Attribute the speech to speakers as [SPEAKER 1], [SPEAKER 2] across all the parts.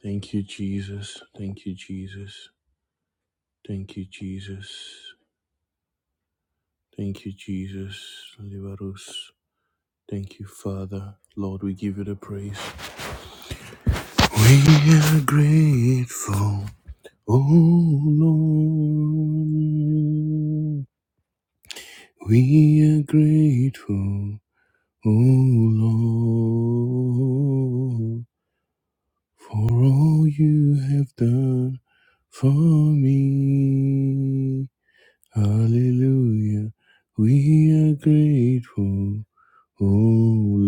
[SPEAKER 1] Thank you, Jesus. Thank you, Jesus. Thank you, Jesus. Thank you, Jesus. Liberus. Thank you, Father. Lord, we give you the praise. We are grateful, oh Lord. We are grateful, oh Lord, for all you have done for me. Hallelujah. We are grateful, O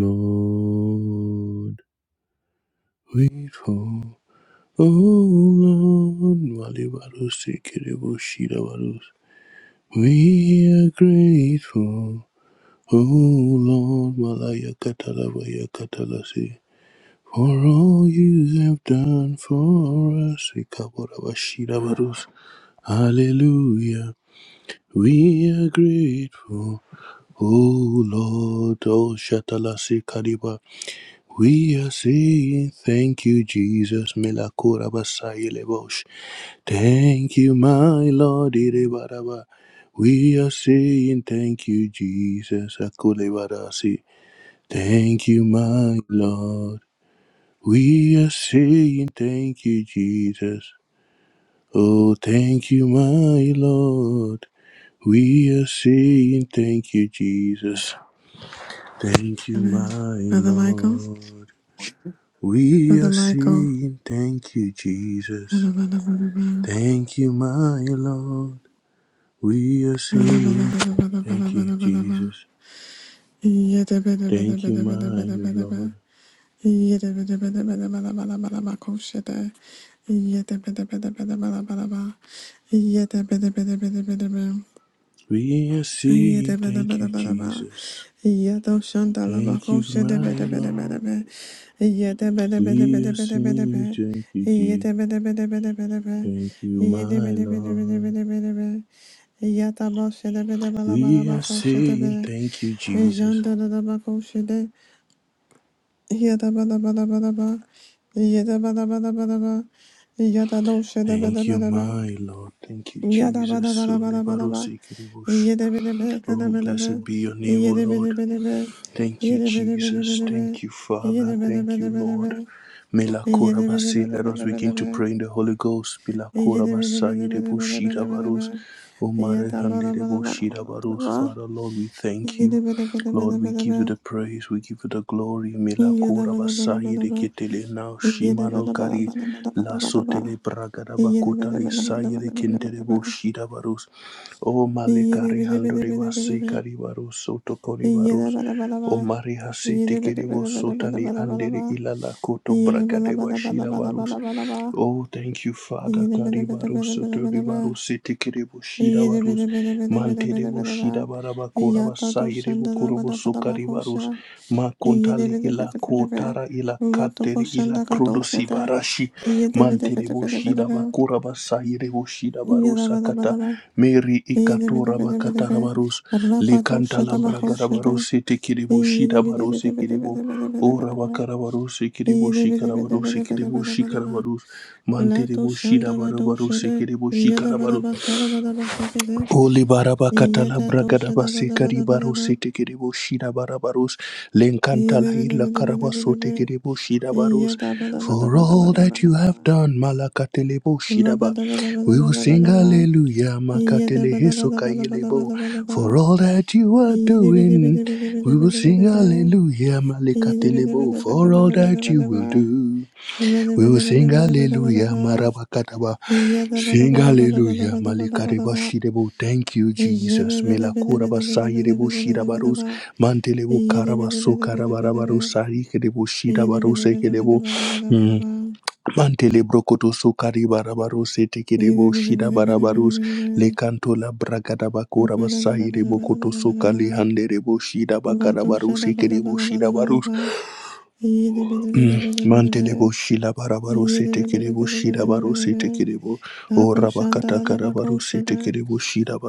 [SPEAKER 1] Lord. Grateful, O Lord. Mali barus ikiribu shira barus. We are grateful, O Lord. Malaya katala baya katala si. For all you have done for us, Ikabora bashira barus. Hallelujah. We are grateful. Oh Lord, oh Shatalasi Kariba, we are saying thank you, Jesus. Melakura Basai Lebosh. Thank you, my Lord. Irebaraba. We are saying thank you, Jesus. Akulebarasi. Thank you, my Lord. We are saying thank you, Jesus. Oh, thank you, my Lord. We are saying thank you, Jesus. Thank you, my
[SPEAKER 2] Brother Michael,
[SPEAKER 1] Lord. We
[SPEAKER 2] Brother
[SPEAKER 1] are
[SPEAKER 2] Michael.
[SPEAKER 1] saying thank you, Jesus.
[SPEAKER 2] Brother, brother, brother, brother.
[SPEAKER 1] Thank you, my Lord. We are
[SPEAKER 2] Brother, brother,
[SPEAKER 1] saying
[SPEAKER 2] brother, brother, brother,
[SPEAKER 1] thank you,
[SPEAKER 2] brother, brother, brother.
[SPEAKER 1] Jesus.
[SPEAKER 2] Yada, bada, bada,
[SPEAKER 1] Thank
[SPEAKER 2] bada,
[SPEAKER 1] you,
[SPEAKER 2] bada,
[SPEAKER 1] my
[SPEAKER 2] bada, bada, bada.
[SPEAKER 1] Lord.
[SPEAKER 2] Yada, bada, bada, bada, bada, bada, bada, bada, koshada. Yada, bada, bada, bada, bada, bada, bada. Yada, bada, bada, bada, bada, bada.
[SPEAKER 1] We are
[SPEAKER 2] Yada,
[SPEAKER 1] saying
[SPEAKER 2] bada,
[SPEAKER 1] thank
[SPEAKER 2] bada,
[SPEAKER 1] you,
[SPEAKER 2] bada, bada.
[SPEAKER 1] Jesus.
[SPEAKER 2] Yada, shanda, la, ba,
[SPEAKER 1] Thank you,
[SPEAKER 2] koshada,
[SPEAKER 1] my
[SPEAKER 2] bada, bada, bada,
[SPEAKER 1] Lord.
[SPEAKER 2] bada. Yada, bada, bada,
[SPEAKER 1] We
[SPEAKER 2] bada,
[SPEAKER 1] are
[SPEAKER 2] bada, bada,
[SPEAKER 1] saying
[SPEAKER 2] bada.
[SPEAKER 1] thank you, Jesus.
[SPEAKER 2] Yada, bada, bada, bada, bada, bada.
[SPEAKER 1] Thank you,
[SPEAKER 2] Yada, bada,
[SPEAKER 1] my
[SPEAKER 2] bada, bada,
[SPEAKER 1] Lord.
[SPEAKER 2] bada, bada, bada. Yataba shede bede bala bala
[SPEAKER 1] We are
[SPEAKER 2] bako shede
[SPEAKER 1] saying
[SPEAKER 2] bede.
[SPEAKER 1] thank you, Jesus.
[SPEAKER 2] Janda da da bako shede. Yada bada bada bada ba. Yada bada bada bada ba. Yada no shede bede
[SPEAKER 1] Thank you,
[SPEAKER 2] bede be.
[SPEAKER 1] my Lord. Thank you,
[SPEAKER 2] Yada bada
[SPEAKER 1] Jesus.
[SPEAKER 2] bada
[SPEAKER 1] Ole
[SPEAKER 2] bada bada ba.
[SPEAKER 1] barosi kiribush.
[SPEAKER 2] Yede bede be kada
[SPEAKER 1] Oh,
[SPEAKER 2] bede be.
[SPEAKER 1] blessed be your name, O
[SPEAKER 2] Yede bede
[SPEAKER 1] Lord.
[SPEAKER 2] bede be.
[SPEAKER 1] Thank you,
[SPEAKER 2] Yede bede bede
[SPEAKER 1] Jesus.
[SPEAKER 2] bede be.
[SPEAKER 1] Thank you,
[SPEAKER 2] Yede
[SPEAKER 1] Father.
[SPEAKER 2] bede
[SPEAKER 1] Thank you,
[SPEAKER 2] bede bede
[SPEAKER 1] Lord.
[SPEAKER 2] be.
[SPEAKER 1] Melakora
[SPEAKER 2] Yede bede
[SPEAKER 1] basi.
[SPEAKER 2] bede
[SPEAKER 1] Let us
[SPEAKER 2] bede
[SPEAKER 1] begin
[SPEAKER 2] bede
[SPEAKER 1] to
[SPEAKER 2] be.
[SPEAKER 1] pray in the Holy Ghost. Melakora
[SPEAKER 2] Yede bede bede
[SPEAKER 1] basai de
[SPEAKER 2] bede bede
[SPEAKER 1] bushira
[SPEAKER 2] bede bede
[SPEAKER 1] barus.
[SPEAKER 2] be.
[SPEAKER 1] Omare
[SPEAKER 2] Yada bada
[SPEAKER 1] hande de
[SPEAKER 2] bada bada
[SPEAKER 1] bushira
[SPEAKER 2] bada bada
[SPEAKER 1] barus.
[SPEAKER 2] ba.
[SPEAKER 1] Father, Lord, we thank
[SPEAKER 2] Yada
[SPEAKER 1] you. Lord, we give you the praise. We give you the glory. Melakora basai de ketele now. Shimano kari. Lasso tele braga da bakota le sai de kente de bushira barus. O malekari hando de basi kari barus. Soto kori barus. O Maria Siti Kiribo Sotali Andere Ilala Koto Brakadeva Shira Barus. Oh, thank you, Father. Karibaro Sotoribaro Siti Kiribo Shira Barus. Manterebo Shira Baraba Koraba
[SPEAKER 2] do shanda
[SPEAKER 1] Sayerebo
[SPEAKER 2] da ba
[SPEAKER 1] Korobo
[SPEAKER 2] da ba da ba fo
[SPEAKER 1] Sokaribarus.
[SPEAKER 2] sha. Yada
[SPEAKER 1] Makuntali
[SPEAKER 2] bada
[SPEAKER 1] Ila
[SPEAKER 2] bada
[SPEAKER 1] Kotara
[SPEAKER 2] bada
[SPEAKER 1] Ila Kateri Ila Krodosi Barashi Manterebo bakura Koraba Sayerebo Shiraba Rosa Kata Mary Ikato Rabakata Rabarus Lekanta Labragarabarose Tekirebo Shirabarose Kirebo O Rabakarabarose Kirebo Shikarabarose Kirebo barus Manterebo Shirabarabarose Kirebo Shikarabarus Holy Barabakatala Bragadabasi Karibarusi Tikiribu Shida Barabarus Lenkantala Ila Karabasu Tikiribu Shida Barus For
[SPEAKER 2] bada
[SPEAKER 1] all
[SPEAKER 2] bada
[SPEAKER 1] that you
[SPEAKER 2] bada.
[SPEAKER 1] have done Malakatelebo
[SPEAKER 2] Yada
[SPEAKER 1] Shidaba We will sing Hallelujah Makatele Hesukailebo For all that you are doing We will sing Hallelujah Malakatelebo For all that you will do we will sing hallelujah, marabakataba. Sing hallelujah, malikareba shirebo. Thank you, Jesus. Melakuraba sayirebo shirabarus. Mantelebo karaba sokarabarabarus. Sarikerebo shirabarus ekerebo. Mm. Mantele brokoto sokari barabarus etekerebo shirabarabarus. Lekanto la bragadabakuraba sayirebo koto sokali handerebo
[SPEAKER 2] Vato
[SPEAKER 1] shirabakarabarus
[SPEAKER 2] shada bada
[SPEAKER 1] ekerebo
[SPEAKER 2] bada bada bada
[SPEAKER 1] shirabarus.
[SPEAKER 2] ba. Yede bede bede
[SPEAKER 1] Mm.
[SPEAKER 2] bede bede be.
[SPEAKER 1] Mantelebo Shilabarabaru
[SPEAKER 2] Yede bede bede
[SPEAKER 1] Setekirebo
[SPEAKER 2] bede bede
[SPEAKER 1] Shidabaru
[SPEAKER 2] bede be.
[SPEAKER 1] Setekirebo O
[SPEAKER 2] Vato shanda
[SPEAKER 1] Rabakata
[SPEAKER 2] da da
[SPEAKER 1] Karabaru
[SPEAKER 2] bako shada.
[SPEAKER 1] Setekirebo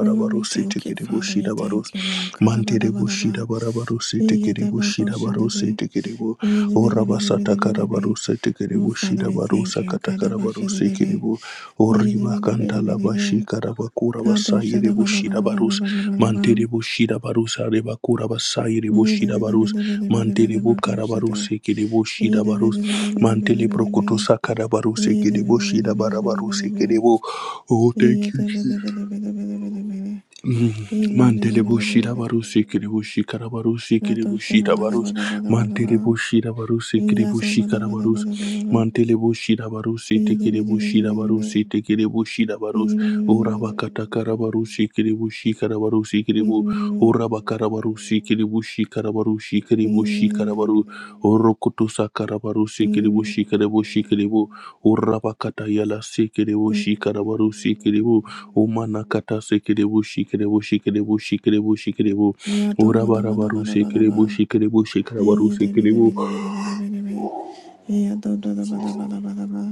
[SPEAKER 2] Lord, we thank you,
[SPEAKER 1] Setekirebo
[SPEAKER 2] Father. We
[SPEAKER 1] Shidabarus
[SPEAKER 2] thank you, Lord. Kada bada
[SPEAKER 1] Mantelebo
[SPEAKER 2] bada ba.
[SPEAKER 1] Shidabarabaru
[SPEAKER 2] Yede
[SPEAKER 1] Setekirebo
[SPEAKER 2] bako
[SPEAKER 1] Shidabaru
[SPEAKER 2] shada be.
[SPEAKER 1] Setekirebo
[SPEAKER 2] Yede
[SPEAKER 1] O
[SPEAKER 2] bede bede
[SPEAKER 1] Rabasata
[SPEAKER 2] bede bede
[SPEAKER 1] Karabaru
[SPEAKER 2] be. Oh,
[SPEAKER 1] Setekirebo
[SPEAKER 2] Father, we
[SPEAKER 1] Shidabaru
[SPEAKER 2] thank you.
[SPEAKER 1] Sakata
[SPEAKER 2] Kada ba
[SPEAKER 1] Karabaru
[SPEAKER 2] shada de be.
[SPEAKER 1] Sekirebo
[SPEAKER 2] Yede
[SPEAKER 1] Oriba
[SPEAKER 2] bede bede
[SPEAKER 1] kantala
[SPEAKER 2] bede be.
[SPEAKER 1] bashika rabakura
[SPEAKER 2] Kato
[SPEAKER 1] basayire
[SPEAKER 2] shada bada
[SPEAKER 1] bushira
[SPEAKER 2] bada bada
[SPEAKER 1] barus.
[SPEAKER 2] bada bada ba.
[SPEAKER 1] Mantere bushira barus arebakura basayire
[SPEAKER 2] Yede
[SPEAKER 1] bushira
[SPEAKER 2] bede
[SPEAKER 1] barus.
[SPEAKER 2] bede bede bede
[SPEAKER 1] Mantere
[SPEAKER 2] bede bako
[SPEAKER 1] bukara barus
[SPEAKER 2] shada.
[SPEAKER 1] ekere bushira
[SPEAKER 2] Yede
[SPEAKER 1] barus.
[SPEAKER 2] bede bede bede bede
[SPEAKER 1] Mantele
[SPEAKER 2] bede be.
[SPEAKER 1] prokoto sakara barus
[SPEAKER 2] Yeah, da
[SPEAKER 1] ekere
[SPEAKER 2] ba da ba da
[SPEAKER 1] bushira
[SPEAKER 2] ba da ba
[SPEAKER 1] barabarus
[SPEAKER 2] da ba.
[SPEAKER 1] ekere bu. Oh,
[SPEAKER 2] Ee,
[SPEAKER 1] thank you,
[SPEAKER 2] da ba
[SPEAKER 1] Jesus.
[SPEAKER 2] da ba da ba
[SPEAKER 1] Mm, Mantele Bushira Barusi Kiribushi Karabarusi Kiribushira Barus
[SPEAKER 2] da ba da
[SPEAKER 1] Mantele Bushira Barusi Kiribushi Karabarus Mantele Bushira Barusi Tikiribushira Barusi Tikiribushira Barus Urabakata Karabarusi Kiribushi Karabarusi Kiribu Urabakarabarusi Kiribushi Karabarushi Kiribushi Karabaru Urokutusa Karabarusi Kiribushi Kiribushi Kiribu Urabakata Yala Sikiribushi Karabarusi Kiribu Umanakata sekerebo shikerebo shikerebo shikerebo shikerebo. Urabarabaru sekerebo shikerebo shikarabaru sekerebo.
[SPEAKER 2] ba. Eya da da da ba da ba da ba da ba.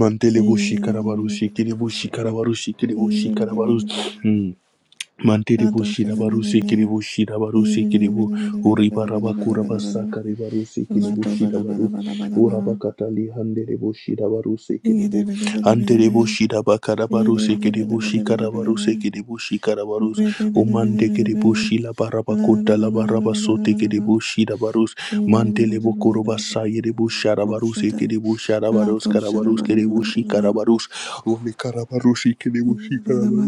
[SPEAKER 1] Mantelebo
[SPEAKER 2] Eyi de be de be
[SPEAKER 1] shikarabaru
[SPEAKER 2] de be de
[SPEAKER 1] sekerebo
[SPEAKER 2] be.
[SPEAKER 1] shikarabaru sekerebo
[SPEAKER 2] Eyi de be de be
[SPEAKER 1] shikarabaru.
[SPEAKER 2] de be.
[SPEAKER 1] Mm.
[SPEAKER 2] Da
[SPEAKER 1] Mantiribu
[SPEAKER 2] do sha de be
[SPEAKER 1] Shirabaru
[SPEAKER 2] de be.
[SPEAKER 1] Sikiribu Shirabaru
[SPEAKER 2] Eyi de be de be
[SPEAKER 1] Sikiribu
[SPEAKER 2] de be de be de be de be
[SPEAKER 1] Uribaraba
[SPEAKER 2] de be de be de
[SPEAKER 1] Kuraba
[SPEAKER 2] be de be.
[SPEAKER 1] Sakaribaru
[SPEAKER 2] Wa
[SPEAKER 1] Sikiribu
[SPEAKER 2] do ba da ba da
[SPEAKER 1] Shirabaru
[SPEAKER 2] ba da ba da ba.
[SPEAKER 1] Urabakatali Handiribu Shirabaru
[SPEAKER 2] Eyi de
[SPEAKER 1] Sikiribu
[SPEAKER 2] be de be de be de be.
[SPEAKER 1] Antiribu
[SPEAKER 2] Eyi
[SPEAKER 1] Shirabakarabaru
[SPEAKER 2] de be de be de
[SPEAKER 1] Sikiribu
[SPEAKER 2] be de be de be de
[SPEAKER 1] Shikarabaru
[SPEAKER 2] be.
[SPEAKER 1] Sikiribu Shikarabaru
[SPEAKER 2] Be de be de be de be de be.
[SPEAKER 1] Umandekiribu
[SPEAKER 2] La da ba
[SPEAKER 1] Shilabarabakunta
[SPEAKER 2] da ba da ba
[SPEAKER 1] Labaraba
[SPEAKER 2] da ba da ba da ba.
[SPEAKER 1] Sotikiribu Shirabarus
[SPEAKER 2] Eyi de be de be de
[SPEAKER 1] Mantelebu
[SPEAKER 2] be de be
[SPEAKER 1] Kuruba
[SPEAKER 2] de be de be de
[SPEAKER 1] Sayiribu
[SPEAKER 2] be de be. Ko
[SPEAKER 1] Sharabaru
[SPEAKER 2] sha da.
[SPEAKER 1] Sikiribu
[SPEAKER 2] La
[SPEAKER 1] Sharabarus
[SPEAKER 2] do sha da
[SPEAKER 1] Karabarus
[SPEAKER 2] ba da ba da
[SPEAKER 1] Kiribu
[SPEAKER 2] ba da ba.
[SPEAKER 1] Shikarabarus Umi Karabaru Sikiribu
[SPEAKER 2] Yeah,
[SPEAKER 1] Shikarabarus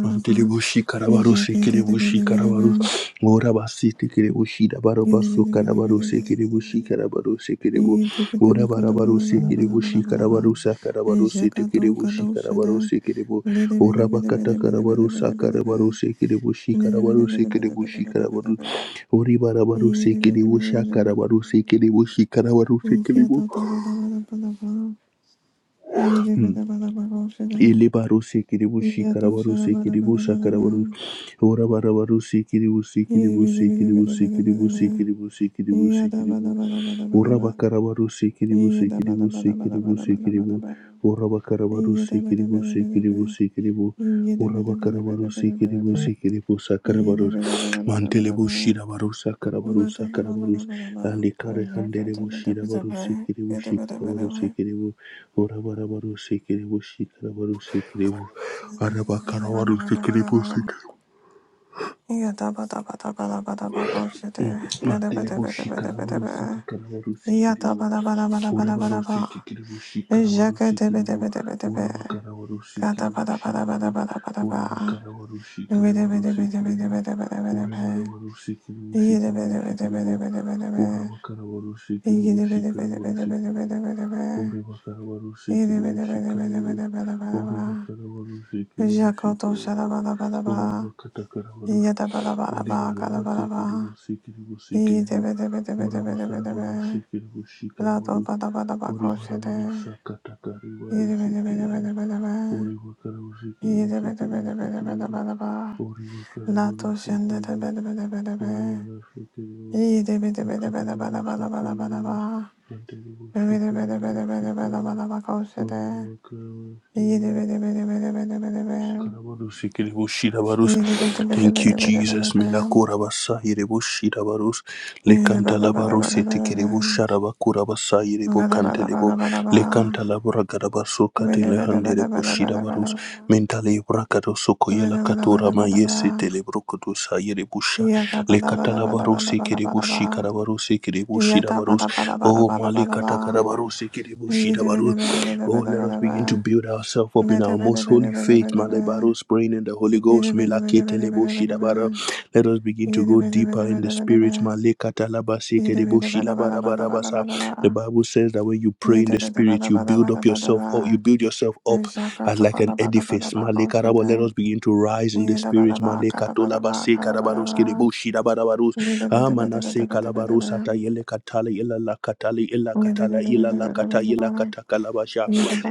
[SPEAKER 1] Mantelebushi Karabarose Kerebushi Karabarus Morabasi Kerebushi Dabarabasu Karabarose Kerebushi Karabarose Kerebu Morabarabarose Kerebushi Karabarusa Karabarose Kerebushi Karabarose Kerebu Orabakata Karabarusa Karabarose Kerebushi Karabarose Kerebushi Karabarus Oribarabarose Kerebusha Karabarose Kerebushi Karabarose Kerebu Ilibarusi kiribushi karabarusi kiribusha karabaru Urabaraba rusi kiribusi
[SPEAKER 2] Yeah,
[SPEAKER 1] kiribusi kiribusi kiribusi kiribusi kiribusi kiribu Urabakarabarusikiribusikiribusikiribu. Urabakarabarusikiribusikiribusikiribu. Urabakarabarusikiribusikiribusikiribusakarabaro. Mantelebushirabarusakarabarusakarabarus. Alikarehanderebushirabarusikiribushikarabarusikiribu. Urabarabarusikiribushikarabarusikiribu. Arabakarabarusikiribusikiribu. Matelebushi karawarusa takarawarusi kiribu. Urebarusi tikiribushi
[SPEAKER 2] Yada
[SPEAKER 1] karawarusi kiribu. Urewa karawarusi kiribu shirawarusi. Urewa karawarusi karawarusi kiribu. Urewarawarusi kiribu shikarawarusi kiribu. Urewa karawarusi kiribu shikarawarusi kiribu. Urewa karawarusi kiribu shikarawarusi. Urewa karawarusi kiribu shikarawarusi. Urewa katakarawarusi. Olibana basikiri busikiri busikiri bu urabakara barusikiri bushikara barus uribara barusa katakari barusikiri bu uribakara busikiri
[SPEAKER 2] Ida bada
[SPEAKER 1] busikiri
[SPEAKER 2] bada bada bada
[SPEAKER 1] busikiri
[SPEAKER 2] bada ba.
[SPEAKER 1] bu uribakara
[SPEAKER 2] Lato shende
[SPEAKER 1] barusikiri
[SPEAKER 2] de
[SPEAKER 1] bu
[SPEAKER 2] bede bede bede be.
[SPEAKER 1] uribana sikiri bu
[SPEAKER 2] Ide bede bede
[SPEAKER 1] akari
[SPEAKER 2] bede bede bede
[SPEAKER 1] barusa
[SPEAKER 2] bede
[SPEAKER 1] kayiri
[SPEAKER 2] bede
[SPEAKER 1] bu
[SPEAKER 2] ba.
[SPEAKER 1] anteri
[SPEAKER 2] Bede
[SPEAKER 1] bushikara
[SPEAKER 2] bede bede bede bede
[SPEAKER 1] barusikiri
[SPEAKER 2] bede ba kose
[SPEAKER 1] bu
[SPEAKER 2] de.
[SPEAKER 1] urabakara barusikiri
[SPEAKER 2] Ide
[SPEAKER 1] bu
[SPEAKER 2] bede bede bede bede bede be.
[SPEAKER 1] Karabarus, ikiribushirabarus.
[SPEAKER 2] Ide bede bede
[SPEAKER 1] Thank you,
[SPEAKER 2] bede bede bede
[SPEAKER 1] Jesus.
[SPEAKER 2] be.
[SPEAKER 1] Milakurabarsa, iribushirabarus.
[SPEAKER 2] Ide bede bede
[SPEAKER 1] Lekantalabarus,
[SPEAKER 2] bede bede be.
[SPEAKER 1] itikiribusharabakurabasa,
[SPEAKER 2] Bede bede bede
[SPEAKER 1] iribukantelebo.
[SPEAKER 2] bede ba.
[SPEAKER 1] Lekantalabaragarabaso,
[SPEAKER 2] Bede bede bede bede bede bede ba. Bede bede bede bede
[SPEAKER 1] katelehandiribushirabarus.
[SPEAKER 2] ba. Yata bada
[SPEAKER 1] Mentalebrakadosokoyalakaturama, yesetelebrokodosa, iribusha.
[SPEAKER 2] bada bada bada
[SPEAKER 1] Lekatalabarus,
[SPEAKER 2] bada bada ba.
[SPEAKER 1] ikiribushikarabarus,
[SPEAKER 2] Yata
[SPEAKER 1] ikiribushirabarus.
[SPEAKER 2] bada bada bada
[SPEAKER 1] Oh,
[SPEAKER 2] bada bada
[SPEAKER 1] malekata
[SPEAKER 2] ba.
[SPEAKER 1] karabarus,
[SPEAKER 2] Need
[SPEAKER 1] ikiribushirabarus. Oh, let us begin to build ourselves up in our most holy faith. Malebaros praying in the Holy Ghost. Melakitelebo shidabara. Let us begin to go deeper in the spirit. Malekatalabasekedebo shilabarabarabasa. The Bible says that when you pray in the spirit, you build up yourself or you build yourself up as like an edifice. Malekarabo, let us begin to rise in the spirit. Malekatolabasekarabaroskedebo shidabarabaros. Amanase kalabarusata yele katala yela la katala yela katala yela la kata yela kata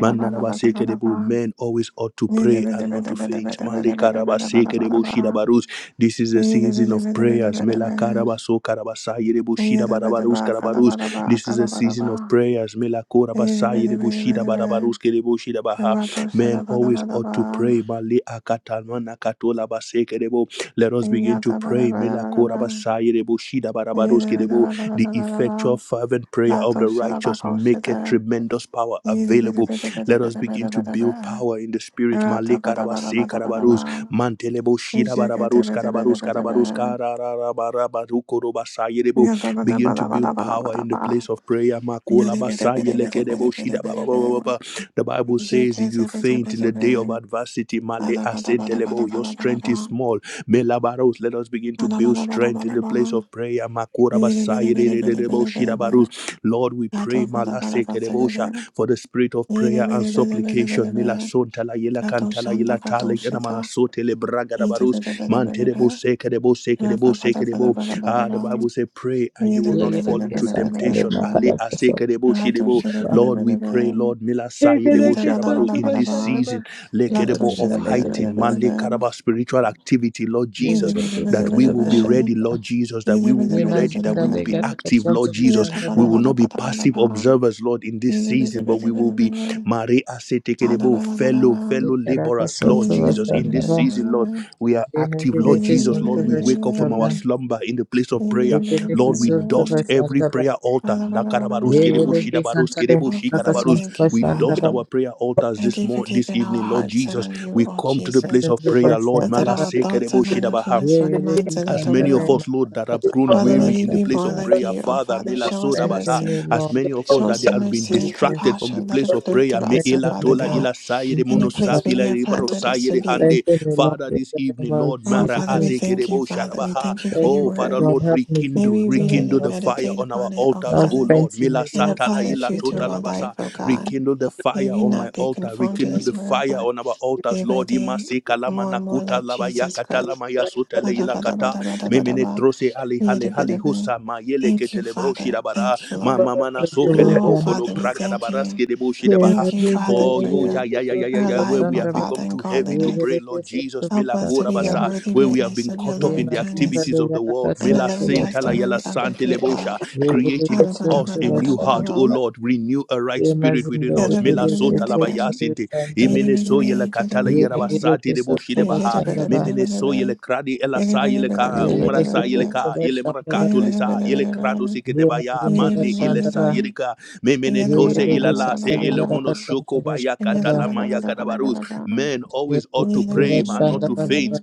[SPEAKER 1] Manarabasekerebo, Men always ought to pray and not to faint. Malekarabasekerebo shidabarus. This is the
[SPEAKER 2] Yada
[SPEAKER 1] season of prayers. Melakarabasokarabasayerebo shidabarabarus karabarus. This is a season of prayers. Melakorabasayerebo shidabarabarus kerebo shidabaha. Men always ought to pray. Male Maleakatananakatolabasekerebo. Let us begin to pray. Melakorabasayerebo shidabarabarus kerebo. The effectual, fervent prayer of the righteous make a tremendous power available let us begin to build power in the spirit. Male karabase karabarus, mantelebo shira barabarus karabarus karabarus kararabarabaru korobasayerebu. Begin to build power in the place of prayer. Makola basayelekedebo shida ba- ba- ba- ba- ba- The Bible
[SPEAKER 2] bada
[SPEAKER 1] says, if you faint in the day of adversity, male
[SPEAKER 2] bada
[SPEAKER 1] asentelebo, your strength is small. Melabaros, let us begin to build strength
[SPEAKER 2] bada
[SPEAKER 1] in the place of prayer. Makora basayerebo shida
[SPEAKER 2] bada
[SPEAKER 1] barus. Lord, we
[SPEAKER 2] la
[SPEAKER 1] pray.
[SPEAKER 2] tosha bada bada
[SPEAKER 1] Malase
[SPEAKER 2] bada,
[SPEAKER 1] kedebo sha for the spirit of prayer and supplication. Mila son tala yela kantala yela talik enamana sote le braga da barus mante
[SPEAKER 2] bada
[SPEAKER 1] seke debo seke debo seke debo. Ah, the Bible says, pray and you will not fall
[SPEAKER 2] bada
[SPEAKER 3] Yeke
[SPEAKER 1] into
[SPEAKER 3] santa le
[SPEAKER 1] temptation. Ali
[SPEAKER 3] makara peso.
[SPEAKER 1] aseke debo shi debo.
[SPEAKER 3] Shandaba.
[SPEAKER 1] Lord, we pray, Lord, mila saye
[SPEAKER 3] Yeke
[SPEAKER 1] debo
[SPEAKER 3] deke
[SPEAKER 1] sharabaru
[SPEAKER 3] santu
[SPEAKER 1] in this season
[SPEAKER 3] bashandaba.
[SPEAKER 1] leke
[SPEAKER 3] Yema
[SPEAKER 1] debo of
[SPEAKER 3] zinda lege
[SPEAKER 1] heightened
[SPEAKER 3] deke
[SPEAKER 1] male
[SPEAKER 3] santu
[SPEAKER 1] karaba spiritual
[SPEAKER 3] bashandaba.
[SPEAKER 1] activity, Lord
[SPEAKER 3] Yeke
[SPEAKER 1] Jesus,
[SPEAKER 3] deke
[SPEAKER 1] that we
[SPEAKER 3] santu
[SPEAKER 2] bada
[SPEAKER 1] will be
[SPEAKER 2] bada Yada
[SPEAKER 1] ready,
[SPEAKER 3] bashandaba.
[SPEAKER 1] Lord Jesus,
[SPEAKER 2] Oh,
[SPEAKER 1] that we will be
[SPEAKER 3] Yema
[SPEAKER 1] ready, that we
[SPEAKER 3] zinda
[SPEAKER 1] will
[SPEAKER 3] lege
[SPEAKER 1] be
[SPEAKER 3] deke
[SPEAKER 1] active,
[SPEAKER 3] santu
[SPEAKER 1] Lord Jesus we
[SPEAKER 3] bashandaba.
[SPEAKER 1] will not be passive observers, Lord, in this season, but we will be Maria Setekerebo, fellow, fellow
[SPEAKER 3] Yeke deke
[SPEAKER 1] laborers, Lord
[SPEAKER 3] santu
[SPEAKER 1] Jesus. In this
[SPEAKER 3] bashandaba.
[SPEAKER 1] season, Lord, we are
[SPEAKER 3] Yema
[SPEAKER 1] active, Lord
[SPEAKER 3] deke
[SPEAKER 1] Jesus.
[SPEAKER 3] santu
[SPEAKER 1] Lord, we wake up from our
[SPEAKER 3] bashandaba.
[SPEAKER 1] slumber in the place of prayer.
[SPEAKER 3] Yeke deke
[SPEAKER 1] Lord, we
[SPEAKER 3] santu
[SPEAKER 1] dust every
[SPEAKER 3] bashandaba.
[SPEAKER 1] prayer altar. Nakarabarus
[SPEAKER 3] Yeke
[SPEAKER 1] kerebo,
[SPEAKER 3] deke
[SPEAKER 1] shidabarus
[SPEAKER 3] santa le
[SPEAKER 1] kerebo,
[SPEAKER 3] makara
[SPEAKER 2] Father, we
[SPEAKER 1] shikarabarus.
[SPEAKER 3] santu
[SPEAKER 2] thank you,
[SPEAKER 1] We dust
[SPEAKER 3] bashandaba.
[SPEAKER 2] Father.
[SPEAKER 1] our prayer altars
[SPEAKER 2] Thank
[SPEAKER 1] this
[SPEAKER 2] you for
[SPEAKER 1] morning, this
[SPEAKER 2] keeping our
[SPEAKER 1] evening, Lord
[SPEAKER 2] hearts set
[SPEAKER 1] Jesus.
[SPEAKER 2] on you,
[SPEAKER 1] We
[SPEAKER 2] oh
[SPEAKER 1] come to the place
[SPEAKER 2] Jesus,
[SPEAKER 1] of
[SPEAKER 3] Santu
[SPEAKER 1] prayer,
[SPEAKER 2] so
[SPEAKER 1] Lord.
[SPEAKER 2] that
[SPEAKER 3] bashandaba.
[SPEAKER 2] our thoughts are
[SPEAKER 1] Malasekerebo,
[SPEAKER 2] not
[SPEAKER 1] shidabaha.
[SPEAKER 2] influenced by the
[SPEAKER 3] Really, you
[SPEAKER 2] mindset of
[SPEAKER 1] As
[SPEAKER 2] the
[SPEAKER 3] Santa
[SPEAKER 1] many of
[SPEAKER 3] Lay,
[SPEAKER 2] world.
[SPEAKER 3] my
[SPEAKER 1] us, Lord, that have grown
[SPEAKER 3] Santa
[SPEAKER 2] Father, may
[SPEAKER 1] weary
[SPEAKER 2] we
[SPEAKER 1] in the
[SPEAKER 2] be
[SPEAKER 1] place
[SPEAKER 2] more
[SPEAKER 1] of
[SPEAKER 3] Lay,
[SPEAKER 2] like
[SPEAKER 1] prayer,
[SPEAKER 2] you, oh
[SPEAKER 1] Father,
[SPEAKER 2] Father.
[SPEAKER 1] Mila
[SPEAKER 2] Show us
[SPEAKER 1] Sodabasa,
[SPEAKER 3] Benton
[SPEAKER 2] mercy.
[SPEAKER 3] me,
[SPEAKER 1] as
[SPEAKER 3] Lord,
[SPEAKER 1] many
[SPEAKER 3] in
[SPEAKER 1] of
[SPEAKER 3] the
[SPEAKER 1] us
[SPEAKER 2] Show
[SPEAKER 1] that
[SPEAKER 2] us
[SPEAKER 1] they
[SPEAKER 2] your
[SPEAKER 3] name
[SPEAKER 1] have
[SPEAKER 3] of
[SPEAKER 1] been
[SPEAKER 2] mercy and
[SPEAKER 3] Jesus.
[SPEAKER 1] distracted from the
[SPEAKER 2] compassion. Let it
[SPEAKER 1] place of
[SPEAKER 2] flow
[SPEAKER 1] prayer,
[SPEAKER 2] through
[SPEAKER 1] Me
[SPEAKER 2] us, O
[SPEAKER 3] Benton
[SPEAKER 1] Ela
[SPEAKER 2] Father
[SPEAKER 3] me,
[SPEAKER 1] Tola
[SPEAKER 3] Lord,
[SPEAKER 2] God,
[SPEAKER 1] Ila Sayede
[SPEAKER 2] in the
[SPEAKER 3] Benton me,
[SPEAKER 2] place
[SPEAKER 3] Lord,
[SPEAKER 2] where
[SPEAKER 1] Monosapila
[SPEAKER 2] you have
[SPEAKER 1] Ribaro
[SPEAKER 2] planted us to
[SPEAKER 1] Sayede
[SPEAKER 2] be.
[SPEAKER 1] Hande,
[SPEAKER 3] Benton me, Lord,
[SPEAKER 1] Father,
[SPEAKER 3] in
[SPEAKER 1] this
[SPEAKER 3] the name
[SPEAKER 1] evening,
[SPEAKER 3] of
[SPEAKER 1] Lord,
[SPEAKER 2] Oh,
[SPEAKER 1] Mara
[SPEAKER 2] Father, we
[SPEAKER 3] Jesus.
[SPEAKER 2] thank you,
[SPEAKER 1] Asekerebo
[SPEAKER 2] Father. We
[SPEAKER 1] Sharabaha,
[SPEAKER 2] thank you for your
[SPEAKER 3] Benton
[SPEAKER 1] oh Father,
[SPEAKER 3] me,
[SPEAKER 2] word.
[SPEAKER 3] Lord,
[SPEAKER 1] Lord,
[SPEAKER 3] help me to
[SPEAKER 2] May
[SPEAKER 3] be
[SPEAKER 1] rekindle,
[SPEAKER 2] we read
[SPEAKER 3] strong,
[SPEAKER 2] it
[SPEAKER 1] rekindle
[SPEAKER 2] and
[SPEAKER 3] Lord.
[SPEAKER 1] the fire
[SPEAKER 2] meditate
[SPEAKER 1] on our
[SPEAKER 2] upon it, O
[SPEAKER 1] altars,
[SPEAKER 3] Lord,
[SPEAKER 1] oh
[SPEAKER 2] Father,
[SPEAKER 1] Lord,
[SPEAKER 3] Benton
[SPEAKER 1] Mila
[SPEAKER 3] me,
[SPEAKER 2] and
[SPEAKER 3] Lord,
[SPEAKER 1] Satala
[SPEAKER 2] apply the
[SPEAKER 1] Ila
[SPEAKER 2] truth
[SPEAKER 3] Benton
[SPEAKER 2] to
[SPEAKER 3] me,
[SPEAKER 2] our
[SPEAKER 3] Lord.
[SPEAKER 2] life,
[SPEAKER 1] Totalabasa,
[SPEAKER 2] O God.
[SPEAKER 1] rekindle the
[SPEAKER 2] May
[SPEAKER 1] fire
[SPEAKER 2] we
[SPEAKER 1] on my
[SPEAKER 2] not be
[SPEAKER 1] altar,
[SPEAKER 2] conformed to
[SPEAKER 1] rekindle
[SPEAKER 2] this
[SPEAKER 1] the
[SPEAKER 2] world,
[SPEAKER 1] fire
[SPEAKER 2] but
[SPEAKER 1] on our altars,
[SPEAKER 2] day by
[SPEAKER 1] Lord,
[SPEAKER 2] day,
[SPEAKER 1] Imase
[SPEAKER 2] more and more
[SPEAKER 1] Kalamanakuta
[SPEAKER 2] like Jesus
[SPEAKER 1] Labayakata
[SPEAKER 2] Christ.
[SPEAKER 1] Lamaya Sotele Ila Kata, memene trose ali hale hali husa ma yele
[SPEAKER 2] Thank you,
[SPEAKER 1] ketele
[SPEAKER 2] Father.
[SPEAKER 1] broshida bara
[SPEAKER 2] Thank you,
[SPEAKER 1] ma
[SPEAKER 2] Lord.
[SPEAKER 1] mama na so
[SPEAKER 3] Santa Lay,
[SPEAKER 2] Oh,
[SPEAKER 1] kelebo
[SPEAKER 3] Santa
[SPEAKER 1] kolo
[SPEAKER 2] Father,
[SPEAKER 3] Lay,
[SPEAKER 2] we
[SPEAKER 1] braga da
[SPEAKER 2] thank you.
[SPEAKER 1] baraske de
[SPEAKER 3] Santa
[SPEAKER 2] Thank you, Father,
[SPEAKER 1] for
[SPEAKER 2] for
[SPEAKER 1] yo
[SPEAKER 3] Lay,
[SPEAKER 1] ya
[SPEAKER 2] your,
[SPEAKER 1] ya ya ya ya
[SPEAKER 3] Santa
[SPEAKER 2] our
[SPEAKER 1] ya
[SPEAKER 3] Lay,
[SPEAKER 1] where
[SPEAKER 2] life,
[SPEAKER 1] we
[SPEAKER 2] oh
[SPEAKER 3] Santa
[SPEAKER 1] have
[SPEAKER 3] Lay.
[SPEAKER 2] Father,
[SPEAKER 1] become
[SPEAKER 2] and
[SPEAKER 1] too heavy to pray
[SPEAKER 2] godliness.
[SPEAKER 3] Really, you
[SPEAKER 1] Lord
[SPEAKER 3] Santa
[SPEAKER 1] Jesus
[SPEAKER 3] Lay,
[SPEAKER 2] Help us to
[SPEAKER 3] Santa
[SPEAKER 1] milakura
[SPEAKER 2] be a
[SPEAKER 3] Lay.
[SPEAKER 1] basa
[SPEAKER 2] worthy
[SPEAKER 1] where we have
[SPEAKER 2] witness
[SPEAKER 1] been
[SPEAKER 2] of your
[SPEAKER 1] caught up
[SPEAKER 3] Yeah,
[SPEAKER 1] in
[SPEAKER 2] loving
[SPEAKER 1] the
[SPEAKER 3] my Santa
[SPEAKER 2] kindness
[SPEAKER 1] activities
[SPEAKER 3] Lay,
[SPEAKER 1] of the
[SPEAKER 3] Santa Lay,
[SPEAKER 1] world
[SPEAKER 2] and a
[SPEAKER 1] mila
[SPEAKER 2] living
[SPEAKER 3] Santa Lay.
[SPEAKER 1] sintala yala
[SPEAKER 2] testimony of your great
[SPEAKER 1] santelebosha
[SPEAKER 2] love.
[SPEAKER 1] creating
[SPEAKER 3] Yedideki
[SPEAKER 1] us
[SPEAKER 3] suntu
[SPEAKER 1] a new heart O
[SPEAKER 3] başlandırma.
[SPEAKER 1] Lord renew a right spirit within
[SPEAKER 3] Yemezinde de
[SPEAKER 1] us mila
[SPEAKER 3] yedideki
[SPEAKER 1] sota
[SPEAKER 3] suntu
[SPEAKER 1] labayasinte
[SPEAKER 3] başlandırma.
[SPEAKER 1] imene so yala katala yera
[SPEAKER 3] Yeme
[SPEAKER 1] basati
[SPEAKER 3] yedideki
[SPEAKER 1] de debaha.
[SPEAKER 3] suntu başlandırma.
[SPEAKER 1] Memene so yele kradi ela sa yele ka umra
[SPEAKER 3] Yedideki
[SPEAKER 1] sa yele
[SPEAKER 3] suntu
[SPEAKER 1] ka yele
[SPEAKER 3] başlandırma.
[SPEAKER 1] marakato lisa yele krado sike debaya
[SPEAKER 3] Yemezinde
[SPEAKER 1] mani ile sa
[SPEAKER 3] başlandırma.
[SPEAKER 1] yele ka memene tose ila
[SPEAKER 3] Yedideki
[SPEAKER 1] la se
[SPEAKER 3] suntu
[SPEAKER 1] ile mono
[SPEAKER 3] yaraka
[SPEAKER 1] shoko
[SPEAKER 3] suntu
[SPEAKER 1] baya
[SPEAKER 3] başlandırma.
[SPEAKER 1] katala maya kadabarus. Men always ought to
[SPEAKER 3] Yemezinde
[SPEAKER 1] pray and not to
[SPEAKER 3] başlandırma baba.
[SPEAKER 1] faint.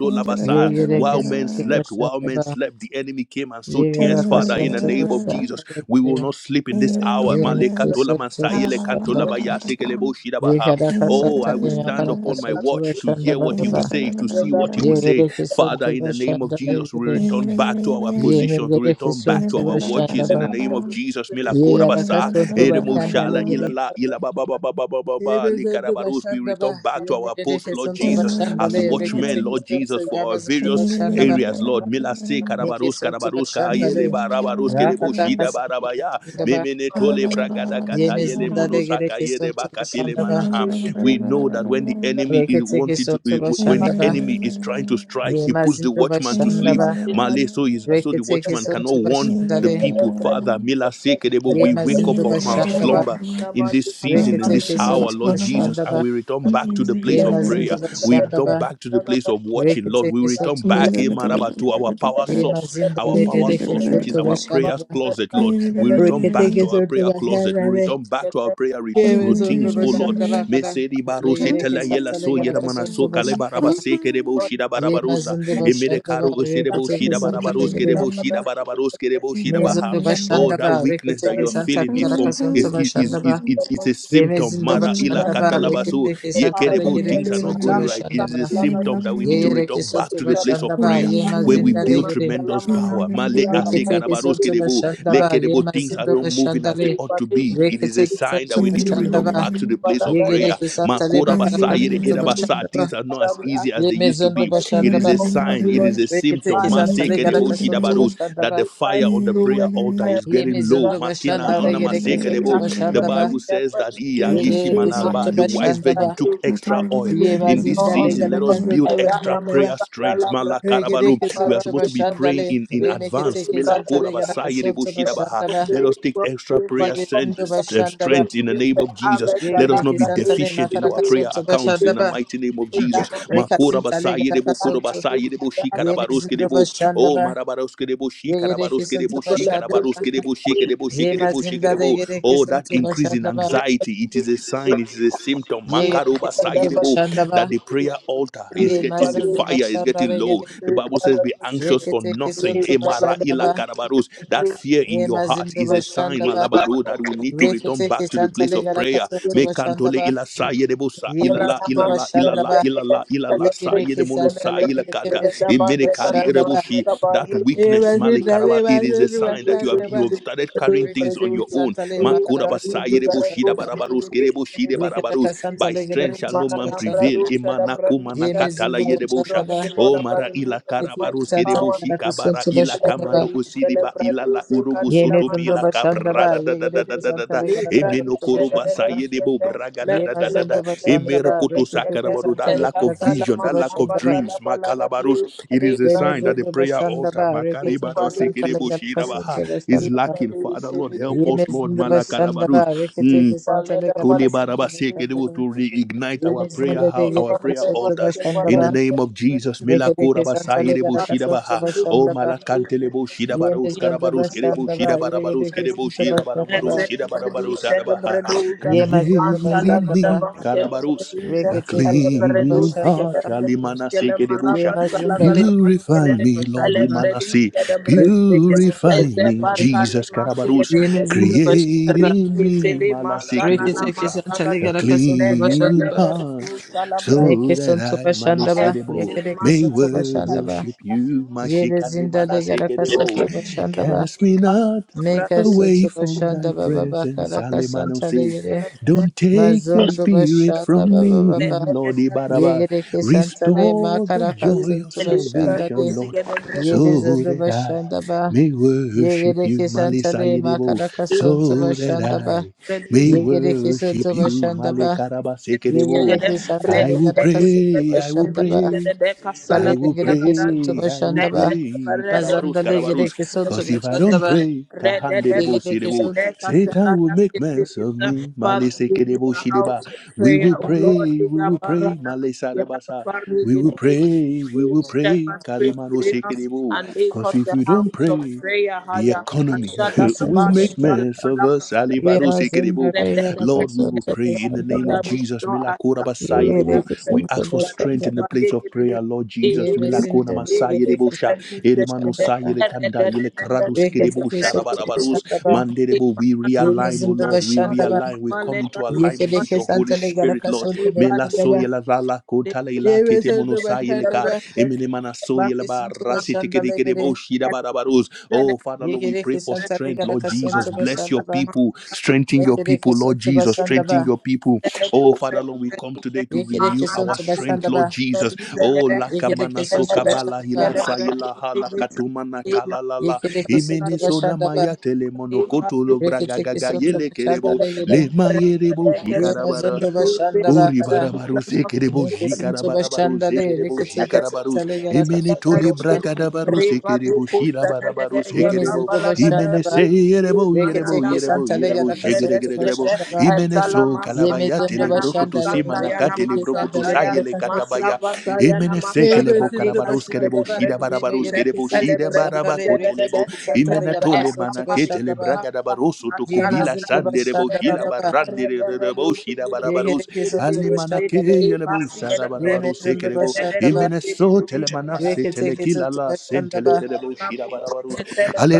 [SPEAKER 2] Thank you.
[SPEAKER 1] labasa.
[SPEAKER 3] Yedideki
[SPEAKER 1] While men
[SPEAKER 3] suntu
[SPEAKER 1] slept, while men
[SPEAKER 3] başlandırma.
[SPEAKER 1] slept, the enemy came and so tears,
[SPEAKER 3] Yaraka
[SPEAKER 1] Father, in the
[SPEAKER 3] suntu
[SPEAKER 1] name of Jesus. We will
[SPEAKER 3] başlandırma.
[SPEAKER 1] not sleep in this hour.
[SPEAKER 3] Yemezinde
[SPEAKER 1] Malekato la
[SPEAKER 3] suntu
[SPEAKER 1] masayele kantola
[SPEAKER 3] başlandırma.
[SPEAKER 1] baya sike shidabaha.
[SPEAKER 3] Yedideki
[SPEAKER 1] Oh,
[SPEAKER 3] suntu
[SPEAKER 1] I will
[SPEAKER 3] başlandırma.
[SPEAKER 1] stand
[SPEAKER 3] Yaraka
[SPEAKER 1] upon my
[SPEAKER 3] suntu
[SPEAKER 1] watch to hear
[SPEAKER 3] başlandırma
[SPEAKER 1] what he will
[SPEAKER 3] baba.
[SPEAKER 1] say, to see what he will
[SPEAKER 3] Ye
[SPEAKER 1] say.
[SPEAKER 3] gereke
[SPEAKER 1] Father,
[SPEAKER 3] sontu
[SPEAKER 1] in the name of
[SPEAKER 3] başanda
[SPEAKER 1] Jesus, we
[SPEAKER 3] legere.
[SPEAKER 1] return back to our
[SPEAKER 3] Ye me
[SPEAKER 1] positions, we
[SPEAKER 3] gereke
[SPEAKER 1] return back to
[SPEAKER 3] sontu
[SPEAKER 1] our watches.
[SPEAKER 3] başanda
[SPEAKER 1] In
[SPEAKER 3] ba.
[SPEAKER 1] the name of Jesus,
[SPEAKER 3] Ye
[SPEAKER 1] Milakora
[SPEAKER 3] gara garaka
[SPEAKER 1] Basa,
[SPEAKER 3] sontu
[SPEAKER 1] Eremo
[SPEAKER 3] başanda
[SPEAKER 1] Shala
[SPEAKER 3] legere.
[SPEAKER 1] Ilala, Ilaba Ba Ba Ba Ba Ba Ba
[SPEAKER 3] Ye
[SPEAKER 1] Ba,
[SPEAKER 3] me sontu
[SPEAKER 1] Likarabarus. we
[SPEAKER 3] başanda ba.
[SPEAKER 1] return back to
[SPEAKER 3] Ye me
[SPEAKER 1] our post,
[SPEAKER 3] gereke
[SPEAKER 1] Lord
[SPEAKER 3] sontu
[SPEAKER 1] Jesus,
[SPEAKER 3] başanda
[SPEAKER 1] as
[SPEAKER 3] le. Reke
[SPEAKER 1] watchmen,
[SPEAKER 3] teki
[SPEAKER 1] Lord
[SPEAKER 3] sontu
[SPEAKER 1] Jesus, for our
[SPEAKER 3] yabazındı
[SPEAKER 1] various
[SPEAKER 3] başanda ba.
[SPEAKER 1] areas, Lord. Mila se
[SPEAKER 3] Meke
[SPEAKER 1] karabarus
[SPEAKER 3] sontu
[SPEAKER 1] karabarus
[SPEAKER 3] başanda
[SPEAKER 1] kaayele
[SPEAKER 3] le.
[SPEAKER 1] barabarus
[SPEAKER 3] Ya
[SPEAKER 1] kerebo
[SPEAKER 3] kataka
[SPEAKER 1] shida
[SPEAKER 3] sontu
[SPEAKER 1] barabaya
[SPEAKER 3] başanda ba.
[SPEAKER 1] memene tole bragada
[SPEAKER 3] Ye
[SPEAKER 1] katayele
[SPEAKER 3] mezinda le
[SPEAKER 1] monosaka
[SPEAKER 3] gereke
[SPEAKER 1] yede
[SPEAKER 3] sontu
[SPEAKER 1] bakatele
[SPEAKER 3] başanda ba.
[SPEAKER 1] manaha we know that when the enemy is
[SPEAKER 3] Reke teki
[SPEAKER 1] wanted to eh,
[SPEAKER 3] sontu
[SPEAKER 1] when the
[SPEAKER 3] başanda
[SPEAKER 2] it's
[SPEAKER 3] ba.
[SPEAKER 1] enemy is
[SPEAKER 2] all
[SPEAKER 1] trying to
[SPEAKER 2] about
[SPEAKER 1] strike
[SPEAKER 3] Ye
[SPEAKER 1] he puts the
[SPEAKER 3] mazindu
[SPEAKER 1] watchman to
[SPEAKER 3] başanda
[SPEAKER 1] sleep
[SPEAKER 3] ba.
[SPEAKER 1] Male, so is so
[SPEAKER 3] Reke
[SPEAKER 1] the
[SPEAKER 3] teki
[SPEAKER 1] watchman cannot
[SPEAKER 3] sontu
[SPEAKER 1] warn
[SPEAKER 3] başanda
[SPEAKER 1] the
[SPEAKER 3] le.
[SPEAKER 1] people father mila sekedebo
[SPEAKER 3] Ye
[SPEAKER 1] we wake up
[SPEAKER 3] mazindu
[SPEAKER 1] from our
[SPEAKER 3] başanda ba.
[SPEAKER 1] slumber in this season in this
[SPEAKER 3] Reketeke
[SPEAKER 1] hour
[SPEAKER 3] sotu
[SPEAKER 1] lord jesus and
[SPEAKER 3] başlandaba.
[SPEAKER 1] we return
[SPEAKER 4] Thank
[SPEAKER 1] back to the place of
[SPEAKER 3] Yemazinda
[SPEAKER 1] prayer we return
[SPEAKER 3] başlandaba.
[SPEAKER 1] back to the place of watching lord we
[SPEAKER 3] Reketeke sotu
[SPEAKER 1] return back eh,
[SPEAKER 3] başlandaba.
[SPEAKER 1] Maraba, to our power source
[SPEAKER 3] Yemazinda
[SPEAKER 1] our power
[SPEAKER 3] legereke
[SPEAKER 1] source which is
[SPEAKER 3] sotu
[SPEAKER 1] our prayer
[SPEAKER 3] başlandaba.
[SPEAKER 1] closet lord we return back
[SPEAKER 3] Reketeke
[SPEAKER 1] to our
[SPEAKER 3] sotu
[SPEAKER 1] prayer closet we
[SPEAKER 3] başlandaba.
[SPEAKER 1] return back to our prayer rit- routines
[SPEAKER 3] Yemazonda
[SPEAKER 1] oh lord
[SPEAKER 3] başlandaba kadar.
[SPEAKER 1] Mesedi barusi
[SPEAKER 2] Huh?
[SPEAKER 3] Yegereke
[SPEAKER 1] tela yela
[SPEAKER 3] santa
[SPEAKER 1] so yera
[SPEAKER 3] legereke
[SPEAKER 1] so
[SPEAKER 3] sotu
[SPEAKER 1] kale baraba
[SPEAKER 3] başlandaba.
[SPEAKER 1] se
[SPEAKER 4] you.
[SPEAKER 1] shida barabarusa.
[SPEAKER 3] Yemazinda
[SPEAKER 1] Emere
[SPEAKER 3] başlandaba.
[SPEAKER 1] karu usire
[SPEAKER 3] Reketeke
[SPEAKER 1] shida
[SPEAKER 3] santa
[SPEAKER 1] barabarus kere
[SPEAKER 3] legere.
[SPEAKER 1] shida barabarus kere shida baha.
[SPEAKER 3] Mezoda
[SPEAKER 1] Oh, that
[SPEAKER 3] başlandaba.
[SPEAKER 1] weakness that
[SPEAKER 3] Reketeke
[SPEAKER 1] you are
[SPEAKER 3] santa
[SPEAKER 1] feeling is
[SPEAKER 3] legereke
[SPEAKER 1] from is
[SPEAKER 3] sotu
[SPEAKER 1] is is is
[SPEAKER 3] başlandaba.
[SPEAKER 1] it's, it's a symptom.
[SPEAKER 3] Yemezindo
[SPEAKER 2] Thank
[SPEAKER 1] Mara
[SPEAKER 2] you.
[SPEAKER 1] ila
[SPEAKER 3] başlandaba.
[SPEAKER 1] katalabasu
[SPEAKER 3] Reketeke
[SPEAKER 1] ye
[SPEAKER 3] santa
[SPEAKER 1] kere
[SPEAKER 3] legereke
[SPEAKER 1] things are not
[SPEAKER 3] sotu
[SPEAKER 1] going right. It is a
[SPEAKER 3] başlandaba.
[SPEAKER 1] symptom that we need
[SPEAKER 3] Ye
[SPEAKER 1] to
[SPEAKER 3] reke
[SPEAKER 1] return back
[SPEAKER 3] soto
[SPEAKER 1] to the place
[SPEAKER 3] bashanda
[SPEAKER 1] of
[SPEAKER 3] ba
[SPEAKER 1] prayer
[SPEAKER 3] ye
[SPEAKER 1] where we
[SPEAKER 3] mazinda
[SPEAKER 1] build
[SPEAKER 3] legere.
[SPEAKER 1] tremendous power. Male
[SPEAKER 3] Reke
[SPEAKER 1] ase
[SPEAKER 3] teke
[SPEAKER 1] karabarus
[SPEAKER 3] soto
[SPEAKER 1] kere
[SPEAKER 3] bashanda ba ye
[SPEAKER 1] Lekedebo, things are
[SPEAKER 3] mazindo
[SPEAKER 1] not moving
[SPEAKER 3] bashanda
[SPEAKER 1] as they
[SPEAKER 3] le.
[SPEAKER 1] ought to be. It
[SPEAKER 3] Reke
[SPEAKER 1] is a
[SPEAKER 3] teke
[SPEAKER 1] sign
[SPEAKER 3] soto
[SPEAKER 1] that we need to
[SPEAKER 3] bashanda
[SPEAKER 1] return
[SPEAKER 3] ba
[SPEAKER 1] back to the place
[SPEAKER 3] ye
[SPEAKER 1] of
[SPEAKER 3] gere
[SPEAKER 1] prayer.
[SPEAKER 3] ke santa le
[SPEAKER 1] Makora
[SPEAKER 3] bakara
[SPEAKER 4] with
[SPEAKER 1] basa,
[SPEAKER 4] the
[SPEAKER 1] yere
[SPEAKER 3] kasoto
[SPEAKER 1] era basa,
[SPEAKER 3] bashanda
[SPEAKER 4] condition.
[SPEAKER 3] ba
[SPEAKER 1] Things are not as
[SPEAKER 4] Father, we
[SPEAKER 1] easy
[SPEAKER 4] ask for
[SPEAKER 1] as
[SPEAKER 3] ye
[SPEAKER 1] they used to
[SPEAKER 3] mezondo
[SPEAKER 1] be.
[SPEAKER 4] fire
[SPEAKER 1] It
[SPEAKER 3] bashanda
[SPEAKER 1] is
[SPEAKER 3] ba.
[SPEAKER 1] a
[SPEAKER 4] out that
[SPEAKER 1] sign,
[SPEAKER 4] we
[SPEAKER 1] it is
[SPEAKER 4] Lord
[SPEAKER 1] a
[SPEAKER 3] Reke
[SPEAKER 1] symptom
[SPEAKER 3] teke
[SPEAKER 4] fire
[SPEAKER 3] santa le gara
[SPEAKER 4] every
[SPEAKER 1] Masekedebo,
[SPEAKER 3] kasoto
[SPEAKER 4] soul,
[SPEAKER 1] shidabarus,
[SPEAKER 3] bashanda
[SPEAKER 1] that the
[SPEAKER 3] ba
[SPEAKER 4] every fire
[SPEAKER 1] fire on the
[SPEAKER 4] soul,
[SPEAKER 1] prayer
[SPEAKER 4] every
[SPEAKER 1] altar
[SPEAKER 4] fire
[SPEAKER 1] is
[SPEAKER 3] ye
[SPEAKER 1] getting low.
[SPEAKER 4] soul.
[SPEAKER 3] mezondo
[SPEAKER 4] Allow
[SPEAKER 1] Makina
[SPEAKER 3] bashanda le
[SPEAKER 4] us
[SPEAKER 1] ona
[SPEAKER 3] gere
[SPEAKER 4] to
[SPEAKER 3] ke
[SPEAKER 4] get there. We
[SPEAKER 3] soto
[SPEAKER 1] masekedebo.
[SPEAKER 4] ask for
[SPEAKER 1] The
[SPEAKER 4] fresh,
[SPEAKER 3] bashanda ba
[SPEAKER 1] Bible
[SPEAKER 4] yeah,
[SPEAKER 1] says that
[SPEAKER 4] fresh
[SPEAKER 1] iya,
[SPEAKER 4] deal.
[SPEAKER 3] ye gere ke
[SPEAKER 4] Amen.
[SPEAKER 3] soto
[SPEAKER 1] yishimanaba, the wise
[SPEAKER 3] bashanda ba
[SPEAKER 4] That
[SPEAKER 1] virgin took
[SPEAKER 4] you
[SPEAKER 1] extra
[SPEAKER 4] remind us
[SPEAKER 1] oil.
[SPEAKER 4] here
[SPEAKER 3] ye
[SPEAKER 1] In this
[SPEAKER 3] mazinda
[SPEAKER 4] restore us.
[SPEAKER 3] le
[SPEAKER 1] season,
[SPEAKER 3] gara
[SPEAKER 1] let us build
[SPEAKER 3] kasoto
[SPEAKER 4] Lord.
[SPEAKER 1] extra
[SPEAKER 4] Ayana
[SPEAKER 3] bashanda ba.
[SPEAKER 1] prayer
[SPEAKER 4] Master
[SPEAKER 1] strength.
[SPEAKER 4] Labra.
[SPEAKER 1] Malakarabalu.
[SPEAKER 3] Regereke
[SPEAKER 1] We are
[SPEAKER 4] Para
[SPEAKER 3] sonto
[SPEAKER 1] supposed to be praying
[SPEAKER 3] bashandale,
[SPEAKER 1] in, in
[SPEAKER 3] remeke
[SPEAKER 1] advance.
[SPEAKER 3] teke santale garaka sonto bashandaba,
[SPEAKER 1] Let
[SPEAKER 4] very
[SPEAKER 1] us take
[SPEAKER 4] well,
[SPEAKER 1] extra
[SPEAKER 4] pray for
[SPEAKER 1] prayer
[SPEAKER 4] the proper
[SPEAKER 1] sen-
[SPEAKER 3] yegezindo
[SPEAKER 4] time.
[SPEAKER 3] bashandaba,
[SPEAKER 4] This
[SPEAKER 1] strength in the
[SPEAKER 4] is
[SPEAKER 1] name
[SPEAKER 4] the
[SPEAKER 1] of Jesus.
[SPEAKER 4] harvest and
[SPEAKER 1] Let us not
[SPEAKER 3] yegereke
[SPEAKER 1] be
[SPEAKER 4] after this,
[SPEAKER 3] santale
[SPEAKER 1] deficient
[SPEAKER 4] we
[SPEAKER 1] in
[SPEAKER 4] will
[SPEAKER 1] our
[SPEAKER 4] be
[SPEAKER 3] makaraka
[SPEAKER 4] released.
[SPEAKER 1] prayer
[SPEAKER 3] sonto
[SPEAKER 1] accounts in the
[SPEAKER 3] bashandaba,
[SPEAKER 1] mighty name of
[SPEAKER 4] In the name
[SPEAKER 1] Jesus.
[SPEAKER 3] reka sintale garaka
[SPEAKER 4] of
[SPEAKER 3] sonto,
[SPEAKER 4] Jesus, and that
[SPEAKER 3] yemezindo
[SPEAKER 1] Oh,
[SPEAKER 3] bashandaba, yegereke sonto
[SPEAKER 4] people of this
[SPEAKER 3] bashandaba,
[SPEAKER 4] city, we pray
[SPEAKER 3] yema zindale gereke
[SPEAKER 1] Oh, that
[SPEAKER 3] sonto
[SPEAKER 1] increase in
[SPEAKER 3] bashandaba,
[SPEAKER 1] anxiety,
[SPEAKER 4] for
[SPEAKER 1] it is a
[SPEAKER 4] this
[SPEAKER 1] sign,
[SPEAKER 4] city.
[SPEAKER 1] it is a symptom.
[SPEAKER 3] yegereke sonto bashandaba,
[SPEAKER 1] that the prayer altar is
[SPEAKER 4] We
[SPEAKER 3] yema
[SPEAKER 1] getting the
[SPEAKER 4] pray
[SPEAKER 3] zindo
[SPEAKER 1] fire is getting
[SPEAKER 3] bashandale
[SPEAKER 1] low
[SPEAKER 3] gere,
[SPEAKER 4] for
[SPEAKER 1] the
[SPEAKER 4] the
[SPEAKER 1] Bible
[SPEAKER 4] body
[SPEAKER 1] says,
[SPEAKER 4] of this city. We follow
[SPEAKER 1] Be
[SPEAKER 4] this city.
[SPEAKER 1] anxious
[SPEAKER 3] reke
[SPEAKER 1] for
[SPEAKER 3] teke
[SPEAKER 4] We follow this city.
[SPEAKER 1] nothing.
[SPEAKER 4] We
[SPEAKER 3] sonto
[SPEAKER 4] follow
[SPEAKER 1] Emara
[SPEAKER 4] the
[SPEAKER 3] bashandaba,
[SPEAKER 1] ila
[SPEAKER 4] city. We follow
[SPEAKER 1] karabarus.
[SPEAKER 4] this
[SPEAKER 1] That fear in your
[SPEAKER 3] yema
[SPEAKER 1] heart
[SPEAKER 3] zindo
[SPEAKER 1] is a
[SPEAKER 4] city.
[SPEAKER 1] sign,
[SPEAKER 4] We
[SPEAKER 3] bashandaba,
[SPEAKER 1] Malabaro, that we need to
[SPEAKER 4] follow
[SPEAKER 1] return
[SPEAKER 3] Reketeke
[SPEAKER 1] back to the place
[SPEAKER 3] santale
[SPEAKER 1] of prayer.
[SPEAKER 3] yarakaton
[SPEAKER 4] this
[SPEAKER 3] toba
[SPEAKER 4] city.
[SPEAKER 1] Mekantole
[SPEAKER 3] shandaba.
[SPEAKER 1] ila sayedebosa, ilala,
[SPEAKER 4] Manana
[SPEAKER 3] Yemezin
[SPEAKER 4] Brado,
[SPEAKER 3] toba
[SPEAKER 1] ilala,
[SPEAKER 4] Shada
[SPEAKER 1] ilala,
[SPEAKER 3] shandaba.
[SPEAKER 1] ilala, ilala,
[SPEAKER 3] Yekereke
[SPEAKER 1] sayedemonosa,
[SPEAKER 3] santale yarake
[SPEAKER 1] ilakata,
[SPEAKER 3] meson toba
[SPEAKER 1] imenekali
[SPEAKER 3] shandaba.
[SPEAKER 1] ereboshi. That weakness, Male
[SPEAKER 3] Emezin
[SPEAKER 1] karabal,
[SPEAKER 3] dale
[SPEAKER 1] it is a
[SPEAKER 3] mazin toba
[SPEAKER 1] sign that you have you
[SPEAKER 3] shandaba.
[SPEAKER 1] have started carrying things on
[SPEAKER 3] Reketeke
[SPEAKER 1] your own.
[SPEAKER 3] santale
[SPEAKER 1] Makuraba
[SPEAKER 3] makarakaton toba
[SPEAKER 1] sayedeboshi,
[SPEAKER 3] shandaba.
[SPEAKER 1] dabarabarus, de
[SPEAKER 3] Rekereke
[SPEAKER 1] barabarus. By
[SPEAKER 3] santale
[SPEAKER 1] strength shall
[SPEAKER 3] yarakaton
[SPEAKER 1] no
[SPEAKER 3] toba
[SPEAKER 1] man prevail.
[SPEAKER 3] shandaba.
[SPEAKER 1] Emanako
[SPEAKER 4] Bradisha,
[SPEAKER 3] Yemezin
[SPEAKER 1] manakatala
[SPEAKER 3] toba
[SPEAKER 1] yedebosha.
[SPEAKER 4] strong in
[SPEAKER 3] shandaba.
[SPEAKER 4] the Lord
[SPEAKER 1] O
[SPEAKER 4] of
[SPEAKER 1] mara
[SPEAKER 4] the
[SPEAKER 1] ila
[SPEAKER 4] means of his
[SPEAKER 3] Keteke
[SPEAKER 4] mighty
[SPEAKER 1] karabarus kerebo
[SPEAKER 3] santale
[SPEAKER 4] power.
[SPEAKER 1] shika
[SPEAKER 3] yarakaton
[SPEAKER 1] bara
[SPEAKER 3] toba
[SPEAKER 1] ila kamano
[SPEAKER 3] shandaba.
[SPEAKER 4] Celebradis,
[SPEAKER 1] osidi ba ila la
[SPEAKER 4] Celebradis,
[SPEAKER 1] urubu
[SPEAKER 4] Catina
[SPEAKER 1] soto
[SPEAKER 3] Yemezin
[SPEAKER 1] mila
[SPEAKER 4] Manaka,
[SPEAKER 3] toba shandaba.
[SPEAKER 1] kabra da da da da
[SPEAKER 3] Yekereke
[SPEAKER 1] da da da da.
[SPEAKER 3] santale
[SPEAKER 4] Libra,
[SPEAKER 3] yarakaton
[SPEAKER 1] Emeno
[SPEAKER 3] toba
[SPEAKER 1] koroba
[SPEAKER 3] shandaba.
[SPEAKER 4] celebrate,
[SPEAKER 1] saye debo braga da da
[SPEAKER 4] Men
[SPEAKER 1] da da
[SPEAKER 3] Yemazondo
[SPEAKER 1] da.
[SPEAKER 4] Celebes,
[SPEAKER 1] Emere
[SPEAKER 3] Bashandaba,
[SPEAKER 1] koto
[SPEAKER 3] Rekete
[SPEAKER 4] Celebes,
[SPEAKER 1] sakarabaru. That
[SPEAKER 3] Santale
[SPEAKER 1] lack of
[SPEAKER 3] Garakasin
[SPEAKER 1] vision,
[SPEAKER 4] Etasalama,
[SPEAKER 1] that lack of
[SPEAKER 3] Subashandaba,
[SPEAKER 4] Sampatala
[SPEAKER 1] dreams, makalabarus.
[SPEAKER 4] Balagadi,
[SPEAKER 1] It is a
[SPEAKER 4] Libra,
[SPEAKER 1] sign that the
[SPEAKER 3] Remezondo
[SPEAKER 1] prayer altar,
[SPEAKER 3] Bashandaba, Rekete
[SPEAKER 1] makaribaro
[SPEAKER 4] Equalis,
[SPEAKER 3] Santale
[SPEAKER 1] sekerebo
[SPEAKER 3] Garakasin
[SPEAKER 1] shirabaha, is
[SPEAKER 3] Subashandaba,
[SPEAKER 1] lacking.
[SPEAKER 4] Equalis,
[SPEAKER 1] Father, Lord, help us, Lord,
[SPEAKER 3] Yemezindo Bashandaba,
[SPEAKER 1] malakarabarus.
[SPEAKER 3] Rekete
[SPEAKER 1] Mm.
[SPEAKER 3] Santale
[SPEAKER 4] Palada
[SPEAKER 1] Holy
[SPEAKER 3] Garakasin
[SPEAKER 4] Palis,
[SPEAKER 1] Baraba Seke, they will to
[SPEAKER 3] Subashandaba,
[SPEAKER 1] reignite our prayer,
[SPEAKER 3] Yemezindo de
[SPEAKER 1] hou- our prayer
[SPEAKER 3] Yerekis
[SPEAKER 1] altars in the
[SPEAKER 3] Subashandaba,
[SPEAKER 1] name of Jesus. Milakura
[SPEAKER 3] Nekereke
[SPEAKER 1] Basaye
[SPEAKER 3] Santale
[SPEAKER 1] Rebo Shida
[SPEAKER 3] Garakasin
[SPEAKER 1] Baha. Oh
[SPEAKER 3] Subashandaba,
[SPEAKER 1] Malakante Lebo Shida Baros
[SPEAKER 4] Yes,
[SPEAKER 3] Yemezondo
[SPEAKER 1] Karabaros Kerebo Shida
[SPEAKER 3] Bashandaba,
[SPEAKER 1] Barabaros
[SPEAKER 3] Yerekis
[SPEAKER 1] Kerebo Shida Barabaros
[SPEAKER 3] Subashandaba,
[SPEAKER 4] Thank
[SPEAKER 1] Shida Barabaros Arabaha.
[SPEAKER 3] Yemazondo
[SPEAKER 1] Create in me
[SPEAKER 3] Bashandaba,
[SPEAKER 1] Karabaros a
[SPEAKER 3] Rekete
[SPEAKER 1] clean heart.
[SPEAKER 3] Subashandaba,
[SPEAKER 1] Alimana Seke
[SPEAKER 3] Ye
[SPEAKER 1] Debosha.
[SPEAKER 3] ma zinda le ke
[SPEAKER 1] Purify
[SPEAKER 3] sunto
[SPEAKER 1] me, Lord
[SPEAKER 3] bashanda ba
[SPEAKER 1] Imanasi.
[SPEAKER 3] ye ke le ke sunto
[SPEAKER 1] Purify
[SPEAKER 3] bashanda
[SPEAKER 1] me,
[SPEAKER 3] le
[SPEAKER 1] Jesus Karabarus.
[SPEAKER 3] ye ma zinda bashanda
[SPEAKER 1] Create
[SPEAKER 3] ba
[SPEAKER 1] in me,
[SPEAKER 3] re ke se ke
[SPEAKER 1] Malasekedebosha,
[SPEAKER 3] sunta le
[SPEAKER 1] a
[SPEAKER 3] gara ka sunto bashanda
[SPEAKER 1] clean
[SPEAKER 3] ba
[SPEAKER 1] heart,
[SPEAKER 3] me ka
[SPEAKER 1] so that
[SPEAKER 3] sunto
[SPEAKER 1] I,
[SPEAKER 3] bashanda ba ye
[SPEAKER 1] Malisedebo,
[SPEAKER 3] ke le ka
[SPEAKER 1] may
[SPEAKER 3] sunto bashanda ba
[SPEAKER 1] worship you,
[SPEAKER 3] ye ma zinda le gara ka
[SPEAKER 1] Mashikanimanasekedebo.
[SPEAKER 3] sunto bashanda ba
[SPEAKER 1] Cast me not
[SPEAKER 3] me ka
[SPEAKER 4] you.
[SPEAKER 3] sunto
[SPEAKER 1] away from
[SPEAKER 3] bashanda
[SPEAKER 1] thy
[SPEAKER 3] ba ba ba ka
[SPEAKER 1] presence,
[SPEAKER 3] ra ka
[SPEAKER 1] Alemano
[SPEAKER 3] sunta le
[SPEAKER 1] say.
[SPEAKER 3] gire
[SPEAKER 1] Don't
[SPEAKER 3] ma
[SPEAKER 1] take your
[SPEAKER 3] zondo
[SPEAKER 1] spirit
[SPEAKER 3] bashanda
[SPEAKER 1] from
[SPEAKER 3] ba ba
[SPEAKER 1] me,
[SPEAKER 3] ba ba
[SPEAKER 1] Lord
[SPEAKER 3] ye
[SPEAKER 1] Ibaraba.
[SPEAKER 3] ke le ka sunta le ma
[SPEAKER 1] Restore
[SPEAKER 3] ka
[SPEAKER 1] the
[SPEAKER 3] ra ka
[SPEAKER 1] joy of
[SPEAKER 3] sunto bashanda le
[SPEAKER 1] salvation,
[SPEAKER 4] Thank
[SPEAKER 1] Lord,
[SPEAKER 3] ye ma
[SPEAKER 1] so
[SPEAKER 3] zondo
[SPEAKER 1] that I
[SPEAKER 3] bashanda ba.
[SPEAKER 1] may worship you,
[SPEAKER 3] Yegereke santale
[SPEAKER 1] Malisa Yedebo,
[SPEAKER 3] makaraka santo
[SPEAKER 1] so that
[SPEAKER 3] bashandaba.
[SPEAKER 1] I may
[SPEAKER 3] Yegereke santo
[SPEAKER 1] worship
[SPEAKER 4] you.
[SPEAKER 1] you,
[SPEAKER 3] bashandaba.
[SPEAKER 4] Father, we
[SPEAKER 1] Malekarabasekedebo.
[SPEAKER 3] Yegereke
[SPEAKER 1] I
[SPEAKER 3] santale
[SPEAKER 1] will
[SPEAKER 3] karaka santo
[SPEAKER 1] pray, I will
[SPEAKER 3] bashandaba.
[SPEAKER 1] pray. I
[SPEAKER 3] Karere
[SPEAKER 1] will
[SPEAKER 3] gereke santo
[SPEAKER 1] pray, I will
[SPEAKER 3] bashanda ba
[SPEAKER 1] pray, Karabarus,
[SPEAKER 3] Mazandale
[SPEAKER 1] Karabarus.
[SPEAKER 3] gereke santo
[SPEAKER 1] Cause if I don't
[SPEAKER 3] bashandaba.
[SPEAKER 1] pray, Kahanderebo,
[SPEAKER 3] Yegereke
[SPEAKER 1] Sirebo,
[SPEAKER 3] santo
[SPEAKER 1] Satan will make mess of me.
[SPEAKER 4] do
[SPEAKER 1] Malesekerebo,
[SPEAKER 4] a
[SPEAKER 1] Shideba.
[SPEAKER 4] house of
[SPEAKER 1] We
[SPEAKER 4] prayer,
[SPEAKER 1] will
[SPEAKER 4] O Lord,
[SPEAKER 1] pray, we
[SPEAKER 4] in the
[SPEAKER 1] will pray,
[SPEAKER 4] Barada, in the
[SPEAKER 1] Malesarebasa. We will
[SPEAKER 4] Barada,
[SPEAKER 1] pray, we
[SPEAKER 4] you
[SPEAKER 1] will
[SPEAKER 4] step
[SPEAKER 1] pray,
[SPEAKER 4] and spirit
[SPEAKER 1] Karimaro
[SPEAKER 4] within us
[SPEAKER 1] Sekerebo.
[SPEAKER 4] and make
[SPEAKER 1] Cause
[SPEAKER 4] us
[SPEAKER 1] if
[SPEAKER 4] the
[SPEAKER 1] we don't
[SPEAKER 4] house of
[SPEAKER 1] pray,
[SPEAKER 4] prayer
[SPEAKER 1] the
[SPEAKER 4] higher.
[SPEAKER 1] economy
[SPEAKER 3] yegereke
[SPEAKER 1] will
[SPEAKER 3] santo
[SPEAKER 4] Ashadadabash,
[SPEAKER 1] make
[SPEAKER 3] bashandaba.
[SPEAKER 1] mess of
[SPEAKER 4] kalamalaka,
[SPEAKER 1] us.
[SPEAKER 4] sedede,
[SPEAKER 1] Alibaro Sekerebo.
[SPEAKER 3] Yemazindale karaka
[SPEAKER 1] Lord, we will
[SPEAKER 3] santo
[SPEAKER 1] pray in the name
[SPEAKER 3] bashandaba.
[SPEAKER 1] of
[SPEAKER 4] Father,
[SPEAKER 1] Jesus.
[SPEAKER 4] restore us
[SPEAKER 1] Milakura
[SPEAKER 4] back to
[SPEAKER 1] Basai
[SPEAKER 4] Lord.
[SPEAKER 1] Rebo.
[SPEAKER 3] Yegereke
[SPEAKER 1] We
[SPEAKER 3] santo
[SPEAKER 1] ask for strength in
[SPEAKER 3] bashandaba.
[SPEAKER 1] the place of prayer, Lord Jesus. Milakona
[SPEAKER 3] Yemezindale
[SPEAKER 1] masaya
[SPEAKER 3] gereke
[SPEAKER 1] debosha,
[SPEAKER 3] santo
[SPEAKER 1] eremano
[SPEAKER 3] bashandaba.
[SPEAKER 1] saya lekanda, yele kradus
[SPEAKER 3] Yegereke
[SPEAKER 1] kedebosha,
[SPEAKER 3] santo
[SPEAKER 1] rabarabarus,
[SPEAKER 3] bashandaba.
[SPEAKER 1] manderebo. We
[SPEAKER 3] Ye
[SPEAKER 1] realign, O
[SPEAKER 3] de
[SPEAKER 1] Lord. We
[SPEAKER 3] başında ba.
[SPEAKER 1] realign. We come into alignment with
[SPEAKER 3] Yekedeki
[SPEAKER 1] your Holy
[SPEAKER 3] santale
[SPEAKER 1] Spirit,
[SPEAKER 3] garaka
[SPEAKER 1] Lord.
[SPEAKER 3] sontu
[SPEAKER 1] Mela
[SPEAKER 3] bashanda
[SPEAKER 1] so
[SPEAKER 3] ba.
[SPEAKER 1] yela ilakete kota
[SPEAKER 3] ye
[SPEAKER 1] mono
[SPEAKER 3] de
[SPEAKER 1] saya
[SPEAKER 3] başında
[SPEAKER 1] leka,
[SPEAKER 3] ba.
[SPEAKER 1] emene mana so yela ba
[SPEAKER 3] Mekesim te
[SPEAKER 1] rasi
[SPEAKER 3] bashanda
[SPEAKER 1] teke
[SPEAKER 3] le
[SPEAKER 1] deke
[SPEAKER 3] gere.
[SPEAKER 1] deboshi, rabarabarus. Oh, Father, Lord, we pray
[SPEAKER 3] Yekedeki
[SPEAKER 1] for
[SPEAKER 3] santale
[SPEAKER 1] strength, Lord
[SPEAKER 3] garaka sontu
[SPEAKER 1] Jesus. Bless
[SPEAKER 3] başında
[SPEAKER 1] your
[SPEAKER 3] ba.
[SPEAKER 1] people. Strengthen
[SPEAKER 4] Thank you.
[SPEAKER 1] your
[SPEAKER 3] Mekedeki
[SPEAKER 1] people, Lord
[SPEAKER 3] sontu
[SPEAKER 1] Jesus.
[SPEAKER 3] bashanda ba.
[SPEAKER 1] Strengthen your people Oh, Father, Lord, we come today to
[SPEAKER 3] Yekedeki
[SPEAKER 1] renew our
[SPEAKER 3] sontu
[SPEAKER 1] strength,
[SPEAKER 3] bashanda ba.
[SPEAKER 1] Lord Jesus. Oh,
[SPEAKER 3] Yekedeki
[SPEAKER 1] Lakamana
[SPEAKER 3] sontu
[SPEAKER 1] Sokabala
[SPEAKER 3] bashanda ba.
[SPEAKER 1] Hilasa Ilaha Lakatumana Talalala.
[SPEAKER 3] Yekedeki sontu
[SPEAKER 1] Imene Sona
[SPEAKER 3] bashanda ba.
[SPEAKER 1] Maya Telemonokoto
[SPEAKER 3] Yekedeki
[SPEAKER 1] Lobragagaga
[SPEAKER 3] sontu
[SPEAKER 1] Yele
[SPEAKER 3] başında
[SPEAKER 1] Kerebo.
[SPEAKER 3] le gere.
[SPEAKER 1] Le Mayerebo Shikarabara
[SPEAKER 3] Yemezim de başında ba.
[SPEAKER 1] Uri
[SPEAKER 3] Kara.
[SPEAKER 1] barabarus
[SPEAKER 4] Thank
[SPEAKER 1] ekereboshi
[SPEAKER 4] you.
[SPEAKER 3] Mekesim te başında
[SPEAKER 1] karabarabarus
[SPEAKER 3] le.
[SPEAKER 4] Thank
[SPEAKER 1] ekereboshi
[SPEAKER 3] Yekedeki
[SPEAKER 1] karabarus
[SPEAKER 3] santale garaka
[SPEAKER 1] emene
[SPEAKER 3] sontu
[SPEAKER 1] tole
[SPEAKER 3] bashanda
[SPEAKER 1] brakadabarus ekereboshi rabarabarus
[SPEAKER 3] Ye
[SPEAKER 1] ekerebo
[SPEAKER 3] Yemezindo bashanda
[SPEAKER 1] imene
[SPEAKER 3] ba
[SPEAKER 1] se yerebo yerebo
[SPEAKER 3] reketeke
[SPEAKER 1] yerebo
[SPEAKER 3] santa lega
[SPEAKER 1] yerebo
[SPEAKER 3] rakasonto
[SPEAKER 1] shegeregerebo
[SPEAKER 3] bashanda ba
[SPEAKER 1] imene so kalabaya
[SPEAKER 3] yemezindo
[SPEAKER 1] telebrokutu
[SPEAKER 3] bashanda le
[SPEAKER 1] simanaka
[SPEAKER 3] reketeke santa
[SPEAKER 1] telebrokutu
[SPEAKER 3] lega
[SPEAKER 1] sayele
[SPEAKER 3] rakasonto
[SPEAKER 1] katabaya imene se kelebo
[SPEAKER 3] yemezindo
[SPEAKER 1] karabarus
[SPEAKER 3] bashanda
[SPEAKER 1] kerebo
[SPEAKER 3] ba
[SPEAKER 1] shida barabarus
[SPEAKER 3] yemegereke
[SPEAKER 1] kerebo
[SPEAKER 3] santo
[SPEAKER 1] shida
[SPEAKER 3] bashanda le
[SPEAKER 1] barabako telebo
[SPEAKER 3] reketeke santa
[SPEAKER 1] imene
[SPEAKER 3] lega
[SPEAKER 1] tole
[SPEAKER 3] rakasonto
[SPEAKER 1] manake
[SPEAKER 3] bashanda
[SPEAKER 1] tele
[SPEAKER 3] ba
[SPEAKER 4] you.
[SPEAKER 1] brakadabarusu tukubila
[SPEAKER 3] yemezindo
[SPEAKER 1] sanderebo
[SPEAKER 4] Assalamualaikum.
[SPEAKER 3] bashanda ba
[SPEAKER 1] shila
[SPEAKER 3] ba ba
[SPEAKER 1] baranderebo shida barabarus
[SPEAKER 3] yegereke santo bashanda le
[SPEAKER 1] Alimanake yelebo sarabarabaru
[SPEAKER 3] yemezindo
[SPEAKER 1] sekerebo.
[SPEAKER 3] bashanda ba
[SPEAKER 1] Imeneso telemanase
[SPEAKER 3] reketeke
[SPEAKER 1] telekila
[SPEAKER 3] santo
[SPEAKER 1] la
[SPEAKER 3] bashanda ba
[SPEAKER 1] sentelekerebo shirabarabaru.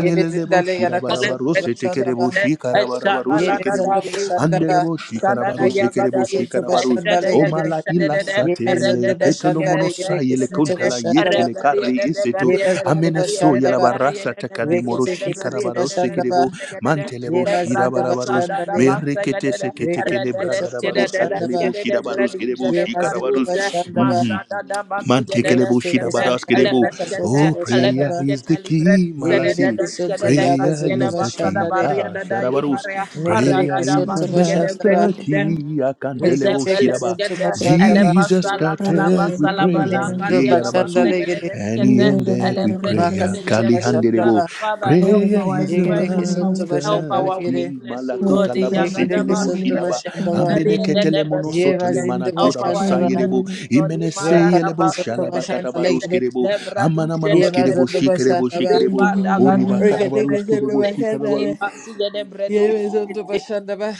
[SPEAKER 3] yemezinda lega
[SPEAKER 1] shirabarabaru
[SPEAKER 3] rakasonto bashanda ba
[SPEAKER 1] setekerebo shikarabarabaru sekerebo.
[SPEAKER 3] yemezindo bashanda ba
[SPEAKER 1] Anderebo shikarabaru
[SPEAKER 3] Reketeke
[SPEAKER 1] sekerebo
[SPEAKER 3] sonto
[SPEAKER 1] shikarabaru.
[SPEAKER 3] başanda ve geri.
[SPEAKER 1] Omala ila
[SPEAKER 3] Yeme
[SPEAKER 1] satelele
[SPEAKER 3] zonda başanda ve
[SPEAKER 1] ketolomono
[SPEAKER 3] geri
[SPEAKER 1] sayele
[SPEAKER 3] kesinto
[SPEAKER 1] kontala
[SPEAKER 3] başanda ba.
[SPEAKER 1] yetele kari isetu.
[SPEAKER 3] Yeme zonda
[SPEAKER 1] Ameneso
[SPEAKER 3] başanda ba.
[SPEAKER 1] yelabarasa takanimoro
[SPEAKER 3] Reketeke sonto
[SPEAKER 1] shikarabararu
[SPEAKER 3] başanda ba.
[SPEAKER 1] sekerebo. Mantelebo
[SPEAKER 3] Yeme zindo
[SPEAKER 1] shirabarabaru
[SPEAKER 4] Sanda
[SPEAKER 3] başanda
[SPEAKER 4] da
[SPEAKER 3] ve.
[SPEAKER 4] basta
[SPEAKER 1] merekete sekete kele
[SPEAKER 4] Arada
[SPEAKER 3] Reketeke
[SPEAKER 1] bragada
[SPEAKER 3] sonto
[SPEAKER 1] barus
[SPEAKER 3] başanda
[SPEAKER 1] kantele
[SPEAKER 3] ba.
[SPEAKER 1] boshida barus kele
[SPEAKER 3] Yeme
[SPEAKER 1] boshikara
[SPEAKER 3] zindo
[SPEAKER 1] barus.
[SPEAKER 3] başanda ba.
[SPEAKER 1] Mhm.
[SPEAKER 4] da
[SPEAKER 1] Man Mantekelebo
[SPEAKER 3] Reketeke santa ve
[SPEAKER 1] shidabaraskerebo.
[SPEAKER 3] garaka sonto
[SPEAKER 1] Oh,
[SPEAKER 3] başanda
[SPEAKER 1] prayer
[SPEAKER 3] ba.
[SPEAKER 1] is the key, Malasi.
[SPEAKER 3] Yegedeke sonto yaba
[SPEAKER 1] Prayer
[SPEAKER 3] zondo
[SPEAKER 1] is the
[SPEAKER 3] başanda
[SPEAKER 1] key.
[SPEAKER 3] ve.
[SPEAKER 1] Ah, Shadabarus.
[SPEAKER 3] Mekereke
[SPEAKER 1] Prayer is the
[SPEAKER 3] sonto
[SPEAKER 4] basige de
[SPEAKER 3] başanda ba.
[SPEAKER 1] master
[SPEAKER 4] bredize
[SPEAKER 1] key. I can't Akantelebo
[SPEAKER 3] Reketeke
[SPEAKER 1] shidaba.
[SPEAKER 3] sonto
[SPEAKER 4] Zebeleskete,
[SPEAKER 3] başanda ba.
[SPEAKER 1] Jesus
[SPEAKER 4] Elepasala
[SPEAKER 1] started with
[SPEAKER 4] Galabasala
[SPEAKER 1] prayer.
[SPEAKER 4] Balaka
[SPEAKER 3] Mezindo
[SPEAKER 1] He
[SPEAKER 3] başanda
[SPEAKER 1] Yarabasu.
[SPEAKER 3] ve
[SPEAKER 4] Liagabasegede
[SPEAKER 1] And
[SPEAKER 2] Thank
[SPEAKER 1] he
[SPEAKER 4] Deskete,
[SPEAKER 2] you.
[SPEAKER 1] ended with
[SPEAKER 4] Elebredi
[SPEAKER 1] prayer.
[SPEAKER 3] Makasunto
[SPEAKER 4] Segede
[SPEAKER 1] Kalihanderebo.
[SPEAKER 3] Bashandaba,
[SPEAKER 4] Father, help
[SPEAKER 1] Prayer
[SPEAKER 4] our
[SPEAKER 1] is the
[SPEAKER 3] Yegereke
[SPEAKER 4] infirmities.
[SPEAKER 3] Sunto
[SPEAKER 4] Help
[SPEAKER 3] Bashanda
[SPEAKER 1] master
[SPEAKER 4] our
[SPEAKER 3] Legere,
[SPEAKER 1] key.
[SPEAKER 4] weakness, O Lord.
[SPEAKER 1] Malakuta
[SPEAKER 3] Yekereke
[SPEAKER 4] Yagadaba
[SPEAKER 1] Malakutalabasitelebo
[SPEAKER 3] Sunto
[SPEAKER 4] Sigede,
[SPEAKER 1] shilaba.
[SPEAKER 3] Bashandaba,
[SPEAKER 4] Ariede Debe
[SPEAKER 1] Ameneketelemono
[SPEAKER 3] Yeva
[SPEAKER 1] sotole
[SPEAKER 4] Sigete.
[SPEAKER 3] Zindo
[SPEAKER 4] Help our
[SPEAKER 3] Bashandaba,
[SPEAKER 1] manakurabasayerebo
[SPEAKER 4] infirmities, Lord.
[SPEAKER 3] Yakataka
[SPEAKER 1] imeneseyelebo
[SPEAKER 4] Imaradaba
[SPEAKER 3] Sunto
[SPEAKER 4] Sigede
[SPEAKER 3] Bashanda
[SPEAKER 4] Deskete,
[SPEAKER 3] Legere,
[SPEAKER 1] shalabakatabaruskerebo
[SPEAKER 4] Lebradi Segede
[SPEAKER 3] Yeva
[SPEAKER 1] amanamanoskerebo
[SPEAKER 3] Zondo
[SPEAKER 4] Breduzi,
[SPEAKER 1] shikerebo
[SPEAKER 3] Bashandaba,
[SPEAKER 1] shikerebo
[SPEAKER 4] Zeba Dagazu
[SPEAKER 3] Riketeke Sunto
[SPEAKER 1] oribakarabaruskerebo
[SPEAKER 4] Zebreduzi,
[SPEAKER 1] shikarabaru
[SPEAKER 3] Bashanda,
[SPEAKER 4] Leba Sigede
[SPEAKER 3] Yeva Zondo Bashandaba,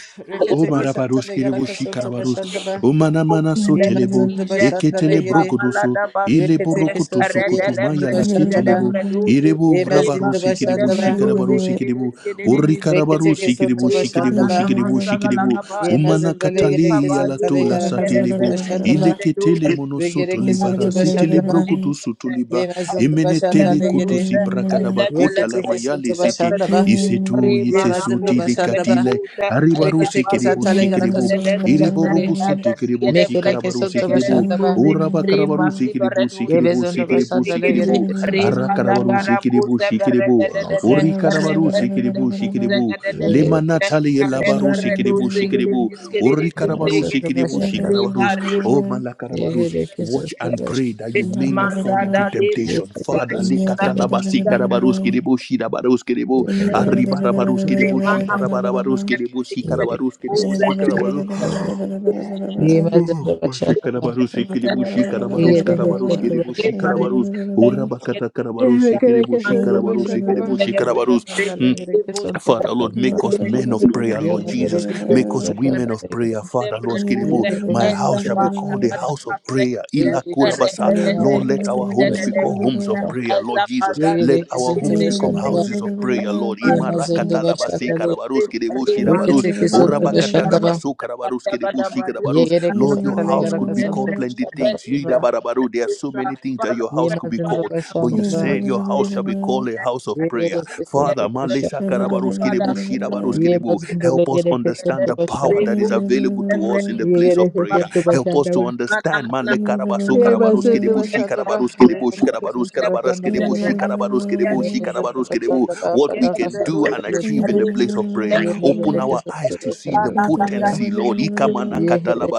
[SPEAKER 1] O
[SPEAKER 3] Riketeke Santa
[SPEAKER 1] marabarush
[SPEAKER 4] I'm
[SPEAKER 1] kirebo
[SPEAKER 4] a
[SPEAKER 3] Legaraka
[SPEAKER 4] man
[SPEAKER 3] Sunto
[SPEAKER 4] of
[SPEAKER 1] shikarabarus.
[SPEAKER 3] Bashandaba,
[SPEAKER 1] O manamana so
[SPEAKER 3] Yeva
[SPEAKER 1] telebo.
[SPEAKER 3] Zondo Bashanda
[SPEAKER 1] Eketele
[SPEAKER 3] Legere,
[SPEAKER 1] brogodoso. Ilebo
[SPEAKER 3] Riketeke Sunto
[SPEAKER 1] rokotoso
[SPEAKER 3] Yeva Zondo
[SPEAKER 1] kotumaya la
[SPEAKER 3] Bashandaba,
[SPEAKER 1] ketelebo. Irebo
[SPEAKER 3] Yeva Zindo
[SPEAKER 1] rabarusi kirebo
[SPEAKER 3] Bashandaba,
[SPEAKER 1] shikarabarusi kirebo. O
[SPEAKER 3] Riketeke
[SPEAKER 1] rikarabarusi
[SPEAKER 3] Sunto
[SPEAKER 1] kirebo shikirebo
[SPEAKER 3] Bashandaba,
[SPEAKER 1] shikirebo
[SPEAKER 4] muscle,
[SPEAKER 1] shikirebo. O
[SPEAKER 3] Yemezindele
[SPEAKER 1] manakatali
[SPEAKER 3] gerekesin tale
[SPEAKER 1] yalato la
[SPEAKER 4] a man
[SPEAKER 3] yarakasın tu
[SPEAKER 1] satelebo.
[SPEAKER 4] of
[SPEAKER 3] başanda ba.
[SPEAKER 1] Ileketele
[SPEAKER 4] steel.
[SPEAKER 3] Ve
[SPEAKER 1] monosoto le
[SPEAKER 3] gerekesin
[SPEAKER 4] Rebus,
[SPEAKER 3] tu başanda
[SPEAKER 1] barasitele
[SPEAKER 3] ba.
[SPEAKER 1] brogodoso toliba.
[SPEAKER 3] Yemezin du başanda
[SPEAKER 1] Emenetele
[SPEAKER 3] le gere.
[SPEAKER 1] kotosi brakadabakota
[SPEAKER 3] Rekete
[SPEAKER 1] la
[SPEAKER 3] kesin
[SPEAKER 1] mayale
[SPEAKER 3] tu
[SPEAKER 1] sete.
[SPEAKER 3] başanda ba.
[SPEAKER 1] Isetu
[SPEAKER 3] Yemezin du
[SPEAKER 1] yetesuti de
[SPEAKER 3] başanda ba.
[SPEAKER 1] katile. Aribaru
[SPEAKER 3] Rekete kesin
[SPEAKER 1] sikiribu
[SPEAKER 3] tale
[SPEAKER 1] shikiribu.
[SPEAKER 3] yarakasın tu
[SPEAKER 1] Iribo
[SPEAKER 3] başanda le.
[SPEAKER 1] rubu sitikiribu
[SPEAKER 3] Mekere
[SPEAKER 1] shikarabaru
[SPEAKER 3] kesin tu
[SPEAKER 1] sikiribu.
[SPEAKER 3] başanda ba.
[SPEAKER 1] Uraba karabaru sikiribu sikiribu
[SPEAKER 3] Yemezin du
[SPEAKER 1] sikiribu
[SPEAKER 3] başanda le
[SPEAKER 1] sikiribu.
[SPEAKER 2] Either
[SPEAKER 3] gerekesin tu
[SPEAKER 4] Rebarre,
[SPEAKER 3] başanda
[SPEAKER 1] Arakarabaru
[SPEAKER 3] ba.
[SPEAKER 1] sikiribu shikiribu.
[SPEAKER 3] Yemezin du
[SPEAKER 1] Uri karabaru
[SPEAKER 3] başanda ba.
[SPEAKER 1] sikiribu shikiribu.
[SPEAKER 3] Ye gerekesin tu
[SPEAKER 1] Limanatali labaru
[SPEAKER 3] başanda ba.
[SPEAKER 1] sikiribu shikiribu. Uri karabaru
[SPEAKER 3] Yemezin du
[SPEAKER 1] sikiribu
[SPEAKER 3] başanda ba.
[SPEAKER 1] shikarabarus. Oh
[SPEAKER 3] Ye
[SPEAKER 1] malakarabarus.
[SPEAKER 3] gerekesin
[SPEAKER 1] Watch
[SPEAKER 3] tu
[SPEAKER 1] and pray that you
[SPEAKER 3] başanda
[SPEAKER 1] may
[SPEAKER 3] ba.
[SPEAKER 1] not fall
[SPEAKER 4] Mazada
[SPEAKER 1] into
[SPEAKER 4] de
[SPEAKER 3] Ye
[SPEAKER 1] temptation. Father,
[SPEAKER 3] gerekesin tu
[SPEAKER 4] Beredusa,
[SPEAKER 1] likatalabasi karabarus kiribu shirabarus kiribu.
[SPEAKER 3] başanda ba. Ye
[SPEAKER 1] Arribarabaruski de Bushi, Carabarabaruski de Bushi, Carabaruski de Bushi, Carabaru. Oh, Washi Carabarus, Kiribushi, Carabarus, Carabarus, Kiribushi, Carabarus, Urabakata Carabarus, Kiribushi, Carabarus, Kiribushi, Carabarus.
[SPEAKER 4] Azada
[SPEAKER 1] Father, Lord, make us men of prayer, Lord Jesus. Make us women
[SPEAKER 4] Father,
[SPEAKER 1] of prayer, Father, Lord Skiribu. My house shall be called a house of prayer. Ila
[SPEAKER 3] gereke
[SPEAKER 2] Thank
[SPEAKER 1] kurabasa.
[SPEAKER 3] santale
[SPEAKER 1] Lord, let our homes become homes of prayer, Lord Jesus. Let our homes become houses of prayer, Lord. Imarakata labase karabarus kiribu shirabarus.
[SPEAKER 2] you.
[SPEAKER 1] Orabakata labasu karabarus kiribu shikarabarus. Lord, your house could
[SPEAKER 3] garaka
[SPEAKER 1] be called
[SPEAKER 3] santola
[SPEAKER 1] plenty things.
[SPEAKER 3] shandaba
[SPEAKER 1] Yidabarabaru. There are so many things that your house could be called,
[SPEAKER 3] Yemazindula
[SPEAKER 1] but you
[SPEAKER 3] Shandaba,
[SPEAKER 1] said your house shall be called a house of
[SPEAKER 3] Yegere
[SPEAKER 1] prayer. Father,
[SPEAKER 3] Kesantuba
[SPEAKER 1] Malisa
[SPEAKER 3] Shandaba,
[SPEAKER 1] Karabaruskirebu,
[SPEAKER 4] Father,
[SPEAKER 1] Shirabaruskirebu,
[SPEAKER 3] Yemazindula
[SPEAKER 1] help us
[SPEAKER 3] Yegere
[SPEAKER 1] understand the
[SPEAKER 3] Kesantuba
[SPEAKER 1] power
[SPEAKER 3] Shandaba,
[SPEAKER 1] that is available to us in the place
[SPEAKER 3] Yegere
[SPEAKER 1] of prayer.
[SPEAKER 3] Kesantuba
[SPEAKER 1] Help us to
[SPEAKER 3] Shandaba,
[SPEAKER 1] understand. Male Karabasu Karabaruskirebu,
[SPEAKER 3] Yemazindula Shandaba,
[SPEAKER 1] Shikarabaruskirebu,
[SPEAKER 3] Rekete Kesantuba Shandaba
[SPEAKER 1] Shikarabaruskarabaruskirebu,
[SPEAKER 3] Yegere,
[SPEAKER 1] Shikarabaruskirebu,
[SPEAKER 3] Yemazindula
[SPEAKER 1] Shikarabaruskirebu,
[SPEAKER 3] Shandaba,
[SPEAKER 1] what we
[SPEAKER 3] Faraka
[SPEAKER 1] can do
[SPEAKER 3] Santala
[SPEAKER 1] and achieve
[SPEAKER 3] Yegere,
[SPEAKER 1] in the place of prayer. Open
[SPEAKER 3] Yemegere
[SPEAKER 1] our eyes to
[SPEAKER 3] Kesantuba
[SPEAKER 1] see the
[SPEAKER 3] Shandaba,
[SPEAKER 1] potency,
[SPEAKER 4] Thank
[SPEAKER 1] Lord.
[SPEAKER 4] you.
[SPEAKER 1] Ikamana
[SPEAKER 3] Yegere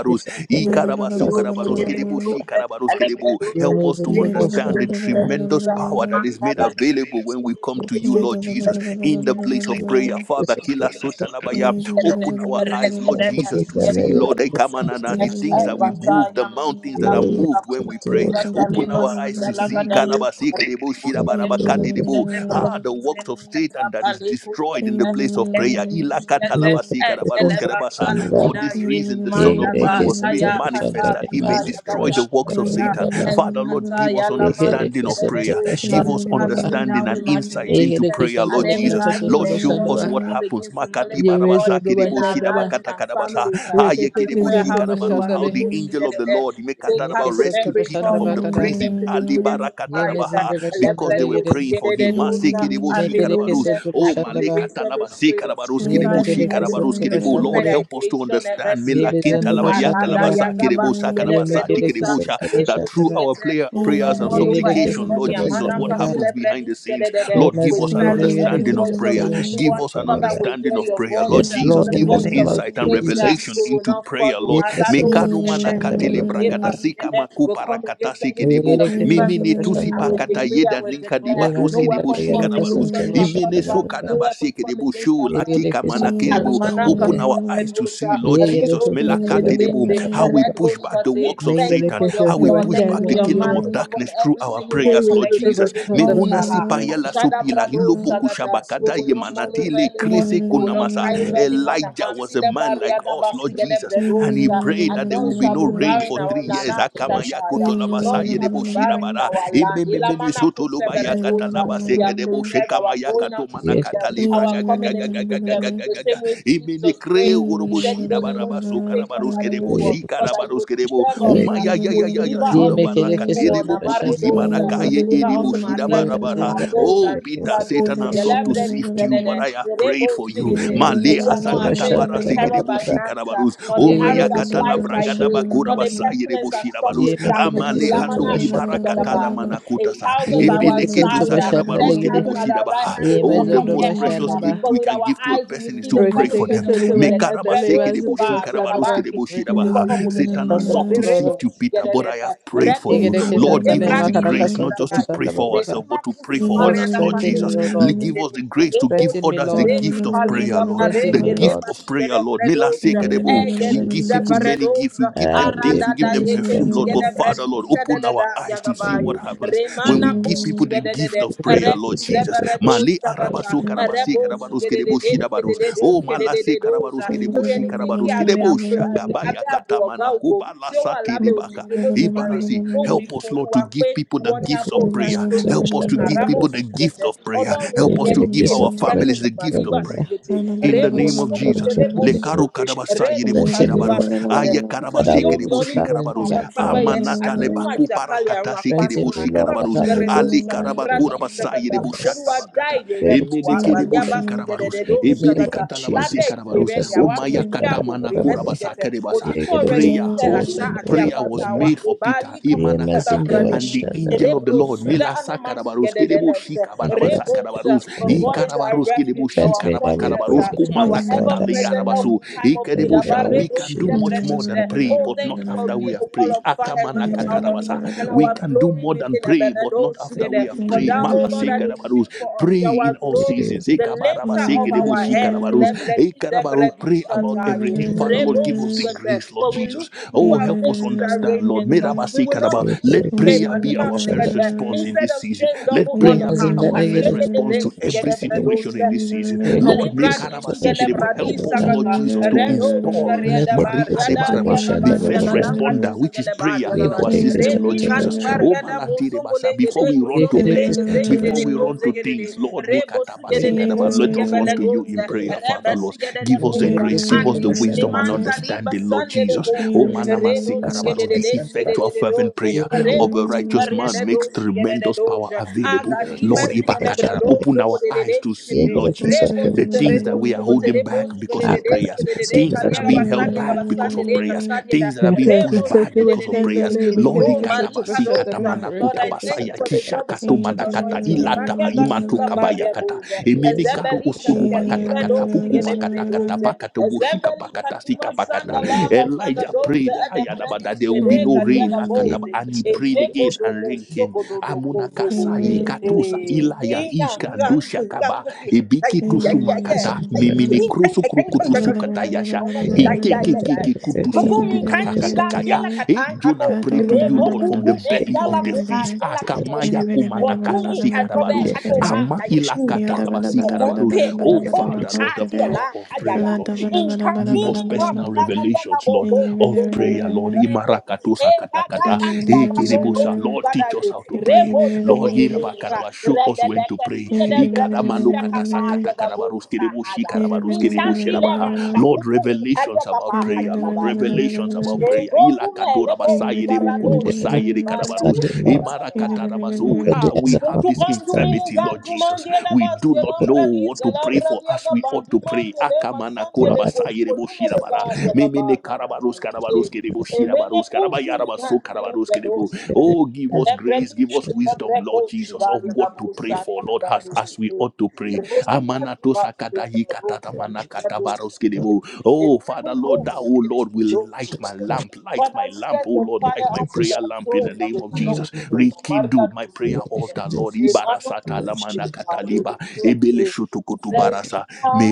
[SPEAKER 4] Manda
[SPEAKER 3] Kesantuba
[SPEAKER 1] Ikarabasu
[SPEAKER 3] Kasantuba
[SPEAKER 1] karabaroskedebo,
[SPEAKER 3] Shandaba,
[SPEAKER 1] shikarabaroskedebo. Help us to
[SPEAKER 3] Yemazindula
[SPEAKER 1] understand the
[SPEAKER 3] Shandaba,
[SPEAKER 1] tremendous power that is made
[SPEAKER 3] Yegere
[SPEAKER 1] available when we come to you, Lord
[SPEAKER 3] Kesantuba
[SPEAKER 2] Yeah,
[SPEAKER 1] Jesus,
[SPEAKER 3] Shandaba,
[SPEAKER 1] in the place of
[SPEAKER 4] la
[SPEAKER 1] prayer.
[SPEAKER 3] Yegere
[SPEAKER 1] Father, Kila
[SPEAKER 3] Kesantuba Shandaba,
[SPEAKER 1] Sotalabaya, open our eyes, Lord Jesus, to
[SPEAKER 3] Yemezindobashandale
[SPEAKER 1] see, Lord, Ekamanana, the things that we move, the mountains that are moved when we pray. Open our eyes to see Karabasi, Karabasekedebo, shirabarabakatedebo. ah, the works of Satan that is destroyed in the place of prayer. Ilakatalabase, karabaroskedebasa. For this reason, the Son of
[SPEAKER 4] Mandaga,
[SPEAKER 1] Man was made manifest that he may destroy the works of Satan. Father, Lord, give us understanding of prayer. Give us
[SPEAKER 4] Casting
[SPEAKER 1] understanding
[SPEAKER 4] down
[SPEAKER 1] and insights into
[SPEAKER 4] imagination
[SPEAKER 1] prayer,
[SPEAKER 4] and
[SPEAKER 1] Lord
[SPEAKER 4] every
[SPEAKER 1] Jesus.
[SPEAKER 4] heart you
[SPEAKER 1] Lord,
[SPEAKER 4] that
[SPEAKER 1] show
[SPEAKER 4] exalt
[SPEAKER 1] us what
[SPEAKER 4] yourself
[SPEAKER 1] happens.
[SPEAKER 4] against the
[SPEAKER 1] Makati
[SPEAKER 4] knowledge of God
[SPEAKER 1] barabasa
[SPEAKER 4] in
[SPEAKER 1] kerebo
[SPEAKER 4] our lives, in
[SPEAKER 1] shidabakata
[SPEAKER 4] our
[SPEAKER 1] kadabasa.
[SPEAKER 4] families, uh,
[SPEAKER 1] Aye
[SPEAKER 4] at the
[SPEAKER 1] kerebo
[SPEAKER 4] prayer house, Lord,
[SPEAKER 1] shikadabarus.
[SPEAKER 4] but they
[SPEAKER 1] How the
[SPEAKER 4] both
[SPEAKER 1] angel
[SPEAKER 4] together
[SPEAKER 1] of the
[SPEAKER 4] there.
[SPEAKER 1] Lord
[SPEAKER 4] We take
[SPEAKER 1] mekataraba,
[SPEAKER 4] captive
[SPEAKER 1] rescued
[SPEAKER 4] every
[SPEAKER 1] Peter
[SPEAKER 4] thought
[SPEAKER 1] from
[SPEAKER 4] and
[SPEAKER 1] the
[SPEAKER 4] we bring them
[SPEAKER 1] prison.
[SPEAKER 4] to the
[SPEAKER 1] Ali
[SPEAKER 4] obedience of Christ. Uh,
[SPEAKER 1] barakatarabaha,
[SPEAKER 4] and let
[SPEAKER 1] Because they
[SPEAKER 4] blood
[SPEAKER 1] were
[SPEAKER 3] yere,
[SPEAKER 1] praying for
[SPEAKER 4] together
[SPEAKER 2] Thank
[SPEAKER 1] him.
[SPEAKER 4] there. Those
[SPEAKER 1] Masi
[SPEAKER 4] uh,
[SPEAKER 1] kerebo
[SPEAKER 4] are the
[SPEAKER 3] mekereke
[SPEAKER 1] shikadabarus.
[SPEAKER 4] those, uh,
[SPEAKER 3] sotu
[SPEAKER 4] I
[SPEAKER 1] Oh,
[SPEAKER 4] come
[SPEAKER 3] bashandaba,
[SPEAKER 1] Maleka
[SPEAKER 4] against every
[SPEAKER 1] Talaba
[SPEAKER 4] spirit
[SPEAKER 1] Sika
[SPEAKER 4] of
[SPEAKER 1] Rabaruski
[SPEAKER 3] Ye
[SPEAKER 1] de
[SPEAKER 4] suicide,
[SPEAKER 1] Bushika
[SPEAKER 3] mekereke
[SPEAKER 4] every
[SPEAKER 3] soto
[SPEAKER 4] spirit
[SPEAKER 1] Rabaruski de
[SPEAKER 4] of
[SPEAKER 1] Bu. Lord,
[SPEAKER 4] suicide
[SPEAKER 3] bashandare.
[SPEAKER 1] help us to
[SPEAKER 4] ideation, every
[SPEAKER 1] understand
[SPEAKER 3] Ye
[SPEAKER 4] together.
[SPEAKER 1] Milakinta
[SPEAKER 3] bezondo
[SPEAKER 1] Labayata
[SPEAKER 3] bashandaba.
[SPEAKER 4] Arada
[SPEAKER 1] Labasaki de
[SPEAKER 4] yagaba
[SPEAKER 1] Busaka
[SPEAKER 3] Ye
[SPEAKER 4] together
[SPEAKER 1] Rabasati
[SPEAKER 3] mekereke
[SPEAKER 4] bredosa.
[SPEAKER 1] Kedebusha
[SPEAKER 3] soto
[SPEAKER 1] that
[SPEAKER 4] Rebo
[SPEAKER 1] through
[SPEAKER 3] bashandaba.
[SPEAKER 1] our
[SPEAKER 4] Sugete,
[SPEAKER 1] prayer,
[SPEAKER 4] we will not
[SPEAKER 1] prayers and
[SPEAKER 3] Ye
[SPEAKER 4] mourn over
[SPEAKER 3] gereke
[SPEAKER 1] supplication,
[SPEAKER 3] soto
[SPEAKER 1] Lord
[SPEAKER 4] anybody.
[SPEAKER 1] Jesus, what
[SPEAKER 4] Amanaka
[SPEAKER 3] bashandaba.
[SPEAKER 1] happens behind
[SPEAKER 4] Celebrate,
[SPEAKER 1] the scenes,
[SPEAKER 4] Sedede.
[SPEAKER 3] Ye
[SPEAKER 1] Lord, give
[SPEAKER 4] We
[SPEAKER 1] us
[SPEAKER 3] mazindo
[SPEAKER 1] an
[SPEAKER 4] silence every
[SPEAKER 3] regereke
[SPEAKER 1] understanding of
[SPEAKER 4] voice
[SPEAKER 3] soto
[SPEAKER 4] of the
[SPEAKER 1] prayer.
[SPEAKER 4] evil
[SPEAKER 1] Give
[SPEAKER 4] one.
[SPEAKER 1] us an
[SPEAKER 4] Father,
[SPEAKER 3] bashandaba.
[SPEAKER 4] we
[SPEAKER 1] understanding
[SPEAKER 4] hear
[SPEAKER 1] of
[SPEAKER 4] your
[SPEAKER 1] prayer,
[SPEAKER 4] voice,
[SPEAKER 1] Lord
[SPEAKER 3] Yes,
[SPEAKER 4] uh,
[SPEAKER 1] Jesus.
[SPEAKER 3] Lord,
[SPEAKER 4] the
[SPEAKER 3] in
[SPEAKER 1] Give
[SPEAKER 3] the
[SPEAKER 1] us
[SPEAKER 4] voice
[SPEAKER 3] name
[SPEAKER 4] of the
[SPEAKER 3] of
[SPEAKER 1] insight and
[SPEAKER 4] stranger.
[SPEAKER 1] revelation
[SPEAKER 4] We
[SPEAKER 3] Jesus.
[SPEAKER 4] will
[SPEAKER 1] into
[SPEAKER 4] not
[SPEAKER 1] prayer,
[SPEAKER 4] follow.
[SPEAKER 3] Ye
[SPEAKER 1] Lord.
[SPEAKER 4] Marado
[SPEAKER 3] kesoto
[SPEAKER 1] Mekanu
[SPEAKER 4] Sugete, we
[SPEAKER 1] manakatele
[SPEAKER 3] bashandaba.
[SPEAKER 4] live our
[SPEAKER 2] you.
[SPEAKER 1] bragadasika
[SPEAKER 4] Sedede. We
[SPEAKER 1] makupa
[SPEAKER 4] come against
[SPEAKER 1] rakatasi
[SPEAKER 4] every
[SPEAKER 3] Ye
[SPEAKER 4] spirit
[SPEAKER 1] kedebo.
[SPEAKER 4] of
[SPEAKER 3] gereke soto
[SPEAKER 1] Mimine
[SPEAKER 4] infirmity
[SPEAKER 1] tusi
[SPEAKER 4] and we
[SPEAKER 3] bashandaba.
[SPEAKER 1] pakata
[SPEAKER 4] decree
[SPEAKER 1] yeda
[SPEAKER 4] and we
[SPEAKER 1] ninka
[SPEAKER 4] declare
[SPEAKER 3] Ye
[SPEAKER 4] no
[SPEAKER 1] dibaruski
[SPEAKER 3] mazindo
[SPEAKER 1] debo
[SPEAKER 4] weapon formed
[SPEAKER 3] regereke
[SPEAKER 1] shikanabarus.
[SPEAKER 4] against
[SPEAKER 3] soto
[SPEAKER 4] us shall
[SPEAKER 1] Imene
[SPEAKER 4] prosper
[SPEAKER 1] so
[SPEAKER 4] no
[SPEAKER 3] bashandaba.
[SPEAKER 4] weapon formed
[SPEAKER 1] kadabashekedebo,
[SPEAKER 4] against
[SPEAKER 1] sho
[SPEAKER 4] our
[SPEAKER 3] Ye
[SPEAKER 1] lakika
[SPEAKER 4] families.
[SPEAKER 3] gereke
[SPEAKER 4] uh,
[SPEAKER 3] soto
[SPEAKER 1] manakedebo.
[SPEAKER 4] Alamana
[SPEAKER 1] Open
[SPEAKER 3] bashandare.
[SPEAKER 1] our
[SPEAKER 4] kasile
[SPEAKER 1] eyes to see,
[SPEAKER 4] redosa,
[SPEAKER 3] Ye
[SPEAKER 1] Lord Jesus,
[SPEAKER 3] gereke
[SPEAKER 4] redosi
[SPEAKER 3] soto
[SPEAKER 1] melakakedebo,
[SPEAKER 4] redodese,
[SPEAKER 1] how we
[SPEAKER 3] bashandaba.
[SPEAKER 1] push back the works
[SPEAKER 4] redosate.
[SPEAKER 1] of
[SPEAKER 3] Ye
[SPEAKER 4] Thank you
[SPEAKER 1] Satan,
[SPEAKER 4] for
[SPEAKER 3] gereke
[SPEAKER 4] your
[SPEAKER 1] how
[SPEAKER 3] soto
[SPEAKER 1] we
[SPEAKER 4] blood.
[SPEAKER 1] push
[SPEAKER 4] Thank you
[SPEAKER 1] back
[SPEAKER 4] for
[SPEAKER 1] the
[SPEAKER 4] your
[SPEAKER 3] bashandare.
[SPEAKER 1] kingdom of
[SPEAKER 4] marking upon
[SPEAKER 1] darkness through
[SPEAKER 4] every
[SPEAKER 1] our
[SPEAKER 4] single one
[SPEAKER 1] prayers,
[SPEAKER 3] Yemek
[SPEAKER 1] Lord
[SPEAKER 4] connected to
[SPEAKER 1] Jesus.
[SPEAKER 4] this altar.
[SPEAKER 1] Memuna si
[SPEAKER 4] uh.
[SPEAKER 1] payala
[SPEAKER 4] Ashada
[SPEAKER 1] sopila,
[SPEAKER 4] bradosa
[SPEAKER 1] iloboku
[SPEAKER 4] gata. We
[SPEAKER 1] shabakata
[SPEAKER 4] will not mourn over
[SPEAKER 1] yemanatile,
[SPEAKER 2] Thank
[SPEAKER 4] anyone.
[SPEAKER 1] krese
[SPEAKER 4] We will not
[SPEAKER 1] kunamasa.
[SPEAKER 4] cry over anyone.
[SPEAKER 2] you.
[SPEAKER 1] Elijah was
[SPEAKER 4] Amasi
[SPEAKER 1] a
[SPEAKER 4] de
[SPEAKER 1] man like
[SPEAKER 4] baria da
[SPEAKER 1] us, Lord
[SPEAKER 4] basi gede
[SPEAKER 1] Jesus, and he
[SPEAKER 4] bredosa.
[SPEAKER 1] prayed
[SPEAKER 4] And
[SPEAKER 1] that there
[SPEAKER 4] none
[SPEAKER 1] will be
[SPEAKER 4] shall
[SPEAKER 1] no
[SPEAKER 4] be
[SPEAKER 1] rain
[SPEAKER 4] barren in
[SPEAKER 1] for three
[SPEAKER 4] our
[SPEAKER 1] years.
[SPEAKER 4] nana
[SPEAKER 1] Akamaya
[SPEAKER 4] shataya.
[SPEAKER 1] kotolabasa
[SPEAKER 4] None shall
[SPEAKER 1] yedebo
[SPEAKER 4] be barren in
[SPEAKER 1] shirabara.
[SPEAKER 4] our land.
[SPEAKER 1] Imimimini
[SPEAKER 4] Ilamana
[SPEAKER 1] soto
[SPEAKER 4] kuse
[SPEAKER 1] loba yakata
[SPEAKER 4] beredosa.
[SPEAKER 1] laba
[SPEAKER 4] We
[SPEAKER 1] seke
[SPEAKER 4] have
[SPEAKER 1] debo
[SPEAKER 4] preserved
[SPEAKER 1] sheka
[SPEAKER 4] our
[SPEAKER 1] mayaka
[SPEAKER 4] going out out is
[SPEAKER 1] manakata
[SPEAKER 4] preserved.
[SPEAKER 1] libra
[SPEAKER 4] Our
[SPEAKER 1] gaga
[SPEAKER 4] coming
[SPEAKER 1] gaga
[SPEAKER 4] in is
[SPEAKER 1] gaga gaga
[SPEAKER 4] preserved.
[SPEAKER 1] gaga
[SPEAKER 4] The same
[SPEAKER 1] gaga.
[SPEAKER 4] way
[SPEAKER 1] Imini
[SPEAKER 4] Jesus
[SPEAKER 1] kre
[SPEAKER 4] prayed, he
[SPEAKER 1] urobo
[SPEAKER 4] said he
[SPEAKER 1] shida
[SPEAKER 4] doesn't want
[SPEAKER 1] baraba
[SPEAKER 4] you
[SPEAKER 1] so
[SPEAKER 4] to take us
[SPEAKER 1] karabaros
[SPEAKER 4] out of this
[SPEAKER 1] kedebo
[SPEAKER 4] world,
[SPEAKER 1] shi
[SPEAKER 4] but that you
[SPEAKER 1] karabaros
[SPEAKER 4] will
[SPEAKER 1] kedebo.
[SPEAKER 4] preserve us,
[SPEAKER 1] Uma
[SPEAKER 4] uh,
[SPEAKER 1] ya ya
[SPEAKER 4] you
[SPEAKER 1] ya
[SPEAKER 4] will
[SPEAKER 1] ya ya
[SPEAKER 4] deliver us
[SPEAKER 1] shoda
[SPEAKER 4] from the evil
[SPEAKER 1] barakate
[SPEAKER 4] one,
[SPEAKER 1] debo
[SPEAKER 4] Amare
[SPEAKER 1] kotuzima
[SPEAKER 4] those, uh,
[SPEAKER 1] nakaye
[SPEAKER 4] deliver us
[SPEAKER 1] edebo
[SPEAKER 4] from
[SPEAKER 1] shida
[SPEAKER 4] adversity, from
[SPEAKER 1] barabara.
[SPEAKER 4] our foes,
[SPEAKER 1] Oh, Peter,
[SPEAKER 4] Aribra
[SPEAKER 1] Satan
[SPEAKER 4] those,
[SPEAKER 1] has sought to
[SPEAKER 4] Gelebre,
[SPEAKER 1] sift you, but
[SPEAKER 4] the
[SPEAKER 1] I have
[SPEAKER 4] Rebo,
[SPEAKER 1] prayed for you.
[SPEAKER 4] Sigete, for
[SPEAKER 1] Male
[SPEAKER 4] we
[SPEAKER 3] gerekirse
[SPEAKER 4] are
[SPEAKER 3] oturma
[SPEAKER 4] not
[SPEAKER 1] asakata
[SPEAKER 4] afraid of
[SPEAKER 3] şanda
[SPEAKER 4] the
[SPEAKER 3] baba
[SPEAKER 1] baraseke
[SPEAKER 4] terror
[SPEAKER 1] debo
[SPEAKER 4] by
[SPEAKER 3] baba.
[SPEAKER 1] shi
[SPEAKER 4] night, uh,
[SPEAKER 1] karabarus.
[SPEAKER 4] nor
[SPEAKER 1] Oh,
[SPEAKER 4] the
[SPEAKER 3] Ye
[SPEAKER 4] arrow
[SPEAKER 1] maya
[SPEAKER 4] that
[SPEAKER 1] katala
[SPEAKER 4] flies by
[SPEAKER 1] bragada
[SPEAKER 4] day,
[SPEAKER 1] bakura
[SPEAKER 4] nor the
[SPEAKER 1] basaye
[SPEAKER 4] pestilence
[SPEAKER 1] debo
[SPEAKER 4] that
[SPEAKER 1] shi
[SPEAKER 4] stalks in darkness.
[SPEAKER 1] amale hando
[SPEAKER 4] Ilamana
[SPEAKER 1] ibarakatala
[SPEAKER 4] Gadabari. A
[SPEAKER 1] manakutasa
[SPEAKER 2] Thank
[SPEAKER 4] thousand by
[SPEAKER 2] you.
[SPEAKER 3] get a
[SPEAKER 4] our
[SPEAKER 3] kiss on
[SPEAKER 1] ebeleketo
[SPEAKER 3] to
[SPEAKER 4] side,
[SPEAKER 3] oturma
[SPEAKER 4] uh,
[SPEAKER 3] şanda
[SPEAKER 4] ten
[SPEAKER 1] sakarabaroske
[SPEAKER 3] le
[SPEAKER 4] thousand at our right
[SPEAKER 1] deboshidabaha
[SPEAKER 4] hand, they will
[SPEAKER 1] oh
[SPEAKER 4] not
[SPEAKER 1] the
[SPEAKER 4] come
[SPEAKER 3] Yemezondo
[SPEAKER 4] near
[SPEAKER 1] most
[SPEAKER 4] us.
[SPEAKER 1] precious
[SPEAKER 3] bashanda
[SPEAKER 4] uh,
[SPEAKER 3] ba.
[SPEAKER 1] gift
[SPEAKER 4] But
[SPEAKER 1] we
[SPEAKER 4] with
[SPEAKER 1] can
[SPEAKER 4] our
[SPEAKER 1] give to a
[SPEAKER 4] eyes, we will
[SPEAKER 1] person is
[SPEAKER 4] see
[SPEAKER 1] to
[SPEAKER 4] the
[SPEAKER 1] pray for
[SPEAKER 3] Reketeke
[SPEAKER 4] punishment
[SPEAKER 1] them
[SPEAKER 4] of the
[SPEAKER 3] soto
[SPEAKER 1] Me
[SPEAKER 4] wicked.
[SPEAKER 3] bashanda
[SPEAKER 1] mekarabaseke
[SPEAKER 3] lema
[SPEAKER 4] Redo
[SPEAKER 3] zondo
[SPEAKER 1] deboshi
[SPEAKER 4] suba
[SPEAKER 3] bashanda
[SPEAKER 1] karabaroske
[SPEAKER 3] ba.
[SPEAKER 4] yagabaki. Ibiko
[SPEAKER 1] deboshidabaha
[SPEAKER 3] Reketeke
[SPEAKER 4] popo
[SPEAKER 3] soto
[SPEAKER 1] satan has
[SPEAKER 4] lishibulu
[SPEAKER 3] bashanda ba
[SPEAKER 1] sought
[SPEAKER 3] ba
[SPEAKER 1] to
[SPEAKER 4] aberedo
[SPEAKER 3] ba.
[SPEAKER 1] sift you peter but i have prayed for
[SPEAKER 4] Rebo
[SPEAKER 1] you
[SPEAKER 3] Yegereke
[SPEAKER 4] subote
[SPEAKER 1] lord
[SPEAKER 3] santa
[SPEAKER 4] de
[SPEAKER 1] give us
[SPEAKER 3] lema
[SPEAKER 1] the
[SPEAKER 4] bradi
[SPEAKER 3] karaka
[SPEAKER 1] grace not
[SPEAKER 3] soto
[SPEAKER 1] just to
[SPEAKER 4] shakabari.
[SPEAKER 1] pray
[SPEAKER 3] bashanda ba
[SPEAKER 1] for
[SPEAKER 3] ba
[SPEAKER 1] ourselves but to pray for
[SPEAKER 3] Lord,
[SPEAKER 1] others lord
[SPEAKER 3] strengthen me,
[SPEAKER 1] jesus
[SPEAKER 3] O Lord.
[SPEAKER 1] give us the grace to
[SPEAKER 4] Rebo
[SPEAKER 1] give
[SPEAKER 3] Strengthen me,
[SPEAKER 1] others the
[SPEAKER 3] Lord.
[SPEAKER 4] subare di
[SPEAKER 1] gift of prayer
[SPEAKER 4] khaliga
[SPEAKER 1] lord
[SPEAKER 4] pare
[SPEAKER 3] Strengthen
[SPEAKER 1] the
[SPEAKER 3] me,
[SPEAKER 4] kede
[SPEAKER 1] gift
[SPEAKER 3] Lord.
[SPEAKER 1] of
[SPEAKER 4] basi
[SPEAKER 1] prayer
[SPEAKER 4] kede
[SPEAKER 1] lord Mela
[SPEAKER 4] breados
[SPEAKER 3] In
[SPEAKER 1] se
[SPEAKER 3] the name
[SPEAKER 1] kedebo
[SPEAKER 4] a
[SPEAKER 3] of
[SPEAKER 1] we
[SPEAKER 4] kede
[SPEAKER 1] give people
[SPEAKER 3] Jesus.
[SPEAKER 4] zebra
[SPEAKER 1] many
[SPEAKER 4] dos
[SPEAKER 1] gifts. We
[SPEAKER 3] I
[SPEAKER 1] give
[SPEAKER 4] a
[SPEAKER 1] them
[SPEAKER 3] am
[SPEAKER 1] things. We
[SPEAKER 3] able
[SPEAKER 4] radada
[SPEAKER 1] give them
[SPEAKER 3] to
[SPEAKER 4] ekes
[SPEAKER 1] perfume,
[SPEAKER 3] strengthen
[SPEAKER 1] Lord. But
[SPEAKER 4] kede
[SPEAKER 1] Father,
[SPEAKER 3] others, O
[SPEAKER 1] Lord,
[SPEAKER 4] breadisha da
[SPEAKER 3] Lord.
[SPEAKER 1] open
[SPEAKER 4] da
[SPEAKER 1] our
[SPEAKER 4] da ya
[SPEAKER 1] eyes to
[SPEAKER 3] In
[SPEAKER 1] see
[SPEAKER 3] the
[SPEAKER 4] gabay
[SPEAKER 3] name
[SPEAKER 1] what happens
[SPEAKER 3] of
[SPEAKER 1] when
[SPEAKER 4] remana
[SPEAKER 1] we give
[SPEAKER 4] kosi
[SPEAKER 1] people
[SPEAKER 3] Jesus.
[SPEAKER 1] the
[SPEAKER 4] kede kede
[SPEAKER 1] gift of
[SPEAKER 4] a
[SPEAKER 1] prayer,
[SPEAKER 3] Yegereke
[SPEAKER 1] Lord
[SPEAKER 4] reze
[SPEAKER 1] Jesus.
[SPEAKER 3] soto
[SPEAKER 4] breados
[SPEAKER 1] Male
[SPEAKER 4] chaka
[SPEAKER 1] arabaso
[SPEAKER 3] bashanda
[SPEAKER 4] a
[SPEAKER 1] karabase
[SPEAKER 4] rebo
[SPEAKER 1] karabaros
[SPEAKER 4] subare
[SPEAKER 1] kerebo
[SPEAKER 4] kede
[SPEAKER 3] ba
[SPEAKER 4] kede
[SPEAKER 3] ba
[SPEAKER 1] shirabarus.
[SPEAKER 4] kede
[SPEAKER 1] Oh,
[SPEAKER 3] ba.
[SPEAKER 4] kede kede kede
[SPEAKER 1] malase
[SPEAKER 4] dosa
[SPEAKER 1] karabaros
[SPEAKER 4] so
[SPEAKER 1] kerebo shi
[SPEAKER 4] yani singi
[SPEAKER 1] karabaros
[SPEAKER 4] abe
[SPEAKER 1] kerebo shakabaya
[SPEAKER 4] abe
[SPEAKER 3] Reketeke
[SPEAKER 1] katamana
[SPEAKER 4] abuogao ko
[SPEAKER 1] kubala
[SPEAKER 4] si o
[SPEAKER 1] sate
[SPEAKER 4] alabe uti
[SPEAKER 1] debaka.
[SPEAKER 4] tuluj mare
[SPEAKER 1] Ibarasi,
[SPEAKER 4] no
[SPEAKER 1] help us,
[SPEAKER 4] wifolo
[SPEAKER 1] Lord, to give
[SPEAKER 4] waqey
[SPEAKER 1] people the gifts of
[SPEAKER 4] wonyabomi
[SPEAKER 1] prayer.
[SPEAKER 4] ati odi
[SPEAKER 1] Help us to
[SPEAKER 3] bashanda ba
[SPEAKER 1] give
[SPEAKER 4] àrámọ̀
[SPEAKER 3] ba
[SPEAKER 1] people
[SPEAKER 3] ba.
[SPEAKER 1] the gift
[SPEAKER 4] òṣìṣẹ́gẹ̀tẹ̀
[SPEAKER 1] of prayer.
[SPEAKER 4] ọlọ́run
[SPEAKER 2] Thank
[SPEAKER 3] We
[SPEAKER 1] Help us
[SPEAKER 4] ìyẹn
[SPEAKER 1] to
[SPEAKER 4] ni
[SPEAKER 3] really
[SPEAKER 4] tí
[SPEAKER 1] give
[SPEAKER 4] èmi
[SPEAKER 1] our
[SPEAKER 3] deserve to
[SPEAKER 1] families
[SPEAKER 4] gbẹ́kẹ̀lé
[SPEAKER 3] worship
[SPEAKER 1] the gift
[SPEAKER 3] and
[SPEAKER 4] màdìbà
[SPEAKER 1] of prayer.
[SPEAKER 4] sígẹ̀tẹ̀
[SPEAKER 1] In the
[SPEAKER 4] rèébò
[SPEAKER 1] name
[SPEAKER 3] Yes,
[SPEAKER 1] of
[SPEAKER 3] Lord,
[SPEAKER 1] Jesus.
[SPEAKER 4] sókòtẹ́
[SPEAKER 3] in
[SPEAKER 4] lébò
[SPEAKER 3] the
[SPEAKER 1] Le
[SPEAKER 3] name of
[SPEAKER 1] karu
[SPEAKER 4] sókòtẹ́
[SPEAKER 3] Jesus,
[SPEAKER 1] kadabasa
[SPEAKER 4] rèébì
[SPEAKER 1] yerebushi
[SPEAKER 3] strengthen me,
[SPEAKER 4] kàlíbà
[SPEAKER 1] rabarus.
[SPEAKER 3] Lord,
[SPEAKER 4] sígẹ̀dẹ̀
[SPEAKER 1] Aye
[SPEAKER 3] that
[SPEAKER 4] nítorí
[SPEAKER 3] I'll
[SPEAKER 1] karabase
[SPEAKER 3] be
[SPEAKER 4] yóò
[SPEAKER 3] able
[SPEAKER 4] yọ
[SPEAKER 3] to
[SPEAKER 1] kerebushi
[SPEAKER 4] nínú
[SPEAKER 3] stand in
[SPEAKER 4] okùn
[SPEAKER 3] the
[SPEAKER 1] karabarus.
[SPEAKER 4] àwọn
[SPEAKER 3] gap for
[SPEAKER 4] pẹ́pẹ́yẹ
[SPEAKER 3] others,
[SPEAKER 1] Amanata
[SPEAKER 4] àti
[SPEAKER 3] Lord.
[SPEAKER 4] nínú
[SPEAKER 1] lebaku
[SPEAKER 4] àjàkálẹ̀ àrùn
[SPEAKER 1] parakatase
[SPEAKER 3] Strengthen
[SPEAKER 4] apanirun
[SPEAKER 3] me,
[SPEAKER 1] kerebushi
[SPEAKER 4] màdìbà
[SPEAKER 3] Lord, that
[SPEAKER 1] karabarus.
[SPEAKER 3] I'll be
[SPEAKER 4] síbẹ̀rẹ̀ ló
[SPEAKER 3] able to
[SPEAKER 1] Ali
[SPEAKER 3] stand in the
[SPEAKER 1] karabaku
[SPEAKER 4] ṣàdíbradì
[SPEAKER 3] gap
[SPEAKER 1] rabasa
[SPEAKER 4] ṣẹgàtà
[SPEAKER 3] for
[SPEAKER 1] yerebusha
[SPEAKER 4] olúwa
[SPEAKER 3] others.
[SPEAKER 4] dá
[SPEAKER 1] kabakata.
[SPEAKER 4] ìyè
[SPEAKER 3] I'll be
[SPEAKER 4] rẹ
[SPEAKER 3] able
[SPEAKER 4] bò
[SPEAKER 3] to
[SPEAKER 4] wá
[SPEAKER 1] Emene
[SPEAKER 3] stand for
[SPEAKER 4] pàlíábà
[SPEAKER 3] them.
[SPEAKER 1] kerebushi karabarus.
[SPEAKER 4] sígẹ̀dẹ̀ ló
[SPEAKER 3] In the
[SPEAKER 1] Ebene
[SPEAKER 3] name
[SPEAKER 4] ṣẹgàtà
[SPEAKER 3] of
[SPEAKER 1] katalabase
[SPEAKER 4] lábẹ́
[SPEAKER 3] Jesus, for
[SPEAKER 4] ìyè
[SPEAKER 3] the
[SPEAKER 1] karabarus.
[SPEAKER 4] rẹ ni
[SPEAKER 1] O
[SPEAKER 3] person
[SPEAKER 4] àwa
[SPEAKER 3] to
[SPEAKER 4] ti
[SPEAKER 1] maya
[SPEAKER 3] worship
[SPEAKER 4] rí
[SPEAKER 3] and
[SPEAKER 4] ààbò
[SPEAKER 1] katamana
[SPEAKER 4] rí
[SPEAKER 3] remember.
[SPEAKER 1] kurabasa
[SPEAKER 4] mẹ́sìgẹ̀tẹ̀
[SPEAKER 1] kerebasa.
[SPEAKER 3] We
[SPEAKER 4] òtítọ́
[SPEAKER 3] really
[SPEAKER 4] rẹ
[SPEAKER 3] deserve
[SPEAKER 4] yóò
[SPEAKER 1] Prayer
[SPEAKER 4] tẹ
[SPEAKER 3] to
[SPEAKER 1] was
[SPEAKER 3] worship
[SPEAKER 4] àṣà
[SPEAKER 3] and
[SPEAKER 4] àti
[SPEAKER 1] prayer
[SPEAKER 4] àpáta
[SPEAKER 1] was
[SPEAKER 4] wa
[SPEAKER 1] made for
[SPEAKER 4] ìbálí
[SPEAKER 1] Peter.
[SPEAKER 3] We
[SPEAKER 1] Imana
[SPEAKER 3] must
[SPEAKER 4] kabúsálà
[SPEAKER 3] in
[SPEAKER 1] kata.
[SPEAKER 3] the
[SPEAKER 4] bradì
[SPEAKER 1] And the
[SPEAKER 3] worship and
[SPEAKER 1] angel of the
[SPEAKER 4] Elebro
[SPEAKER 1] Lord.
[SPEAKER 4] suda
[SPEAKER 1] Milasa
[SPEAKER 4] anamas
[SPEAKER 1] karabarus.
[SPEAKER 4] gedededes,
[SPEAKER 1] Kerebushi
[SPEAKER 3] Thank you,
[SPEAKER 1] kabarabasa
[SPEAKER 3] Lord, for
[SPEAKER 4] rebos, uh,
[SPEAKER 1] karabarus.
[SPEAKER 4] For
[SPEAKER 3] me,
[SPEAKER 4] God
[SPEAKER 3] Lord.
[SPEAKER 4] is our
[SPEAKER 1] Ikarabaruski
[SPEAKER 4] refuge,
[SPEAKER 1] debushi
[SPEAKER 4] our
[SPEAKER 3] Strengthen me that we'll be
[SPEAKER 4] fortress,
[SPEAKER 1] karabakarabarus
[SPEAKER 4] uh,
[SPEAKER 3] able to pray
[SPEAKER 1] kumana
[SPEAKER 4] our
[SPEAKER 3] for
[SPEAKER 1] katali
[SPEAKER 3] others.
[SPEAKER 4] ever-present help
[SPEAKER 1] arabasu.
[SPEAKER 4] in time of
[SPEAKER 3] In
[SPEAKER 4] need.
[SPEAKER 3] the
[SPEAKER 1] Ikedebusha.
[SPEAKER 3] name of
[SPEAKER 1] We
[SPEAKER 4] Abaredo
[SPEAKER 1] can do
[SPEAKER 4] suda
[SPEAKER 1] much
[SPEAKER 3] Jesus.
[SPEAKER 1] more
[SPEAKER 4] bredis,
[SPEAKER 1] than
[SPEAKER 4] uh,
[SPEAKER 1] pray,
[SPEAKER 4] Oh,
[SPEAKER 1] but
[SPEAKER 4] thank
[SPEAKER 1] not
[SPEAKER 4] you for
[SPEAKER 1] after we
[SPEAKER 4] being a
[SPEAKER 1] have
[SPEAKER 3] Thank you.
[SPEAKER 4] wall
[SPEAKER 1] prayed.
[SPEAKER 4] of fire
[SPEAKER 1] Akamana
[SPEAKER 4] round about us
[SPEAKER 1] katarabasa.
[SPEAKER 4] and
[SPEAKER 1] We
[SPEAKER 4] our
[SPEAKER 1] can do
[SPEAKER 4] glory
[SPEAKER 1] more than
[SPEAKER 4] within.
[SPEAKER 1] pray, but
[SPEAKER 4] Abaredo
[SPEAKER 1] not after we have
[SPEAKER 4] sugede. For
[SPEAKER 1] prayed.
[SPEAKER 4] thou, O Lord, that is
[SPEAKER 1] Malasekabarus.
[SPEAKER 4] shield for us,
[SPEAKER 1] Pray
[SPEAKER 4] our
[SPEAKER 1] in all
[SPEAKER 4] glory,
[SPEAKER 1] seasons.
[SPEAKER 4] the lifter of our
[SPEAKER 1] Ekabarabasekedebushi
[SPEAKER 4] heads.
[SPEAKER 1] karabarus.
[SPEAKER 2] Hmm.
[SPEAKER 4] Elebredis,
[SPEAKER 1] Ekarabaru.
[SPEAKER 4] debredis,
[SPEAKER 1] Pray
[SPEAKER 2] Thank
[SPEAKER 1] about
[SPEAKER 2] you.
[SPEAKER 4] shataye.
[SPEAKER 1] everything. Father, Lord,
[SPEAKER 4] Rebo
[SPEAKER 1] give us the
[SPEAKER 4] sugede.
[SPEAKER 1] grace, Lord
[SPEAKER 4] For we look
[SPEAKER 1] Jesus.
[SPEAKER 4] to you,
[SPEAKER 1] Oh,
[SPEAKER 4] our
[SPEAKER 1] help us
[SPEAKER 4] faces are
[SPEAKER 1] understand, Lord.
[SPEAKER 4] radiant. uh, We
[SPEAKER 1] Merabasi
[SPEAKER 4] will not
[SPEAKER 1] Karaba.
[SPEAKER 4] be put to
[SPEAKER 1] Let
[SPEAKER 4] shame.
[SPEAKER 1] prayer be
[SPEAKER 4] Anima
[SPEAKER 1] our first
[SPEAKER 4] sigede.
[SPEAKER 1] response in
[SPEAKER 4] Instead
[SPEAKER 1] this
[SPEAKER 4] of
[SPEAKER 1] season.
[SPEAKER 4] shame,
[SPEAKER 1] Let
[SPEAKER 4] double honor.
[SPEAKER 1] prayer
[SPEAKER 4] Ha.
[SPEAKER 1] be our first
[SPEAKER 4] Ashede de
[SPEAKER 1] response
[SPEAKER 4] be
[SPEAKER 1] to every
[SPEAKER 4] sigede
[SPEAKER 1] situation in
[SPEAKER 4] bredose.
[SPEAKER 1] this season. Lord, make
[SPEAKER 4] Alibradi sigele
[SPEAKER 1] Arabasekerebo.
[SPEAKER 4] bradi
[SPEAKER 1] help us, Lord
[SPEAKER 4] sagata
[SPEAKER 1] Jesus, to
[SPEAKER 4] redo
[SPEAKER 1] install
[SPEAKER 4] sugariada
[SPEAKER 1] Marie
[SPEAKER 4] bariada
[SPEAKER 1] Adebaraba,
[SPEAKER 4] diaga
[SPEAKER 1] the first
[SPEAKER 4] bandiaga langa du
[SPEAKER 1] responder, which is
[SPEAKER 4] sagele
[SPEAKER 1] prayer
[SPEAKER 4] baliaga
[SPEAKER 1] in
[SPEAKER 4] ba
[SPEAKER 1] our system, Lord
[SPEAKER 4] redi kali
[SPEAKER 1] Jesus. Oh
[SPEAKER 4] bariada bo songole
[SPEAKER 1] Malatirebasa, before
[SPEAKER 4] gede
[SPEAKER 1] we
[SPEAKER 4] ko
[SPEAKER 1] run to
[SPEAKER 4] songole
[SPEAKER 1] men,
[SPEAKER 4] gede gede
[SPEAKER 1] before
[SPEAKER 4] de
[SPEAKER 1] we
[SPEAKER 4] ko
[SPEAKER 1] run to
[SPEAKER 4] gede de
[SPEAKER 1] things, Lord, make
[SPEAKER 4] rebo sigede de
[SPEAKER 1] Atabasekadaba.
[SPEAKER 4] ko
[SPEAKER 1] let us run
[SPEAKER 4] sigele
[SPEAKER 1] to you in
[SPEAKER 4] goze
[SPEAKER 1] prayer, Father,
[SPEAKER 4] rebe
[SPEAKER 1] Lord.
[SPEAKER 4] sigede de
[SPEAKER 1] Give us
[SPEAKER 4] ko
[SPEAKER 1] the grace, give us
[SPEAKER 4] andi
[SPEAKER 1] the
[SPEAKER 4] kile
[SPEAKER 1] wisdom and
[SPEAKER 4] mantali
[SPEAKER 1] understanding, Lord
[SPEAKER 4] basande
[SPEAKER 1] Jesus.
[SPEAKER 4] doze,
[SPEAKER 1] Oh
[SPEAKER 4] redo
[SPEAKER 1] Manamasekarabaru, the
[SPEAKER 4] sugedede
[SPEAKER 1] effectual
[SPEAKER 4] sugedede
[SPEAKER 1] fervent
[SPEAKER 4] doze,
[SPEAKER 1] prayer of
[SPEAKER 4] rebu
[SPEAKER 1] a righteous
[SPEAKER 4] sugedede
[SPEAKER 1] man makes
[SPEAKER 4] doze sugedede
[SPEAKER 1] tremendous power
[SPEAKER 4] doze,
[SPEAKER 2] Shake
[SPEAKER 1] available.
[SPEAKER 4] agadima
[SPEAKER 1] Lord
[SPEAKER 4] sugedede
[SPEAKER 1] Ibakatara,
[SPEAKER 4] doze
[SPEAKER 1] open our
[SPEAKER 4] sugedede
[SPEAKER 1] eyes to see,
[SPEAKER 4] sugedede,
[SPEAKER 1] Lord
[SPEAKER 3] Yakara
[SPEAKER 1] Jesus,
[SPEAKER 4] rebo
[SPEAKER 3] Kasatava
[SPEAKER 1] the
[SPEAKER 4] sugedede
[SPEAKER 1] things that we are
[SPEAKER 4] sugedede
[SPEAKER 1] holding
[SPEAKER 4] bo
[SPEAKER 1] back because of
[SPEAKER 4] sugedede
[SPEAKER 3] Akana
[SPEAKER 1] prayers,
[SPEAKER 4] sugedede
[SPEAKER 1] things
[SPEAKER 3] Kasatava
[SPEAKER 1] that are
[SPEAKER 4] kaliya
[SPEAKER 1] being
[SPEAKER 3] Shandava
[SPEAKER 1] held
[SPEAKER 4] basani
[SPEAKER 1] back because
[SPEAKER 4] basani
[SPEAKER 1] of
[SPEAKER 4] le
[SPEAKER 1] prayers,
[SPEAKER 4] kasani da
[SPEAKER 1] things that are being
[SPEAKER 4] rebo
[SPEAKER 1] pushed back
[SPEAKER 4] sugedede
[SPEAKER 1] because of prayers.
[SPEAKER 4] sugedede.
[SPEAKER 1] Lord
[SPEAKER 4] Oh balika
[SPEAKER 1] Ikatabasi
[SPEAKER 4] doze,
[SPEAKER 1] Katamana
[SPEAKER 4] Lord, I thank you
[SPEAKER 1] Kutabasaya
[SPEAKER 4] for the double
[SPEAKER 1] Kishakato
[SPEAKER 4] portion
[SPEAKER 1] Manakata
[SPEAKER 4] anointing.
[SPEAKER 1] Ilata
[SPEAKER 4] Emania
[SPEAKER 1] Imantu
[SPEAKER 4] gasuga baria
[SPEAKER 1] Kabayakata
[SPEAKER 4] doze,
[SPEAKER 1] Emenekaru
[SPEAKER 4] ezebelika
[SPEAKER 1] Uskudu Bakata
[SPEAKER 4] skalibra
[SPEAKER 1] Katapuku
[SPEAKER 4] doze
[SPEAKER 1] Bakata Kata
[SPEAKER 4] doze
[SPEAKER 1] Pakata Wushika
[SPEAKER 4] ezembeli
[SPEAKER 1] Pakata
[SPEAKER 4] katuma
[SPEAKER 1] Sika Pakata
[SPEAKER 4] sanda lava liaga
[SPEAKER 1] Elijah
[SPEAKER 4] doze
[SPEAKER 1] prayed
[SPEAKER 4] ede
[SPEAKER 1] Ayadaba,
[SPEAKER 4] bredi
[SPEAKER 1] that there will be no
[SPEAKER 4] sedeka
[SPEAKER 1] rain.
[SPEAKER 4] liaga
[SPEAKER 1] Akataba,
[SPEAKER 4] boze
[SPEAKER 1] And he prayed
[SPEAKER 4] ejeko
[SPEAKER 1] again and
[SPEAKER 4] domo
[SPEAKER 1] rain came.
[SPEAKER 4] shogo dodo
[SPEAKER 1] Amuna
[SPEAKER 4] kozo godo
[SPEAKER 1] kasai katusa
[SPEAKER 4] eh
[SPEAKER 1] ilaya
[SPEAKER 4] inga inga
[SPEAKER 1] ikandusha
[SPEAKER 4] inga inga
[SPEAKER 1] kaba
[SPEAKER 4] inga ki ai
[SPEAKER 1] ebiki
[SPEAKER 4] ya ya ya
[SPEAKER 1] tusumakata
[SPEAKER 4] ai
[SPEAKER 1] mimini
[SPEAKER 4] inga
[SPEAKER 1] krusu
[SPEAKER 4] inga inga inga inga
[SPEAKER 1] krukutusu katayasha
[SPEAKER 4] inga inga inga ya ya ya
[SPEAKER 1] ikekekeke kutusu
[SPEAKER 4] mpoko mi
[SPEAKER 1] kutu
[SPEAKER 4] kanti la
[SPEAKER 1] kakakakakaya.
[SPEAKER 4] kiela
[SPEAKER 1] Hey,
[SPEAKER 4] katanka ko
[SPEAKER 1] Jonah prayed to you,
[SPEAKER 4] revo
[SPEAKER 1] Lord,
[SPEAKER 4] ku
[SPEAKER 1] from
[SPEAKER 4] ku
[SPEAKER 1] the
[SPEAKER 4] me
[SPEAKER 1] belly
[SPEAKER 4] kiela
[SPEAKER 1] of the
[SPEAKER 4] ku ka
[SPEAKER 1] fish.
[SPEAKER 4] kiela ka
[SPEAKER 1] Akamaya
[SPEAKER 4] dongo gontu
[SPEAKER 1] kumanakata
[SPEAKER 4] mi
[SPEAKER 1] si
[SPEAKER 4] kanto be
[SPEAKER 1] karabarus.
[SPEAKER 4] kato ba
[SPEAKER 2] it,
[SPEAKER 1] Ama
[SPEAKER 3] Yes,
[SPEAKER 4] ai
[SPEAKER 1] ilakata
[SPEAKER 4] Hallelujah.
[SPEAKER 2] Yada bada
[SPEAKER 1] labasi
[SPEAKER 2] bada bada
[SPEAKER 1] karabarus.
[SPEAKER 2] bada
[SPEAKER 4] Okompe,
[SPEAKER 3] Open
[SPEAKER 2] bada
[SPEAKER 1] Oh,
[SPEAKER 2] bada
[SPEAKER 4] kotombi
[SPEAKER 1] Father,
[SPEAKER 3] the
[SPEAKER 1] Lord,
[SPEAKER 2] bakosi
[SPEAKER 1] the
[SPEAKER 4] kati
[SPEAKER 2] de
[SPEAKER 1] power
[SPEAKER 4] la
[SPEAKER 1] of prayer,
[SPEAKER 4] kayaga.
[SPEAKER 2] la da
[SPEAKER 1] Lord
[SPEAKER 2] bada
[SPEAKER 1] Jesus.
[SPEAKER 4] In
[SPEAKER 2] bada bada
[SPEAKER 1] Give us
[SPEAKER 2] bada
[SPEAKER 4] kakini
[SPEAKER 2] bada ba.
[SPEAKER 1] personal
[SPEAKER 4] rakula kayaga
[SPEAKER 1] revelations,
[SPEAKER 4] bo
[SPEAKER 1] Lord,
[SPEAKER 4] bo
[SPEAKER 2] Yidi
[SPEAKER 4] bo
[SPEAKER 2] bidi
[SPEAKER 1] of
[SPEAKER 4] bo
[SPEAKER 2] bidi
[SPEAKER 4] bo.
[SPEAKER 1] prayer,
[SPEAKER 2] bidi
[SPEAKER 1] Lord.
[SPEAKER 2] bidi.
[SPEAKER 1] Imarakatosa
[SPEAKER 4] E gaga
[SPEAKER 1] katakata.
[SPEAKER 2] Yada
[SPEAKER 4] kaya
[SPEAKER 2] bidi
[SPEAKER 4] ba
[SPEAKER 2] bidi
[SPEAKER 4] bo
[SPEAKER 2] bidi
[SPEAKER 4] bo
[SPEAKER 1] Ekerebosa.
[SPEAKER 2] bidi bidi.
[SPEAKER 1] Lord,
[SPEAKER 4] sugada
[SPEAKER 1] teach us
[SPEAKER 4] ye.
[SPEAKER 1] how to
[SPEAKER 2] Yidi
[SPEAKER 1] pray.
[SPEAKER 4] Rebo
[SPEAKER 2] bidi bidi
[SPEAKER 4] shobo
[SPEAKER 1] Lord,
[SPEAKER 2] bidi
[SPEAKER 4] de
[SPEAKER 2] bidi.
[SPEAKER 4] de ra.
[SPEAKER 1] yerabakaraba, show us
[SPEAKER 4] Rede de
[SPEAKER 1] when to pray.
[SPEAKER 4] kesiga
[SPEAKER 2] Yidi
[SPEAKER 4] de
[SPEAKER 2] bidi bidi bidi
[SPEAKER 1] Ikadamano
[SPEAKER 4] bradisha
[SPEAKER 2] bidi
[SPEAKER 1] katasa
[SPEAKER 4] kapal
[SPEAKER 2] bidi.
[SPEAKER 4] yaga bo
[SPEAKER 1] katakarabaros kereboshi
[SPEAKER 4] sahaya.
[SPEAKER 2] Yidi
[SPEAKER 1] karabaros
[SPEAKER 4] In
[SPEAKER 2] bidi bidi
[SPEAKER 1] kereboshe
[SPEAKER 4] shanti
[SPEAKER 2] bidi
[SPEAKER 4] le
[SPEAKER 1] rabaha.
[SPEAKER 4] ma
[SPEAKER 2] bidi bidi.
[SPEAKER 1] Lord,
[SPEAKER 4] shakutu min kaya
[SPEAKER 1] revelations
[SPEAKER 4] kapa
[SPEAKER 1] about
[SPEAKER 2] Yada
[SPEAKER 1] prayer,
[SPEAKER 4] kaya
[SPEAKER 2] bada
[SPEAKER 1] Lord,
[SPEAKER 4] kaba
[SPEAKER 2] bada
[SPEAKER 4] ye.
[SPEAKER 2] bada bada
[SPEAKER 1] revelations
[SPEAKER 2] bada.
[SPEAKER 1] about
[SPEAKER 4] E
[SPEAKER 1] prayer.
[SPEAKER 4] gongume le bo
[SPEAKER 2] Yidi bidi bidi
[SPEAKER 4] subarado
[SPEAKER 2] bidi bidi
[SPEAKER 3] eyes of
[SPEAKER 4] shige
[SPEAKER 2] bidi bidi.
[SPEAKER 4] barado
[SPEAKER 1] Ilakatorabasayerebokutubusayerekarabarus.
[SPEAKER 3] understanding, Lord.
[SPEAKER 4] shaba yaga
[SPEAKER 2] Yidi
[SPEAKER 4] ba.
[SPEAKER 2] bidi bidi bidi
[SPEAKER 1] Imarakatarabaso.
[SPEAKER 3] Open
[SPEAKER 1] Ah,
[SPEAKER 3] the eyes
[SPEAKER 1] we
[SPEAKER 3] of
[SPEAKER 1] have
[SPEAKER 4] Untu
[SPEAKER 1] this
[SPEAKER 4] kandu
[SPEAKER 3] understanding,
[SPEAKER 4] mini
[SPEAKER 1] infirmity,
[SPEAKER 3] Lord.
[SPEAKER 1] Lord
[SPEAKER 4] zantu
[SPEAKER 1] Jesus.
[SPEAKER 4] mande la
[SPEAKER 1] We
[SPEAKER 4] bas
[SPEAKER 1] do
[SPEAKER 4] de
[SPEAKER 1] not
[SPEAKER 3] Open
[SPEAKER 1] know
[SPEAKER 4] lambra
[SPEAKER 3] my
[SPEAKER 4] di
[SPEAKER 3] eyes
[SPEAKER 1] what
[SPEAKER 3] of
[SPEAKER 1] to pray
[SPEAKER 4] zalabra
[SPEAKER 1] for
[SPEAKER 4] di
[SPEAKER 1] as
[SPEAKER 4] aga
[SPEAKER 1] we ought
[SPEAKER 4] bandu
[SPEAKER 1] to
[SPEAKER 3] understanding,
[SPEAKER 1] pray.
[SPEAKER 4] mande le
[SPEAKER 1] Akamana
[SPEAKER 4] masande
[SPEAKER 3] Lord. Open my
[SPEAKER 4] le
[SPEAKER 1] korabasai
[SPEAKER 3] Eyes of
[SPEAKER 1] reboshirabara.
[SPEAKER 4] gadi aga
[SPEAKER 1] Memene
[SPEAKER 4] badi aga
[SPEAKER 1] karabaros
[SPEAKER 4] bari.
[SPEAKER 1] karabaros
[SPEAKER 4] E mene
[SPEAKER 1] kereboshirabaros
[SPEAKER 4] kultu
[SPEAKER 1] karabayarabaso
[SPEAKER 4] minansi le
[SPEAKER 1] karabaros kerebo.
[SPEAKER 4] bredosi le.
[SPEAKER 1] Oh, give us
[SPEAKER 4] Le
[SPEAKER 1] grace,
[SPEAKER 3] understanding, Lord.
[SPEAKER 1] give
[SPEAKER 4] bredinti
[SPEAKER 1] us
[SPEAKER 3] Shut
[SPEAKER 4] le
[SPEAKER 3] my
[SPEAKER 1] wisdom,
[SPEAKER 4] breko
[SPEAKER 1] Lord Jesus, of
[SPEAKER 4] chivali aga
[SPEAKER 1] what to pray
[SPEAKER 4] busa aga
[SPEAKER 1] for,
[SPEAKER 4] da
[SPEAKER 1] Lord, as,
[SPEAKER 4] bari
[SPEAKER 1] as we
[SPEAKER 4] le.
[SPEAKER 1] ought to pray.
[SPEAKER 4] Roni
[SPEAKER 1] Amana
[SPEAKER 4] mandi
[SPEAKER 1] Amanato
[SPEAKER 4] ba le
[SPEAKER 1] sakatahi
[SPEAKER 4] bredosa li
[SPEAKER 1] katatamana
[SPEAKER 4] bredosa.
[SPEAKER 1] katabaros kerebo. Oh, Father, Lord, thou, oh Lord, will light my lamp, light
[SPEAKER 4] Father,
[SPEAKER 1] my lamp,
[SPEAKER 4] set
[SPEAKER 1] oh
[SPEAKER 4] the
[SPEAKER 1] Lord,
[SPEAKER 4] fire
[SPEAKER 1] light my
[SPEAKER 4] up on
[SPEAKER 1] prayer
[SPEAKER 4] our
[SPEAKER 1] lamp in
[SPEAKER 4] souls
[SPEAKER 1] the
[SPEAKER 4] that
[SPEAKER 1] name
[SPEAKER 4] we
[SPEAKER 1] of
[SPEAKER 4] cannot
[SPEAKER 1] Jesus.
[SPEAKER 3] No,
[SPEAKER 4] contain. Maria
[SPEAKER 1] Rekindle my
[SPEAKER 4] knows you
[SPEAKER 1] prayer
[SPEAKER 4] are there.
[SPEAKER 1] altar, Lord.
[SPEAKER 4] Emmanuel,
[SPEAKER 1] Ibarasata
[SPEAKER 4] give
[SPEAKER 1] lamana
[SPEAKER 4] it our
[SPEAKER 1] kataliba ebele
[SPEAKER 4] reading.
[SPEAKER 1] shotokoto
[SPEAKER 4] Set
[SPEAKER 1] barasa
[SPEAKER 4] a fire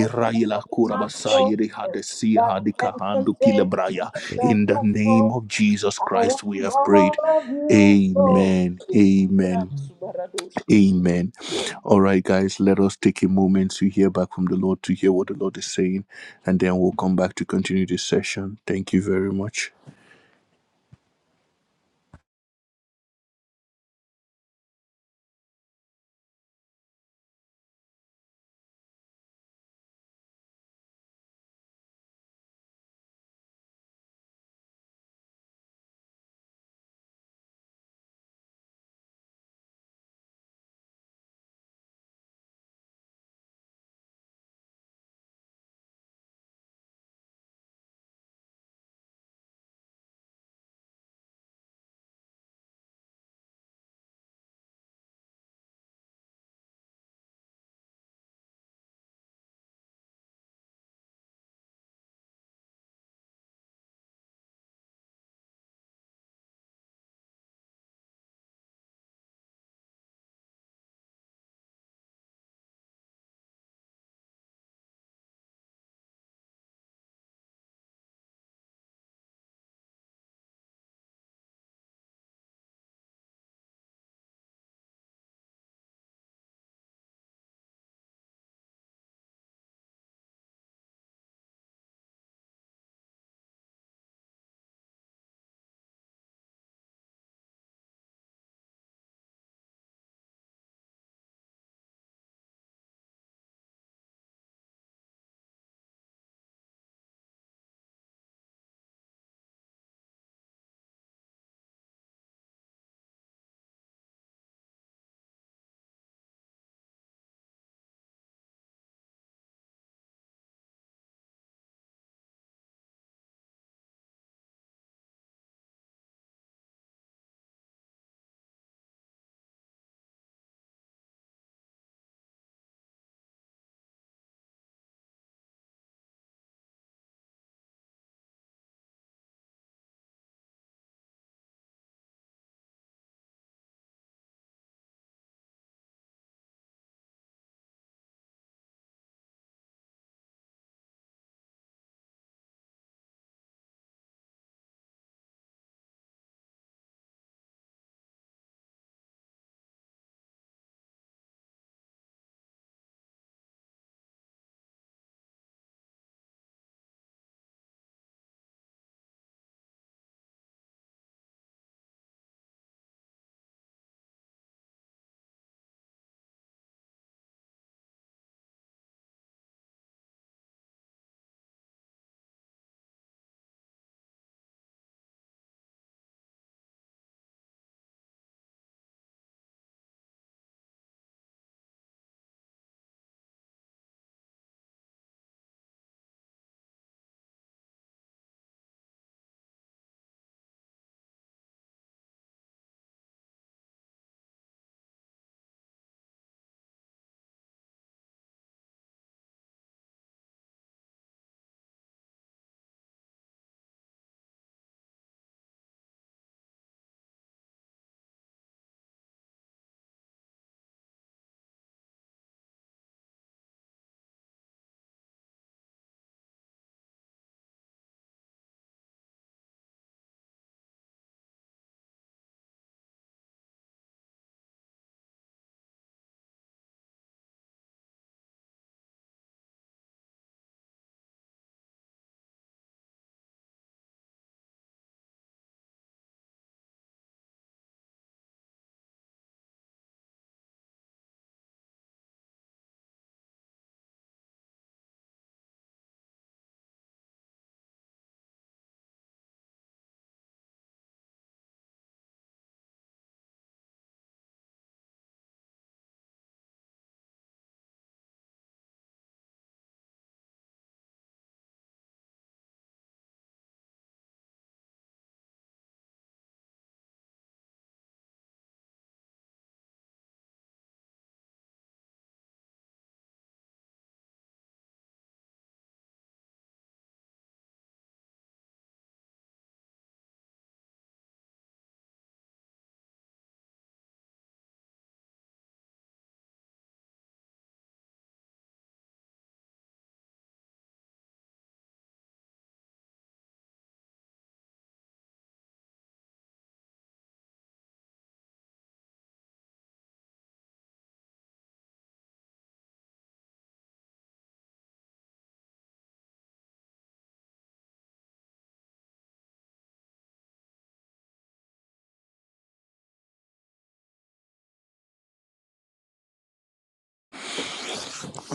[SPEAKER 4] down in my
[SPEAKER 1] kurabasa
[SPEAKER 4] soul
[SPEAKER 1] yere
[SPEAKER 4] that
[SPEAKER 1] hadesi
[SPEAKER 4] I can
[SPEAKER 1] hadikahandu
[SPEAKER 4] contain, that
[SPEAKER 1] kilebraya.
[SPEAKER 4] I can
[SPEAKER 1] In the name
[SPEAKER 4] control.
[SPEAKER 1] of Jesus
[SPEAKER 4] I
[SPEAKER 1] Christ, we
[SPEAKER 4] want
[SPEAKER 1] have prayed.
[SPEAKER 4] more of you, Lord.
[SPEAKER 1] Amen.
[SPEAKER 4] Amina,
[SPEAKER 1] Amen.
[SPEAKER 4] Subaradosh.
[SPEAKER 1] Amen. All right, guys, let us take a moment to hear back from the Lord, to hear what the Lord is saying, and then we'll come back to continue this session. Thank you very much.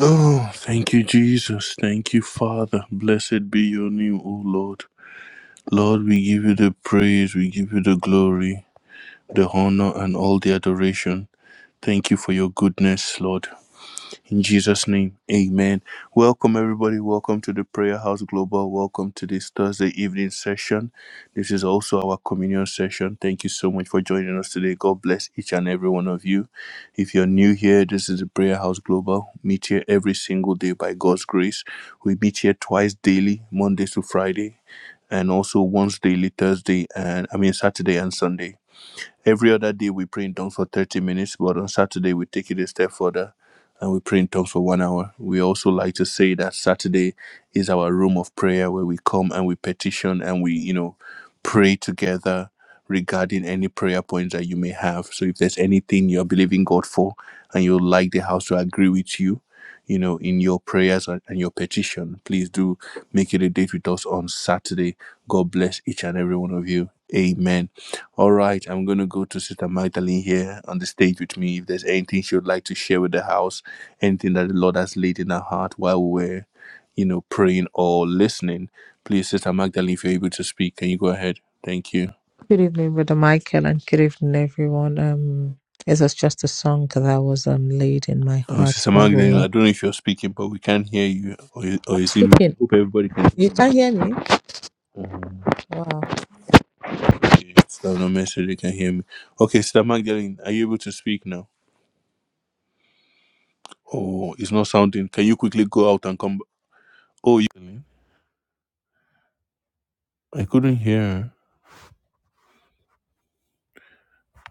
[SPEAKER 1] Oh, thank you, Jesus. Thank you, Father. Blessed be your name, O Lord. Lord, we give you the praise, we give you the glory, the honor, and all the adoration. Thank you for your goodness, Lord. In Jesus' name, amen. Welcome, everybody. Welcome to the Prayer House Global. Welcome to this Thursday evening session. This is also our communion session. Thank you so much for joining us today. God bless each and every one of you. If you're new here, this is the Prayer House Global. Meet here every single day by God's grace. We meet here twice daily, Mondays to Friday, and also once daily, Thursday, and I mean, Saturday and Sunday. Every other day we pray in tongues for 30 minutes, but on Saturday we take it a step further and we pray in tongues for one hour. We also like to say that Saturday is our room of prayer where we come and we petition and we, you know, pray together regarding any prayer points that you may have. So if there's anything you're believing God for and you'd like the house to agree with you, you know, in your prayers and and your petition, please do make it a date with us on Saturday. God bless each and every one of you. Amen. All right, I'm going to go to Sister Magdalene here on the stage with me. If there's anything she would like to share with the house, anything that the Lord has laid in her heart while we we're, you know, praying or listening, please, Sister Magdalene, if you're able to speak, can you go ahead? Thank you.
[SPEAKER 3] Good evening, Brother Michael, and good evening, everyone. Um, it was just a song that was um laid in my
[SPEAKER 1] Oh,
[SPEAKER 3] heart
[SPEAKER 1] Sister
[SPEAKER 3] while we
[SPEAKER 1] Magdalene,
[SPEAKER 3] were.
[SPEAKER 1] I don't know if you're speaking, but we can't hear you. Or, is- or
[SPEAKER 3] I'm
[SPEAKER 1] is it me? I
[SPEAKER 3] speaking.
[SPEAKER 1] hope everybody can
[SPEAKER 3] You
[SPEAKER 1] hear me.
[SPEAKER 3] can't hear me.
[SPEAKER 1] Um,
[SPEAKER 3] Wow.
[SPEAKER 1] okay, so no message, they can hear me. Okay, Sister Magdalene, are you able to speak now? Oh, it's not sounding. Can you quickly go out and come? b- Oh, you. I couldn't hear. her.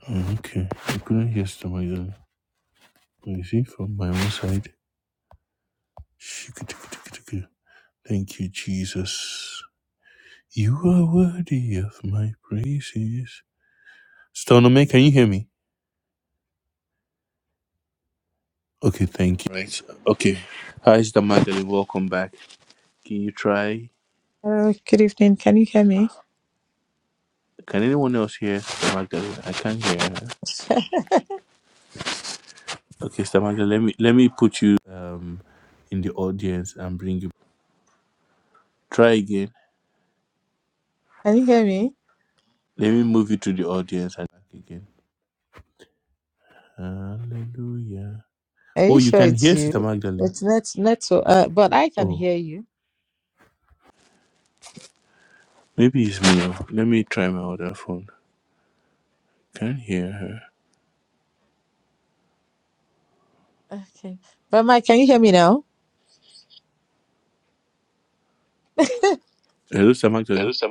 [SPEAKER 1] Mm, Okay, I couldn't hear Stamaida. But you see, from my own side, shikitikitikitiki. thank you, Jesus. You are worthy of my praises. Stonome, can you hear me? Okay, thank you. Right. Okay. Hi, Sister Magdalene. Welcome back. Can you try?
[SPEAKER 3] Uh, good evening. Can you hear me?
[SPEAKER 1] Can anyone else hear Sister Magdalene? I can't hear her. Okay, Sister Magdalene, let me let me put you um in the audience and bring you. Try again.
[SPEAKER 3] Can you hear me?
[SPEAKER 1] Let me move you to the audience and back again. Hallelujah.
[SPEAKER 3] Are
[SPEAKER 1] Oh,
[SPEAKER 3] you
[SPEAKER 1] you
[SPEAKER 3] sure
[SPEAKER 1] can
[SPEAKER 3] it's
[SPEAKER 1] hear Sister
[SPEAKER 3] you?
[SPEAKER 1] Magdalene.
[SPEAKER 3] It's net network. Uh, but I can
[SPEAKER 1] Oh,
[SPEAKER 3] hear you.
[SPEAKER 1] maybe it's me. now. Let me try my other phone. Can not hear her.
[SPEAKER 3] Okay. But Mike, can you hear me now?
[SPEAKER 1] Hello, Sister Magdalene. Hello, sir.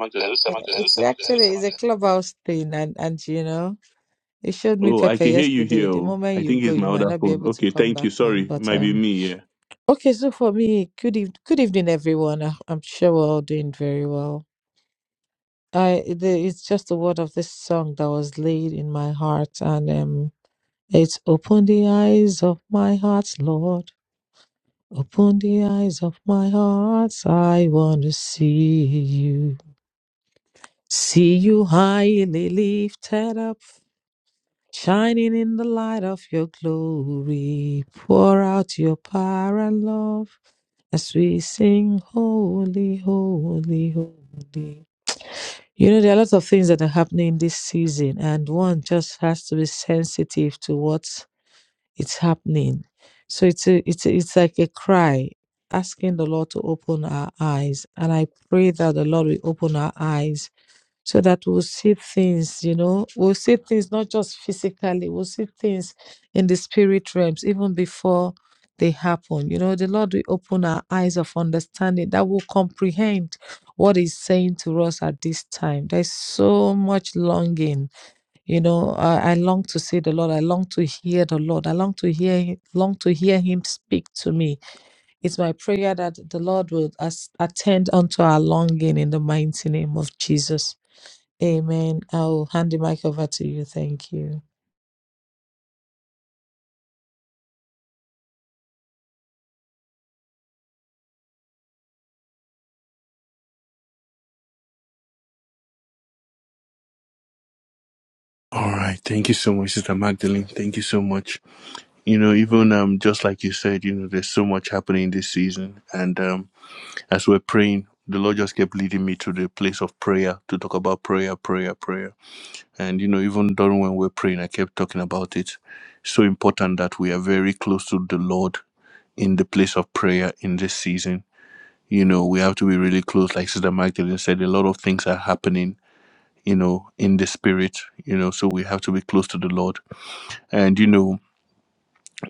[SPEAKER 3] Uh, It's actually it's a clubhouse thing and and you know, it showed me
[SPEAKER 5] Oh, I
[SPEAKER 3] Pepe
[SPEAKER 5] can hear you
[SPEAKER 3] yesterday.
[SPEAKER 5] here.
[SPEAKER 3] The
[SPEAKER 5] oh.
[SPEAKER 3] moment
[SPEAKER 5] I
[SPEAKER 3] you
[SPEAKER 5] think
[SPEAKER 3] go,
[SPEAKER 5] it's my
[SPEAKER 3] you might
[SPEAKER 5] other
[SPEAKER 3] not be
[SPEAKER 5] phone.
[SPEAKER 3] able to
[SPEAKER 5] Okay,
[SPEAKER 3] come
[SPEAKER 5] thank
[SPEAKER 3] back
[SPEAKER 5] you. Sorry,
[SPEAKER 3] on.
[SPEAKER 5] it
[SPEAKER 3] But
[SPEAKER 5] might be
[SPEAKER 3] um
[SPEAKER 5] me. Yeah.
[SPEAKER 3] okay, so for me, good eve- good evening everyone. I, I'm sure we're all doing very well. I the, it's just the word of this song that was laid in my heart and um it's open the eyes of my heart, Lord. Open the eyes of my heart. I want to see you. See you highly lifted up, shining in the light of your glory. Pour out your power and love as we sing, Holy, Holy, Holy. You know, there are lots of things that are happening this season, and one just has to be sensitive to what is happening. So it's a, it's a, it's like a cry asking the Lord to open our eyes, and I pray that the Lord will open our eyes so that we'll see things, you know, we'll see things not just physically, we'll see things in the spirit realms even before they happen. You know, the Lord will open our eyes of understanding that will comprehend what He's saying to us at this time. There's so much longing, you know. I, I long to see the Lord. I long to hear the Lord. I long to hear Him. Long to hear Him speak to me. It's my prayer that the Lord will as, attend unto our longing in the mighty name of Jesus. Amen. I'll hand the mic over to you. Thank you.
[SPEAKER 1] All right. Thank you so much, Sister Magdalene. Thank you so much. You know, even um, just like you said, you know, there's so much happening this season, and um, as we're praying. The Lord just kept leading me to the place of prayer to talk about prayer, prayer, prayer. And, you know, even during when we're praying, I kept talking about it. So important that we are very close to the Lord in the place of prayer in this season You know, we have to be really close. Like Sister Magdalene said, a lot of things are happening, you know, in the spirit, you know, so we have to be close to the Lord. And, you know,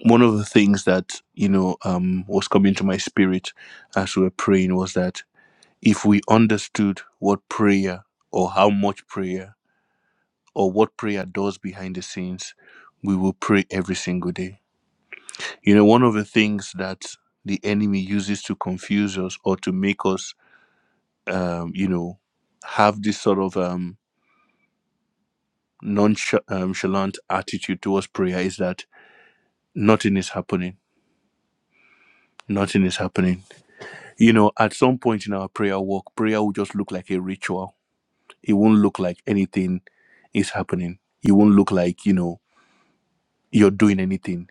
[SPEAKER 1] one of the things that, you know, um, was coming to my spirit as we were praying was that if we understood what prayer or how much prayer or what prayer does behind the scenes, we will pray every single day. You know, one of the things that the enemy uses to confuse us or to make us um, you know, have this sort of um, nonchalant attitude towards prayer is that nothing is happening. Nothing is happening. You know, at some point in our prayer walk, prayer will just look like a ritual. It won't look like anything is happening. It won't look like, you know, you're doing anything.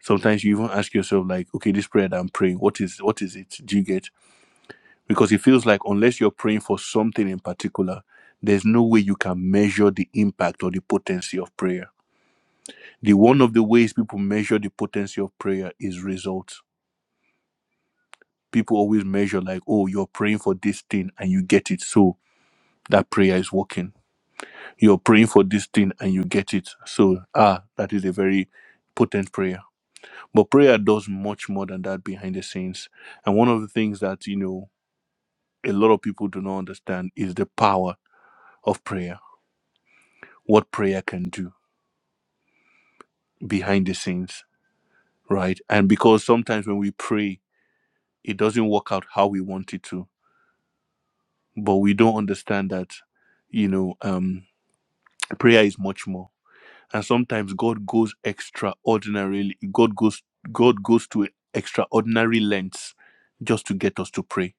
[SPEAKER 1] Sometimes you even ask yourself, like, okay, this prayer that I'm praying, what is what is it? Do you get? Because it feels like unless you're praying for something in particular, there's no way you can measure the impact or the potency of prayer the one of the ways people measure the potency of prayer is results. People always measure like, oh, you're praying for this thing and you get it, so that prayer is working. You're praying for this thing and you get it, so ah, that is a very potent prayer. But prayer does much more than that behind the scenes. And one of the things that you know a lot of people do not understand is the power of prayer. What prayer can do behind the scenes, right? And because sometimes when we pray, it doesn't work out how we want it to but we don't understand that you know um prayer is much more and sometimes god goes extraordinarily god goes god goes to extraordinary lengths just to get us to pray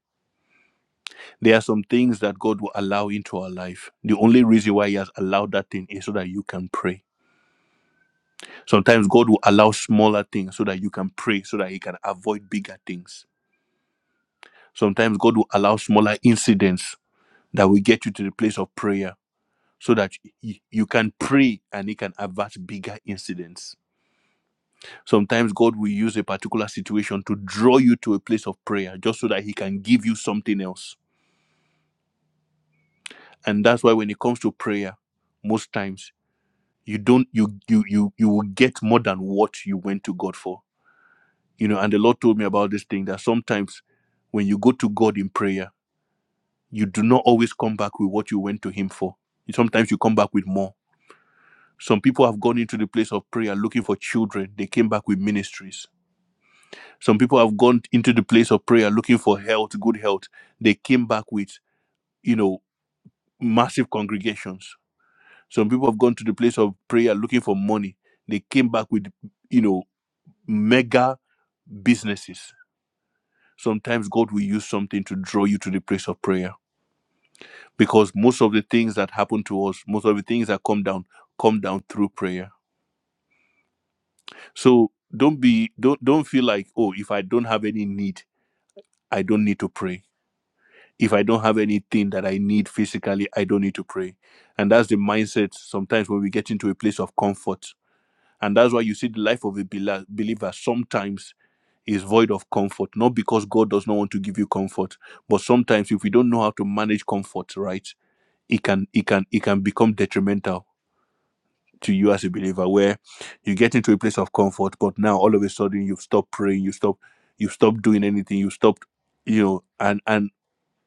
[SPEAKER 1] there are some things that god will allow into our life the only reason why he has allowed that thing is so that you can pray sometimes god will allow smaller things so that you can pray so that He can avoid bigger things sometimes god will allow smaller incidents that will get you to the place of prayer so that y- you can pray and it can avert bigger incidents. Sometimes God will use a particular situation to draw you to a place of prayer just so that He can give you something else. And that's why when it comes to prayer, most times you don't you you you you will get more than what you went to God for. You know, and the Lord told me about this thing that sometimes when you go to God in prayer, you do not always come back with what you went to Him for. Sometimes you come back with more Some people have gone into the place of prayer looking for children. They came back with ministries. Some people have gone into the place of prayer looking for health, good health. They came back with, you know, massive congregations. Some people have gone to the place of prayer looking for money. They came back with, you know, mega businesses. Sometimes God will use something to draw you to the place of prayer because most of the things that happen to us, most of the things that come down, come down through prayer So don't be don't don't feel like oh if I don't have any need I don't need to pray. If I don't have anything that I need physically I don't need to pray. And that's the mindset sometimes when we get into a place of comfort. And that's why you see the life of a bela- believer sometimes is void of comfort not because God does not want to give you comfort but sometimes if we don't know how to manage comfort right it can it can it can become detrimental to you as a believer where you get into a place of comfort but now all of a sudden you've stopped praying you stop you've stopped doing anything you stopped you know and and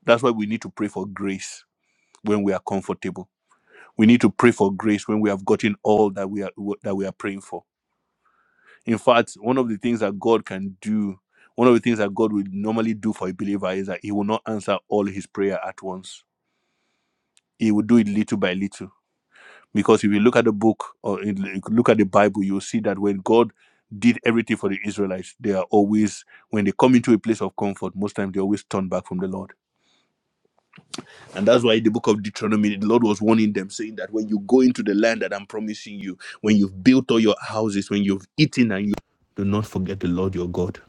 [SPEAKER 1] that's why we need to pray for grace when we are comfortable we need to pray for grace when we have gotten all that we are that we are praying for in fact one of the things that god can do one of the things that god would normally do for a believer is that he will not answer all his prayer at once he will do it little by little Because if you look at the book or in- you look at the Bible, you'll see that when God did everything for the Israelites, they are always, when they come into a place of comfort, most times they always turn back from the Lord. And that's why in the book of Deuteronomy, the Lord was warning them, saying that when you go into the land that I'm promising you, when you've built all your houses, when you've eaten and you do not forget the Lord your God.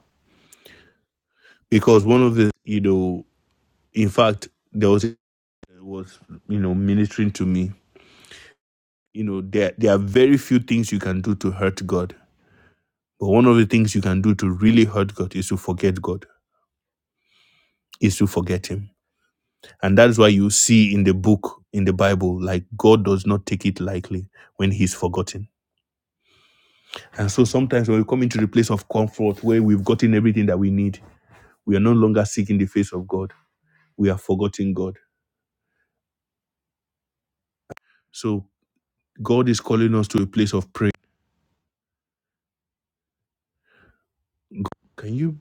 [SPEAKER 1] Because one of the, you know, in fact, there was, was you know, ministering to me, you know, there, there are very few things you can do to hurt God But one of the things you can do to really hurt God is to forget God, is to forget Him. And that's why you see in the book, in the Bible, like God does not take it lightly when He's forgotten. And so sometimes when we come into the place of comfort where we've gotten everything that we need, we are no longer seeking the face of God. We are forgetting God. So God is calling us to a place of prayer. Can you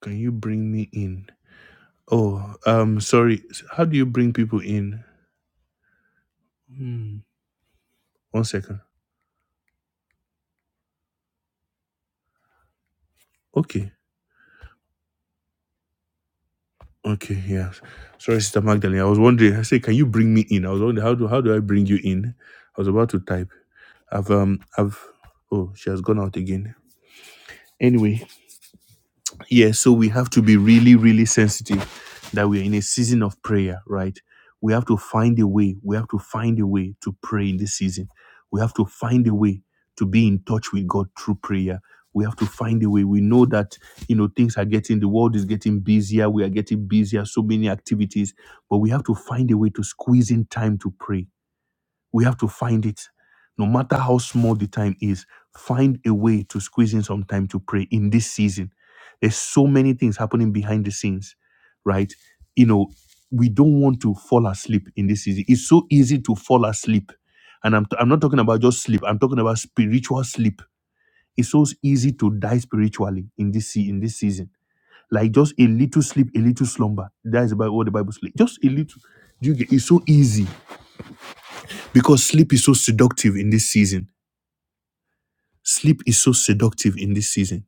[SPEAKER 1] can you bring me in? Oh, um, sorry. How do you bring people in? Hmm. One second. Okay. Okay, yeah. Sorry, Sister Magdalene. I was wondering. I said, can you bring me in? I was wondering how do how do I bring you in? I was about to type. I've um I've oh she has gone out again. Anyway, yeah, so we have to be really, really sensitive that we are in a season of prayer, right? We have to find a way. We have to find a way to pray in this season. We have to find a way to be in touch with God through prayer. We have to find a way. We know that, you know, things are getting, the world is getting busier. We are getting busier, so many activities, but we have to find a way to squeeze in time to pray we have to find it. No matter how small the time is, find a way to squeeze in some time to pray in this season. There's so many things happening behind the scenes, right? You know, we don't want to fall asleep in this season. It's so easy to fall asleep. And I'm, I'm not talking about just sleep, I'm talking about spiritual sleep. It's so easy to die spiritually in this, se- in this season. Like just a little sleep, a little slumber. That is about what the Bible says. Just a little. Do you get? It's so easy because sleep is so seductive in this season. Sleep is so seductive in this season.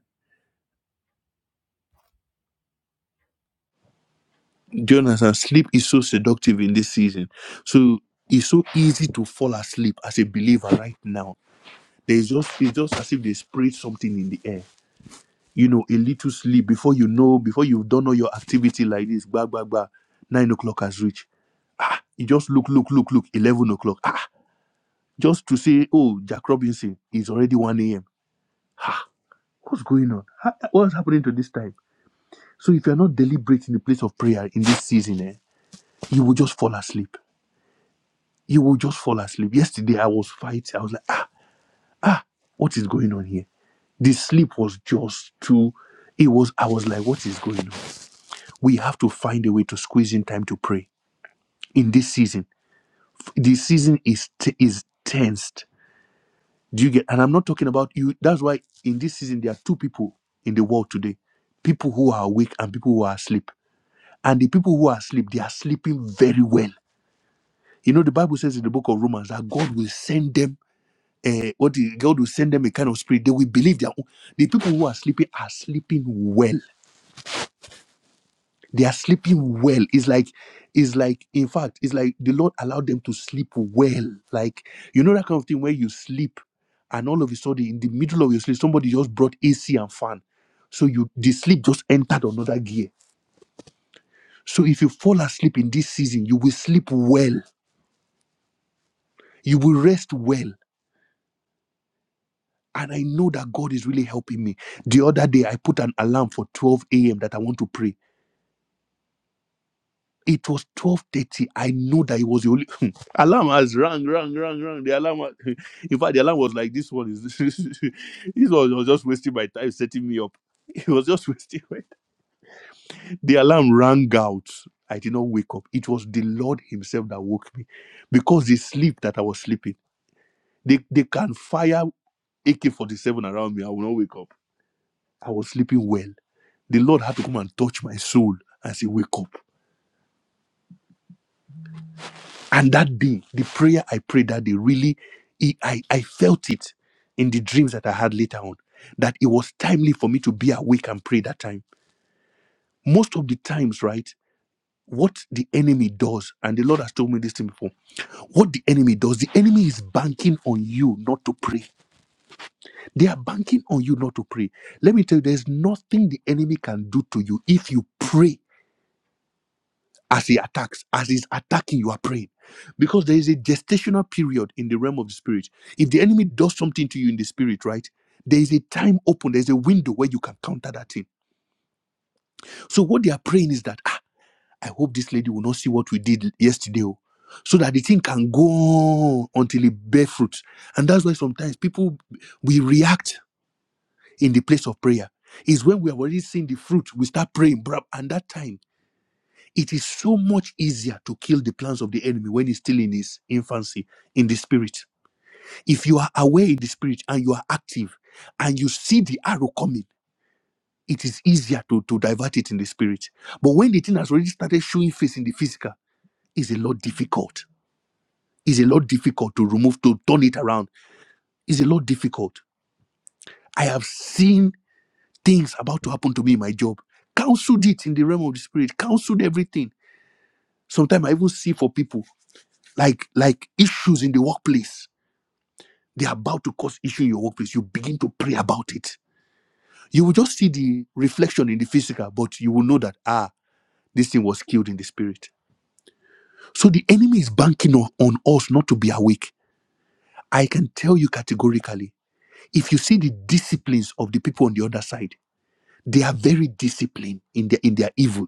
[SPEAKER 1] Do you understand? Sleep is so seductive in this season. So it's so easy to fall asleep as a believer right now. There's just it's just as if they sprayed something in the air. You know, a little sleep before you know, before you've done all your activity like this, Bah, bah, bah. Nine o'clock has reached. Ah, you just look, look, look, look. Eleven o'clock. Ah, just to say, oh, Jack Robinson is already one a.m. What's going on? Ha- What's happening to this time? So if you're not deliberate in the place of prayer in this season, eh, you will just fall asleep. You will just fall asleep. Yesterday I was fighting. I was like, ah, what is going on here? The sleep was just too. It was. I was like, what is going on? We have to find a way to squeeze in time to pray in this season. This season is t- is tensed. Do you get? And I'm not talking about you. That's why in this season there are two people in the world today: people who are awake and people who are asleep. And the people who are asleep, they are sleeping very well You know, the Bible says in the book of Romans that God will send them, uh, what the, God will send them a kind of spirit. They will believe their own. The people who are sleeping are sleeping well. They are sleeping well. It's like, it's like, in fact, it's like the Lord allowed them to sleep well. Like, you know, that kind of thing where you sleep and all of a sudden in the middle of your sleep, somebody just brought AC and fan. So you, the sleep just entered another gear. So if you fall asleep in this season, you will sleep well. You will rest well and I know that God is really helping me. The other day, I put an alarm for 12 a.m. that I want to pray. It was 12:30. I know that it was the only alarm has rang, rang, rang, rang. The alarm, was- in fact, the alarm was like this one is this one was just wasting my time setting me up. It was just wasting my time. The alarm rang out. I did not wake up. It was the Lord Himself that woke me because the sleep that I was sleeping. They, they can fire AK 47 around me. I will not wake up. I was sleeping well The Lord had to come and touch my soul and say, Wake up. And that day, the prayer I prayed that day really, it, I, I felt it in the dreams that I had later on, that it was timely for me to be awake and pray that time. Most of the times, right? What the enemy does, and the Lord has told me this thing before. What the enemy does, the enemy is banking on you not to pray. They are banking on you not to pray. Let me tell you, there's nothing the enemy can do to you if you pray as he attacks, as he's attacking, you are praying. Because there is a gestational period in the realm of the spirit. If the enemy does something to you in the spirit, right, there is a time open, there's a window where you can counter that thing. So what they are praying is that, ah, I hope this lady will not see what we did yesterday. oh," So that the thing can go on until it bear fruit. And that's why sometimes people we react in the place of prayer. Is when we have already seen the fruit, we start praying, bruh, and that time. It is so much easier to kill the plans of the enemy when he's still in his infancy in the spirit. If you are aware in the spirit and you are active and you see the arrow coming, it is easier to, to divert it in the spirit. But when the thing has already started showing face in the physical, it's a lot difficult. It's a lot difficult to remove, to turn it around. It's a lot difficult. I have seen things about to happen to me in my job. Counseled it in the realm of the spirit, counseled everything. Sometimes I even see for people. like like issues in the workplace they're about to cause issue in your workplace you begin to pray about it you will just see the reflection in the physical but you will know that ah this thing was killed in the spirit so the enemy is banking on, on us not to be awake i can tell you categorically if you see the disciplines of the people on the other side they are very disciplined in their in their evil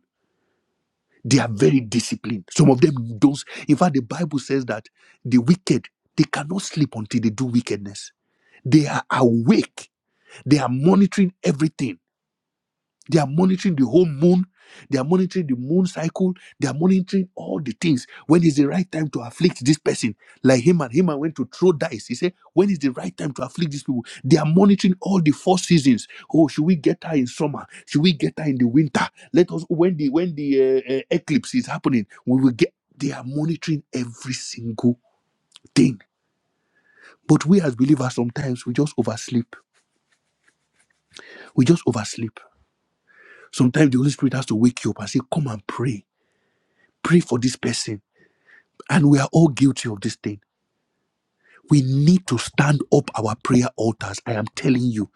[SPEAKER 1] they are very disciplined some of them don't in fact the bible says that the wicked they cannot sleep until they do wickedness they are awake They are monitoring everything. They are monitoring the whole moon. They are monitoring the moon cycle. They are monitoring all the things. When is the right time to afflict this person? Like Haman, Haman went to throw dice. He said, When is the right time to afflict these people? They are monitoring all the four seasons. Oh, should we get her in summer? Should we get her in the winter? Let us when the when the uh, uh, eclipse is happening, we will get. They are monitoring every single thing. But we as believers sometimes we just oversleep. We just oversleep Sometimes the Holy Spirit has to wake you up and say, Come and pray. Pray for this person. And we are all guilty of this thing. We need to stand up our prayer altars. I am telling you,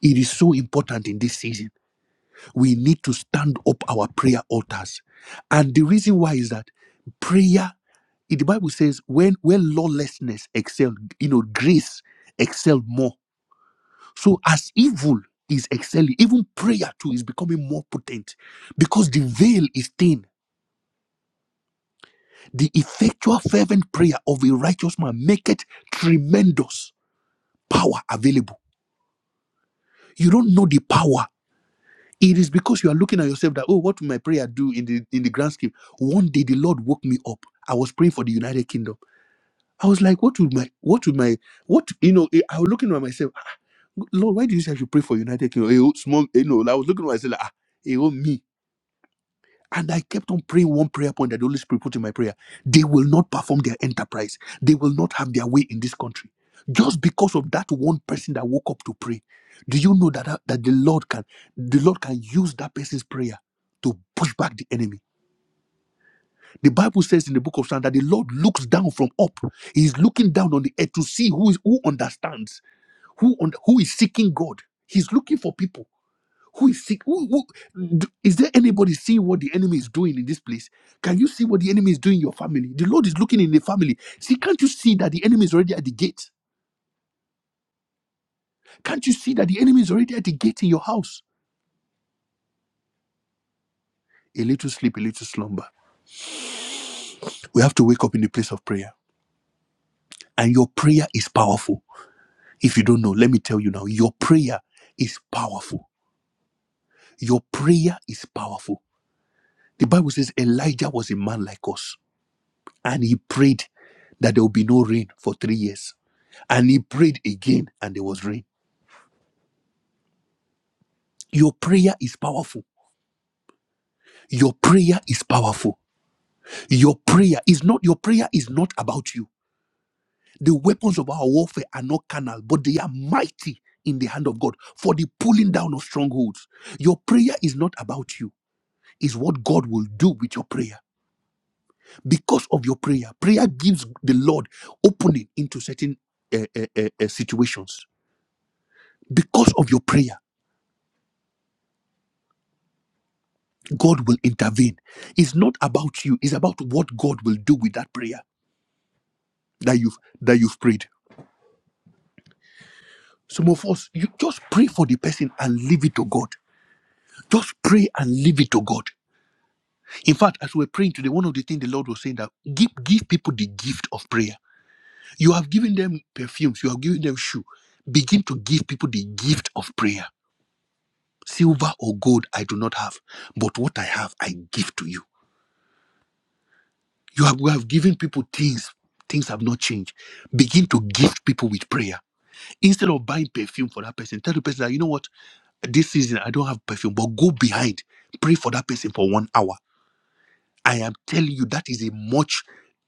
[SPEAKER 1] it is so important in this season. We need to stand up our prayer altars. And the reason why is that prayer, the Bible says, when, when lawlessness excel, you know, grace excel more. So as evil is excelling, even prayer too is becoming more potent because the veil is thin The effectual fervent prayer of a righteous man maketh tremendous power available. You don't know the power. It is because you are looking at yourself that, oh, what will my prayer do in the in the grand scheme? One day the Lord woke me up. I was praying for the United Kingdom. I was like, what would my what would my what you know? eh, I was looking at myself, "Ah, Lord, why do you say I should pray for United Kingdom? Eh, oh, small, you know, I was looking at myself, like, ah, eh, oh, me. And I kept on praying one prayer point that the Holy Spirit put in my prayer. They will not perform their enterprise. They will not have their way in this country. Just because of that one person that woke up to pray. Do you know that, that, the Lord can the Lord can use that person's prayer to push back the enemy? The Bible says in the book of Psalms that the Lord looks down from up. He's looking down on the earth to see who is who understands, who on, who is seeking God. He's looking for people. Who is sick? Who, who- d- is there anybody seeing what the enemy is doing in this place? Can you see what the enemy is doing in your family? The Lord is looking in the family. See, can't you see that the enemy is already at the gate? Can't you see that the enemy is already at the gate in your house? A little sleep, a little slumber. We have to wake up in the place of prayer. And your prayer is powerful. If you don't know, let me tell you now your prayer is powerful. Your prayer is powerful. The Bible says Elijah was a man like us, and he prayed that there will be no rain for three years and he prayed again and there was rain your prayer is powerful your prayer is powerful your prayer is not your prayer is not about you the weapons of our warfare are not carnal but they are mighty in the hand of god for the pulling down of strongholds your prayer is not about you is what god will do with your prayer because of your prayer prayer gives the lord opening into certain uh, uh, uh, uh, situations because of your prayer God will intervene. It's not about you, it's about what God will do with that prayer that you've that you've prayed. Some of us, you just pray for the person and leave it to God. Just pray and leave it to God. In fact, as we're praying today, one of the things the Lord was saying that give give people the gift of prayer. You have given them perfumes, you have given them shoe. Begin to give people the gift of prayer. Silver or gold I do not have, but what I have I give to you. You have, we have given people things. Things have not changed. Begin to gift people with prayer. Instead of buying perfume for that person, tell the person that, you know what, this season I don't have perfume, but go behind, pray for that person for one hour. I am telling you that is a much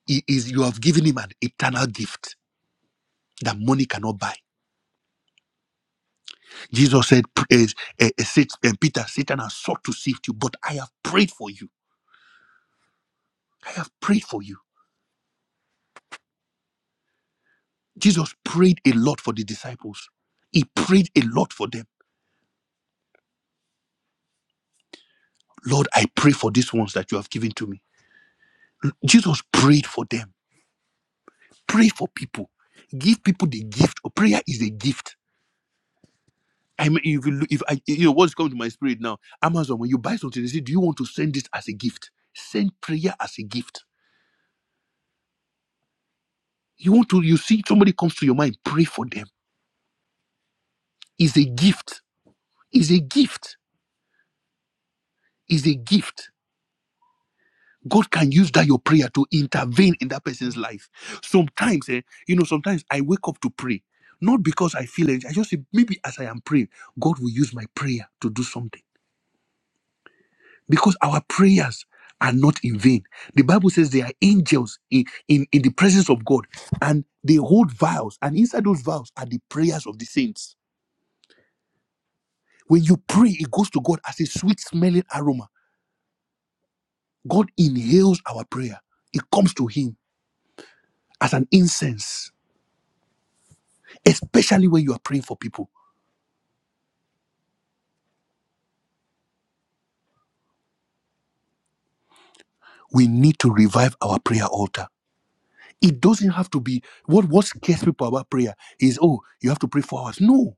[SPEAKER 1] i- is you have given him an eternal gift that money cannot buy. Jesus said, eh, eh, eh, Sat- eh, Peter, Satan has sought to sift you, but I have prayed for you. I have prayed for you. Jesus prayed a lot for the disciples. He prayed a lot for them Lord, I pray for these ones that you have given to me. Jesus prayed for them. Pray for people. Give people the gift. Or Prayer is a gift. I mean, if you, look- if I, you know what's coming to my spirit now, Amazon, when you buy something, they say, "Do you want to send this as a gift?" Send prayer as a gift. You want to, you see somebody comes to your mind, pray for them. Is a gift. Is a gift. Is a gift God can use that your prayer to intervene in that person's life. Sometimes, eh, you know, sometimes I wake up to pray, not because I feel it. I just say maybe as I am praying, God will use my prayer to do something because our prayers are not in vain. The Bible says they are angels in in, in the presence of God, and they hold vials, and inside those vials are the prayers of the saints. When you pray, it goes to God as a sweet smelling aroma. God inhales our prayer. It comes to Him as an incense especially when you are praying for people we need to revive our prayer altar it doesn't have to be what what scares people about prayer is oh you have to pray four hours no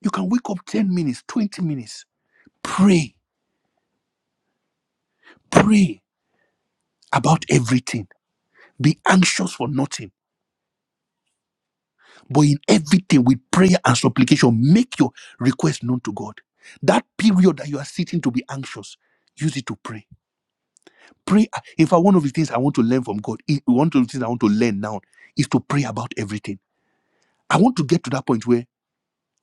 [SPEAKER 1] you can wake up 10 minutes 20 minutes pray pray about everything be anxious for nothing but in everything with prayer and supplication make your request known to god that period that you are sitting to be anxious use it to pray pray in fact one of the things i want to learn from god one of the things i want to learn now is to pray about everything I want to get to that point where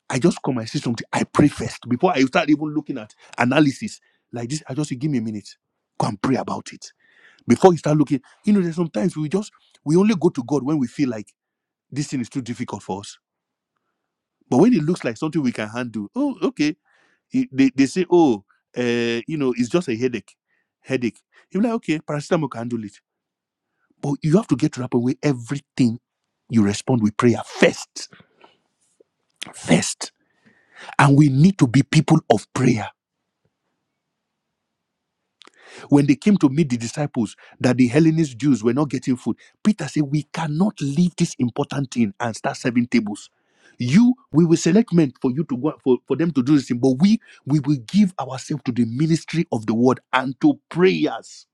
[SPEAKER 1] I just come and see something. I pray first before I start even looking at analysis like this. I just say, give me a minute, go and pray about it before you start looking. You know, there's sometimes we just we only go to God when we feel like this thing is too difficult for us. But when it looks like something we can handle, oh, okay. It- They, they say, oh, uh, you know, it's just a headache, headache. You're like, okay, paracetamol can handle it. But you have to get to that point where everything you respond with prayer first, first. And we need to be people of prayer When they came to meet the disciples, that the Hellenist Jews were not getting food, Peter said, We cannot leave this important thing and start serving tables. You, we will select men for you to go for, for them to do this thing, but we we will give ourselves to the ministry of the word and to prayers.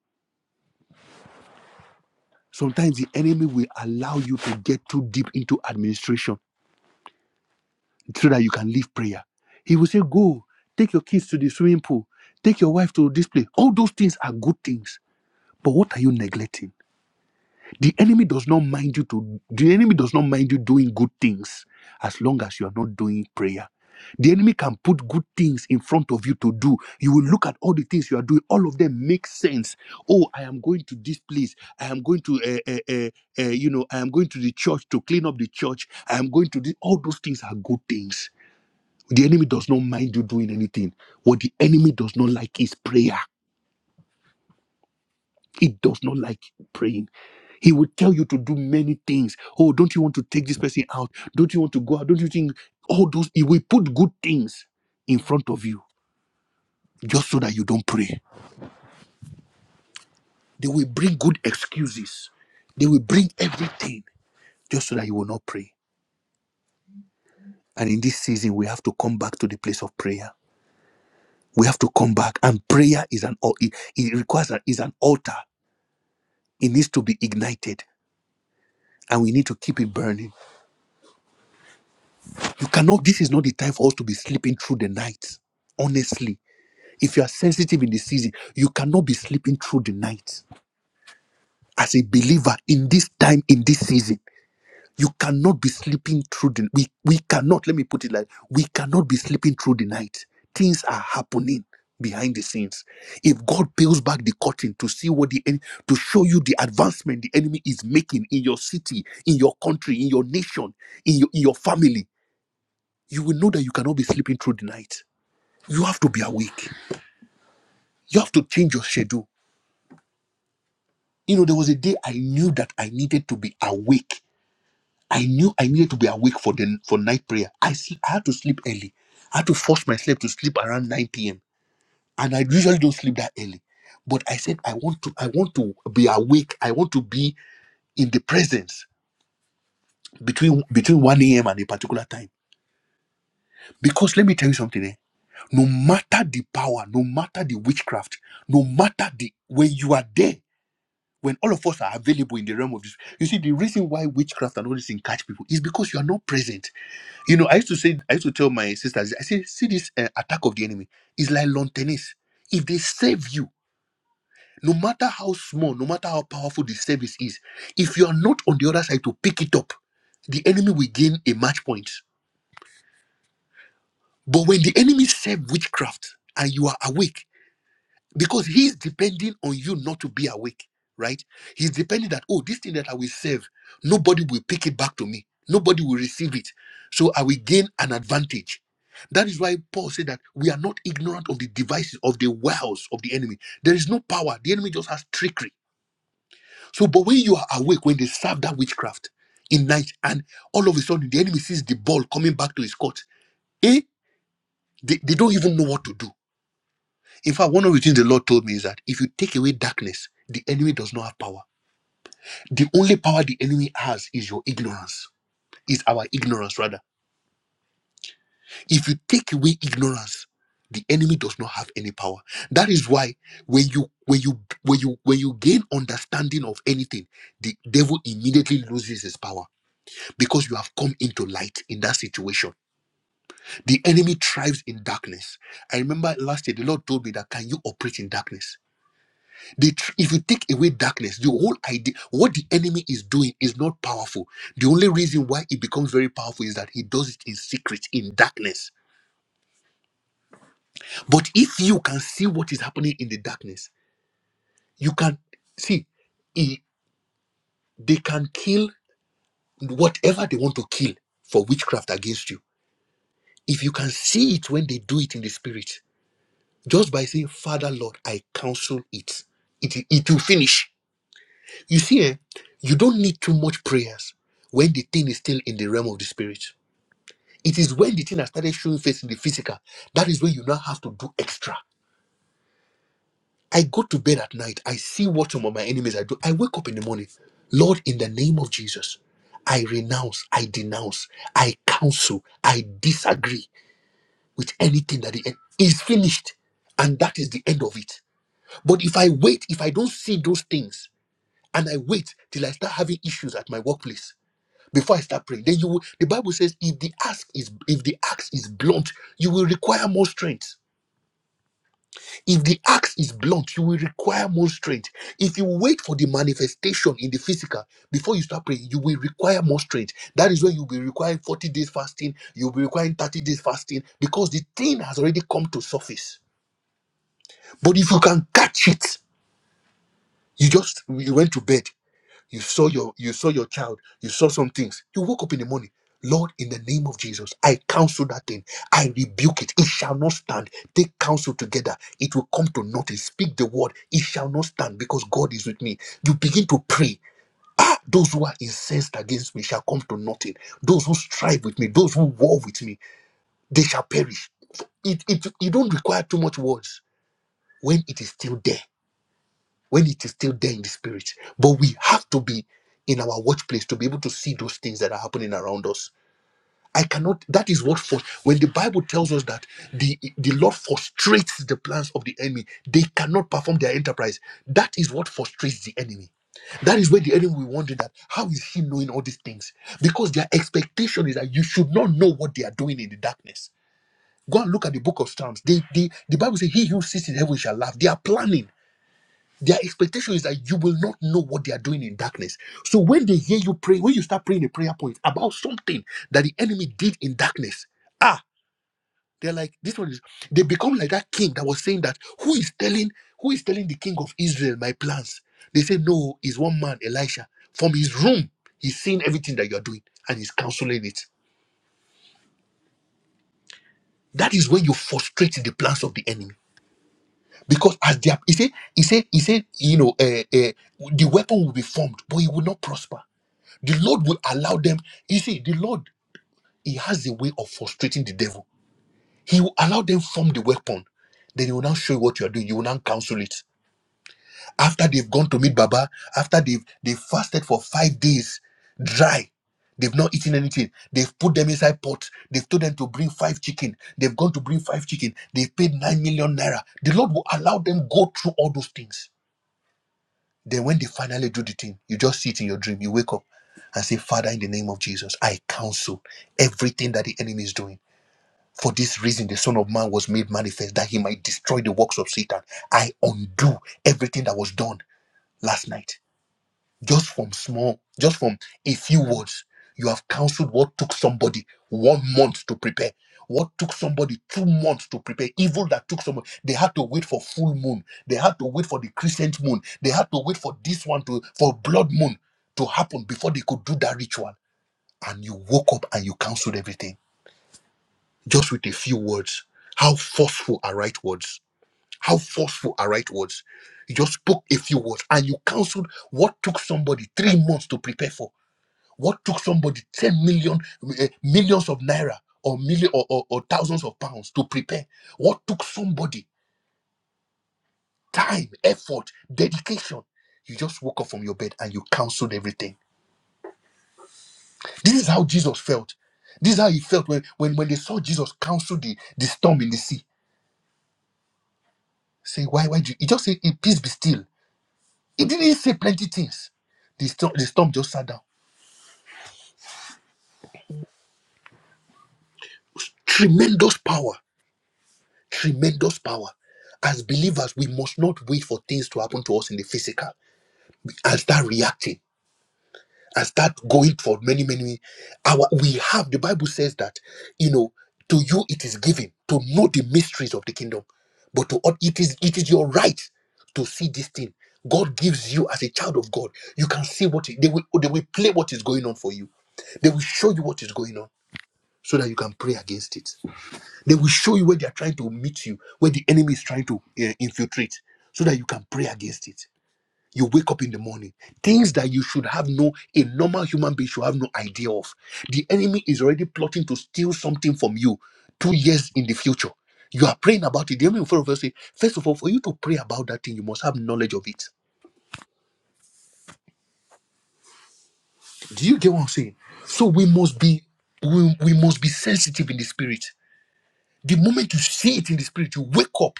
[SPEAKER 1] Sometimes the enemy will allow you to get too deep into administration so that you can leave prayer. He will say, Go, take your kids to the swimming pool, take your wife to this place. All those things are good things. But what are you neglecting? The enemy does not mind you to the enemy does not mind you doing good things as long as you are not doing prayer. The enemy can put good things in front of you to do. You will look at all the things you are doing. All of them make sense. Oh, I am going to this place. I am going to, uh, uh, uh, uh, you know, I am going to the church to clean up the church. I am going to this. All those things are good things. The enemy does not mind you doing anything. What the enemy does not like is prayer. He does not like praying. He will tell you to do many things. Oh, don't you want to take this person out? Don't you want to go out? Don't you think all those? He will put good things in front of you just so that you don't pray. They will bring good excuses. They will bring everything just so that you will not pray. And in this season, we have to come back to the place of prayer. We have to come back, and prayer is an al- it, it requires an, is an altar. It needs to be ignited, and we need to keep it burning. You cannot, this is not the time for us to be sleeping through the night. Honestly, if you are sensitive in the season, you cannot be sleeping through the night. As a believer in this time, in this season, you cannot be sleeping through the we we cannot, let me put it like we cannot be sleeping through the night. Things are happening behind the scenes. If God peels back the curtain to see what the en- to show you the advancement the enemy is making in your city, in your country, in your nation, in your in your family, you will know that you cannot be sleeping through the night You have to be awake. You have to change your schedule. You know, there was a day I knew that I needed to be awake. I knew I needed to be awake for the for night prayer. I see I had to sleep early. I had to force myself to sleep around 9 p.m. And I usually don't sleep that early. But I said I want to I want to be awake. I want to be in the presence between between 1 a.m. and a particular time. Because let me tell you something, eh? no matter the power, no matter the witchcraft, no matter the when you are there when all of us are available in the realm of this, you see, the reason why witchcraft and all this thing catch people is because you are not present. You know, I used to say, I used to tell my sisters, I say, see this uh, attack of the enemy is like lawn tennis. If they save you, no matter how small, no matter how powerful the service is, if you are not on the other side to pick it up, the enemy will gain a match point. But when the enemy serve witchcraft and you are awake, because he's depending on you not to be awake, right? He's depending that, oh, this thing that I will serve, nobody will pick it back to me. Nobody will receive it. So I will gain an advantage. That is why Paul said that we are not ignorant of the devices of the wiles of the enemy. There is no power. The enemy just has trickery. So, but when you are awake, when they serve that witchcraft in night, and all of a sudden the enemy sees the ball coming back to his court, eh? They, they don't even know what to do in fact, one of the things the Lord told me is that if you take away darkness, the enemy does not have power. The only power the enemy has is your ignorance, is our ignorance rather. If you take away ignorance, the enemy does not have any power. That is why when you when you when you when you gain understanding of anything, the devil immediately loses his power because you have come into light in that situation. The enemy thrives in darkness. I remember last year the Lord told me that can you operate in darkness? The tr- if you take away darkness, the whole idea, what the enemy is doing is not powerful. The only reason why it becomes very powerful is that he does it in secret, in darkness. But if you can see what is happening in the darkness, you can see he- they can kill whatever they want to kill for witchcraft against you. If you can see it when they do it in the spirit, just by saying, Father, Lord, I counsel it, it, it will finish You see, eh, you don't need too much prayers when the thing is still in the realm of the spirit. It is when the thing has started showing face in the physical that is when you now have to do extra. I go to bed at night, I see what some of my enemies are doing. I wake up in the morning, Lord, in the name of Jesus, I renounce, I denounce, I counsel, I disagree with anything that the end is finished. And that is the end of it. But if I wait, if I don't see those things, and I wait till I start having issues at my workplace, before I start praying. Then you will, the Bible says if the axe is if the axe is blunt, you will require more strength. If the axe is blunt, you will require more strength. If you wait for the manifestation in the physical before you start praying, you will require more strength. That is when you'll be requiring 40 days fasting, you'll be requiring 30 days fasting because the thing has already come to surface. But if you can catch it, you just you went to bed You saw your you saw your child. You saw some things. You woke up in the morning. Lord, in the name of Jesus, I counsel that thing. I rebuke it. It shall not stand. Take counsel together. It will come to nothing. Speak the word. It shall not stand because God is with me. You begin to pray. Ah, those who are incensed against me shall come to nothing. Those who strive with me, those who war with me, they shall perish. It, it, you don't require too much words when it is still there when it is still there in the spirit. But we have to be in our workplace to be able to see those things that are happening around us. I cannot, that is what for when the Bible tells us that the, the Lord frustrates the plans of the enemy, they cannot perform their enterprise. That is what frustrates the enemy. That is where the enemy will wonder that how is he knowing all these things? Because their expectation is that you should not know what they are doing in the darkness. Go and look at the book of Psalms. They, they, the Bible says, He who sits in heaven shall laugh. They are planning. Their expectation is that you will not know what they are doing in darkness. So when they hear you pray, when you start praying a prayer point about something that the enemy did in darkness, ah, they're like, this one is they become like that king that was saying that who is telling who is telling the king of Israel my plans? They say, No, it's one man, Elisha. From his room, he's seeing everything that you're doing and he's counseling it. That is when you frustrate the plans of the enemy. Because as they are, he said, he said, he said, you know, uh, uh, the weapon will be formed, but it will not prosper The Lord will allow them. You see, the Lord, He has a way of frustrating the devil. He will allow them form the weapon. Then he will now show you what you are doing. You will now counsel it. After they've gone to meet Baba, after they've they fasted for five days, dry, they've not eaten anything. They've put them inside pots. They've told them to bring five chicken. They've gone to bring five chicken. They've paid nine million naira. The Lord will allow them go through all those things. Then when they finally do the thing, you just see it in your dream. You wake up and say, Father, in the name of Jesus, I counsel everything that the enemy is doing. For this reason, the Son of Man was made manifest that he might destroy the works of Satan. I undo everything that was done last night just from small, just from a few words, you have counseled what took somebody one month to prepare, what took somebody two months to prepare, evil that took someone. They had to wait for full moon, they had to wait for the crescent moon, they had to wait for this one to for blood moon to happen before they could do that ritual. And you woke up and you counseled everything just with a few words. How forceful are right words? How forceful are right words? You just spoke a few words and you counseled what took somebody three months to prepare for what took somebody 10 million, eh, millions of naira or, million, or, or, or thousands of pounds to prepare? What took somebody time, effort, dedication? You just woke up from your bed and you counseled everything. This is how Jesus felt. This is how he felt when, when, when they saw Jesus counsel the, the storm in the sea. Say, why, why do you? He just said, "Eh, peace be still. He didn't say plenty things. The storm, the storm just sat down. Tremendous power, tremendous power as believers, we must not wait for things to happen to us in the physical. and start reacting and start going for many many our we have the bible says that you know to you it is given to know the mysteries of the kingdom but to oth- it is it is your right to see this thing god gives you as a child of god you can see what it- they will they will play what is going on for you they will show you what is going on so that you can pray against it they will show you where they are trying to meet you where the enemy is trying to eh, infiltrate so that you can pray against it you wake up in the morning things that you should have no a normal human being should have no idea of the enemy is already plotting to steal something from you two years in the future you are praying about it the enemy will first of all say first of all for you to pray about that thing you must have knowledge of it do you get what i'm saying so we must be we, we must be sensitive in the spirit the moment you see it in the spirit you wake up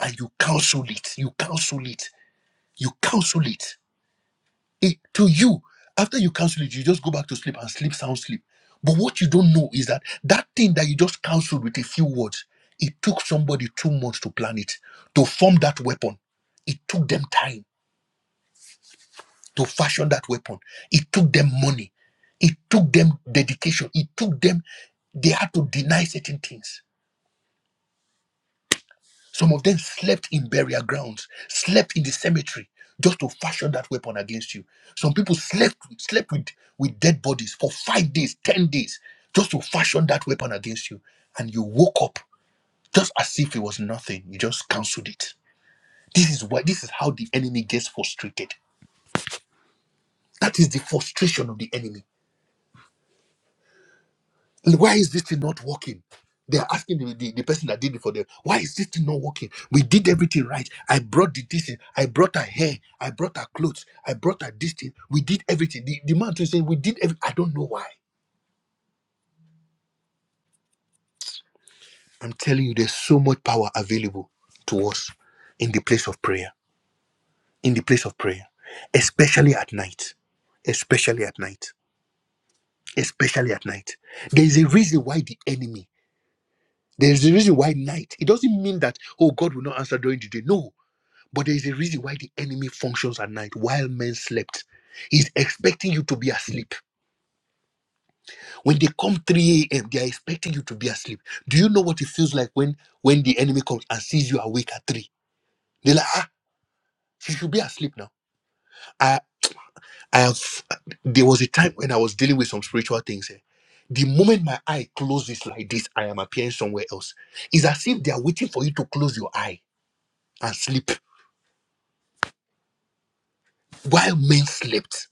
[SPEAKER 1] and you counsel it you counsel it you counsel it it, to you after you counsel it you just go back to sleep and sleep sound sleep but what you don't know is that that thing that you just counseled with a few words it took somebody two months to plan it to form that weapon it took them time to fashion that weapon it took them money it took them dedication it took them they had to deny certain things Some of them slept in burial grounds, slept in the cemetery just to fashion that weapon against you. Some people slept slept with, with dead bodies for five days, ten days, just to fashion that weapon against you. And you woke up just as if it was nothing. You just cancelled it. This is why this is how the enemy gets frustrated. That is the frustration of the enemy why is this thing not working? They are asking the, the, the person that did it for them, why is this thing not working? We did everything right. I brought the this thing, I brought her hair, I brought her clothes, I brought her this thing. We did everything. The, the man too saying, We did everything. I don't know why. I'm telling you, there's so much power available to us in the place of prayer, in the place of prayer, especially at night. Especially at night. Especially at night. There's a reason why the enemy, there's a reason why night. It doesn't mean that, oh, God will not answer during the day. No, But there is a reason why the enemy functions at night while men slept. He's expecting you to be asleep. When they come 3 a.m., they are expecting you to be asleep. Do you know what it feels like when when the enemy comes and sees you awake at 3? They're like, ah, you should be asleep now. I I have there was a time when I was dealing with some spiritual things here. The moment my eye closes like this, I am appearing somewhere else. It's as if they are waiting for you to close your eye and sleep while men slept.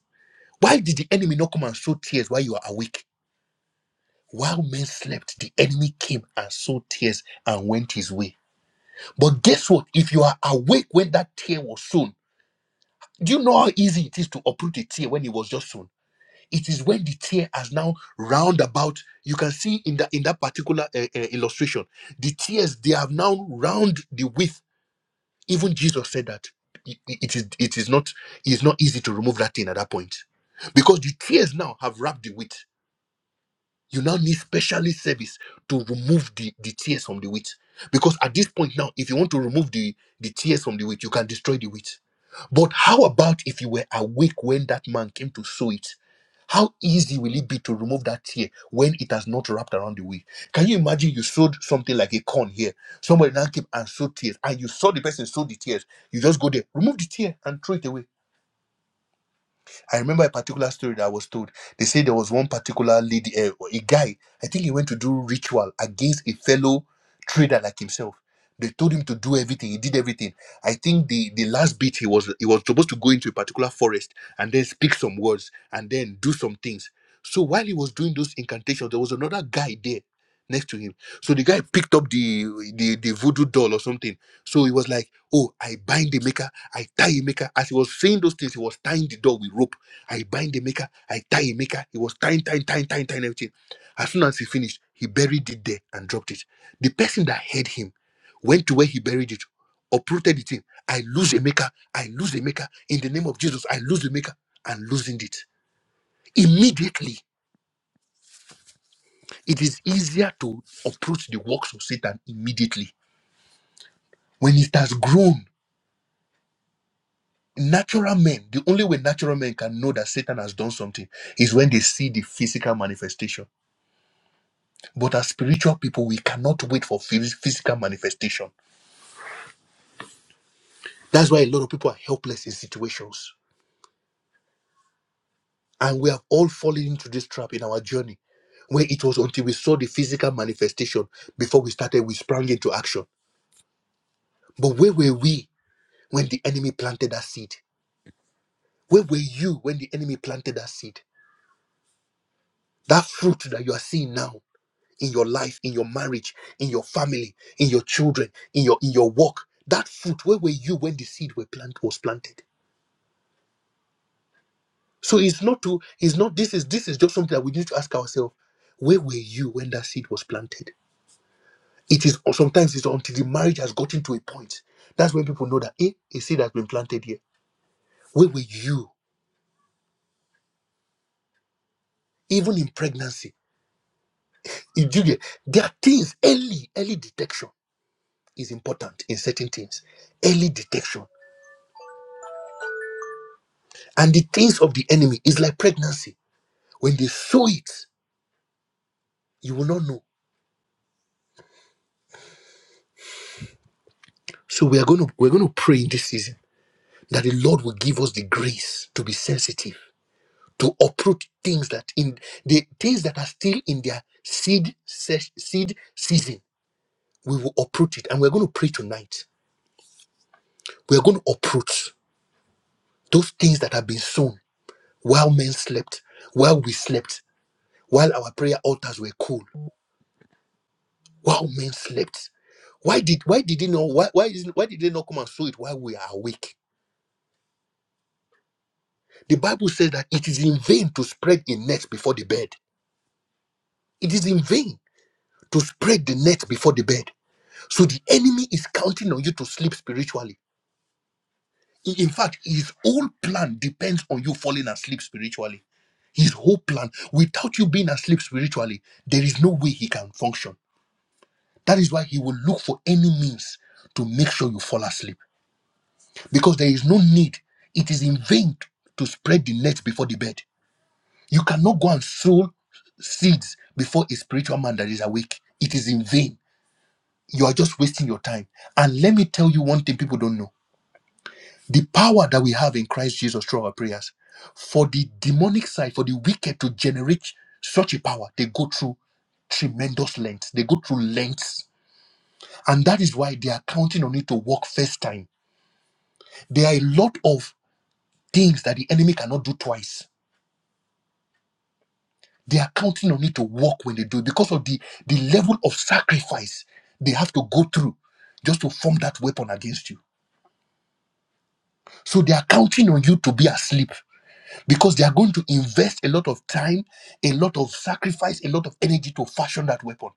[SPEAKER 1] Why did the enemy not come and show tears while you are awake? While men slept, the enemy came and sowed tears and went his way. But guess what? If you are awake when that tear was sown, do you know how easy it is to uproot a tear when it was just sown? It is when the tear has now round about. You can see in that in that particular uh, uh, illustration, the tears they have now round the width. Even Jesus said that it it is it is not it is not easy to remove that thing at that point, because the tears now have wrapped the width You now need specialist service to remove the, the tears from the wheat. Because at this point now, if you want to remove the, the tears from the wheat, you can destroy the wheat. But how about if you were awake when that man came to sow it? How easy will it be to remove that tear when it has not wrapped around the wheat? Can you imagine you sowed something like a corn here? Somebody now came and sowed tears, and you saw the person sow the tears. You just go there, remove the tear, and throw it away I remember a particular story that I was told. They say there was one particular lady, uh, a guy, I think he went to do ritual against a fellow trader like himself. They told him to do everything. He did everything. I think the the last bit he was he was supposed to go into a particular forest and then speak some words and then do some things. So while he was doing those incantations, there was another guy there next to him. So the guy picked up the the, the voodoo doll or something. So he was like, "Oh, I bind the maker, I tie the maker." As he was saying those things, he was tying the doll with rope I bind the maker, I tie a maker. He was tying, tying, tying, tying, tying everything. As soon as he finished, he buried it there and dropped it. The person that heard him went to where he buried it, uprooted the thing. I lose a maker, I lose a maker. In the name of Jesus, I lose the maker and losing it. Immediately, it is easier to approach the works of Satan immediately. When it has grown, natural men, the only way natural men can know that Satan has done something is when they see the physical manifestation But as spiritual people, we cannot wait for phys- physical manifestation. That's why a lot of people are helpless in situations. And we have all fallen into this trap in our journey, where it was until we saw the physical manifestation before we started, we sprang into action. But where were we when the enemy planted that seed? Where were you when the enemy planted that seed? That fruit that you are seeing now in your life, in your marriage, in your family, in your children, in your in your work. That fruit, where were you when the seed were plant, was planted? So it's not to it's not this is this is just something that we need to ask ourselves. Where were you when that seed was planted? It is or sometimes it's until the marriage has gotten to a point. That's when people know that eh, a seed has been planted here. Where were you? Even in pregnancy. You do get- There are things early, early detection is important in certain things. Early detection. And the things of the enemy is like pregnancy. When they sow it, you will not know. So we are gonna we're gonna pray in this season that the Lord will give us the grace to be sensitive to uproot things that in the things that are still in their seed se- seed season we will uproot it and we're going to pray tonight we're going to uproot those things that have been sown while men slept while we slept while our prayer altars were cool while men slept why did why did they not why why, is, why did they not come and sow it while we are awake the bible says that it is in vain to spread a net before the bed it is in vain to spread the net before the bed So the enemy is counting on you to sleep spiritually. I- In fact, his whole plan depends on you falling asleep spiritually. His whole plan, without you being asleep spiritually, there is no way he can function. That is why he will look for any means to make sure you fall asleep. Because there is no need. It is in vain to spread the net before the bed. You cannot go and sow seeds before a spiritual man that is awake. It is in vain. You are just wasting your time. And let me tell you one thing people don't know The power that we have in Christ Jesus through our prayers. For the demonic side, for the wicked to generate such a power, they go through tremendous lengths. They go through lengths. And that is why they are counting on it to work first time. There are a lot of things that the enemy cannot do twice. They are counting on it to work when they do it because of the, the level of sacrifice they have to go through just to form that weapon against you. So they are counting on you to be asleep because they are going to invest a lot of time, a lot of sacrifice, a lot of energy to fashion that weapon.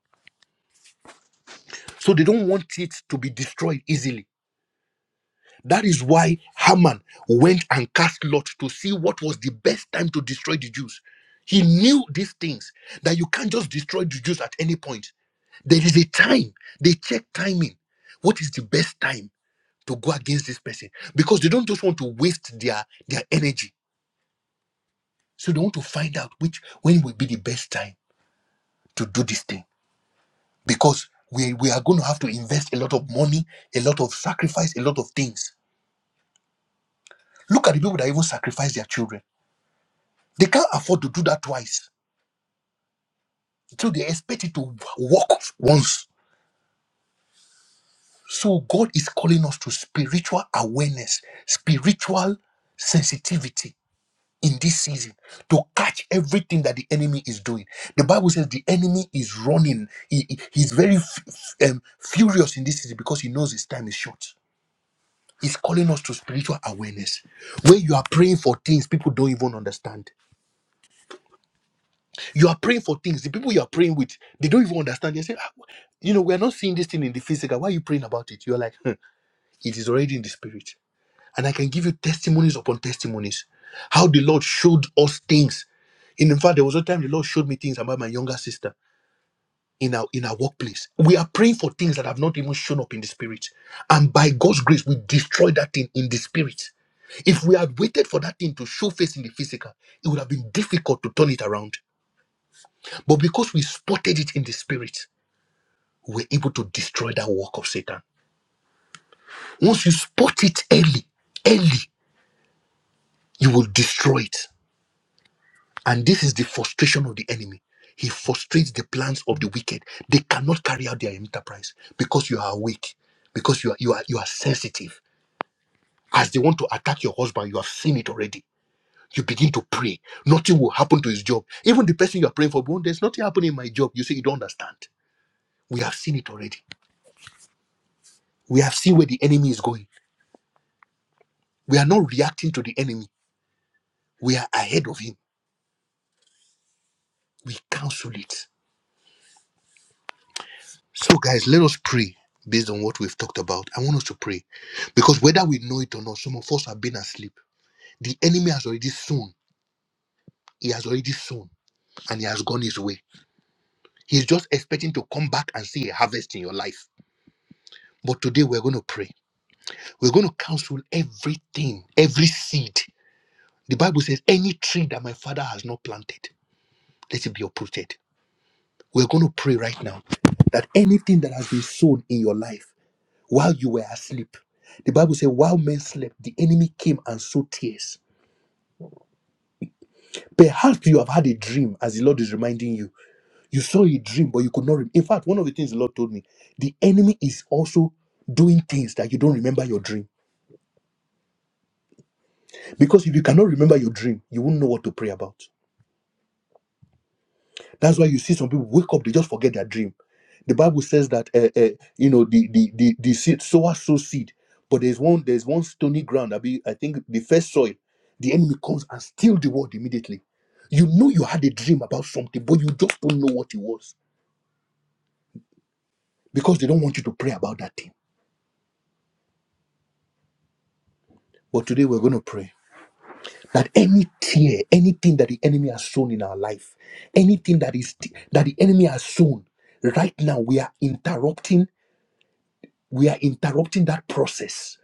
[SPEAKER 1] So they don't want it to be destroyed easily. That is why Haman went and cast lot to see what was the best time to destroy the Jews. He knew these things that you can't just destroy the Jews at any point. There is a time. They check timing. What is the best time to go against this person? Because they don't just want to waste their, their energy. So they want to find out which when will be the best time to do this thing. because we, we are going to have to invest a lot of money, a lot of sacrifice, a lot of things. Look at the people that even sacrifice their children. They can't afford to do that twice. So they expect it to work once. So God is calling us to spiritual awareness, spiritual sensitivity in this season to catch everything that the enemy is doing. The Bible says the enemy is running. He, he- he's very f- f- um, furious in this season because he knows his time is short He's calling us to spiritual awareness. When you are praying for things, people don't even understand. You are praying for things, the people you are praying with, they don't even understand. They say, "Ah, you know, we are not seeing this thing in the physical. Why are you praying about it? You're like, "Hmm, it is already in the spirit. And I can give you testimonies upon testimonies. How the Lord showed us things. And in fact, there was a time the Lord showed me things about my younger sister in our in our workplace. We are praying for things that have not even shown up in the spirit. And by God's grace, we destroy that thing in the spirit. If we had waited for that thing to show face in the physical, it would have been difficult to turn it around. But because we spotted it in the spirit, we were able to destroy that work of Satan. Once you spot it early, early, you will destroy it. And this is the frustration of the enemy. He frustrates the plans of the wicked. They cannot carry out their enterprise because you are awake, because you are you are you are sensitive. As they want to attack your husband, you have seen it already You begin to pray. Nothing will happen to his job. Even the person you are praying for, "Bro, there's nothing happening in my job. You say you don't understand. We have seen it already. We have seen where the enemy is going. We are not reacting to the enemy. We are ahead of him. We cancel it. So, guys, let us pray based on what we've talked about. I want us to pray because whether we know it or not, some of us have been asleep. The enemy has already sown. He has already sown and he has gone his way. He's just expecting to come back and see a harvest in your life. But today we're going to pray. We're going to cancel everything, every seed. The Bible says, any tree that my father has not planted, let it be uprooted. We're going to pray right now that anything that has been sown in your life while you were asleep, the Bible says, while men slept, the enemy came and sowed tears. Perhaps you have had a dream, as the Lord is reminding you. You saw a dream, but you could not. Rem- in fact, one of the things the Lord told me, the enemy is also doing things that you don't remember your dream. Because if you cannot remember your dream, you won't know what to pray about. That's why you see some people wake up, they just forget their dream. The Bible says that uh, uh, you know the the the, the seed sower sow seed, but there's one there's one stony ground. I be I think the first soil, the enemy comes and steal the word immediately. You know you had a dream about something, but you just don't know what it was because they don't want you to pray about that thing. But today we're going to pray that any tear, anything that the enemy has sown in our life, anything that is that the enemy has sown, right now we are interrupting We are interrupting that process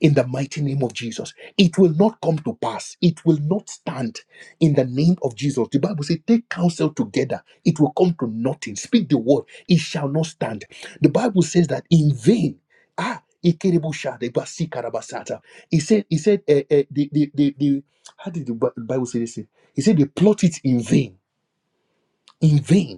[SPEAKER 1] in the mighty name of Jesus. It will not come to pass. It will not stand in the name of Jesus. The Bible says, Take counsel together. It will come to nothing. Speak the word. It shall not stand. The Bible says that in vain. Ah, Ikerebushadebasikarabasaata. he said, he said, eh, eh, the, the, the, the, how did the Bi- Bible say this? He said, they plot it in vain, in vain.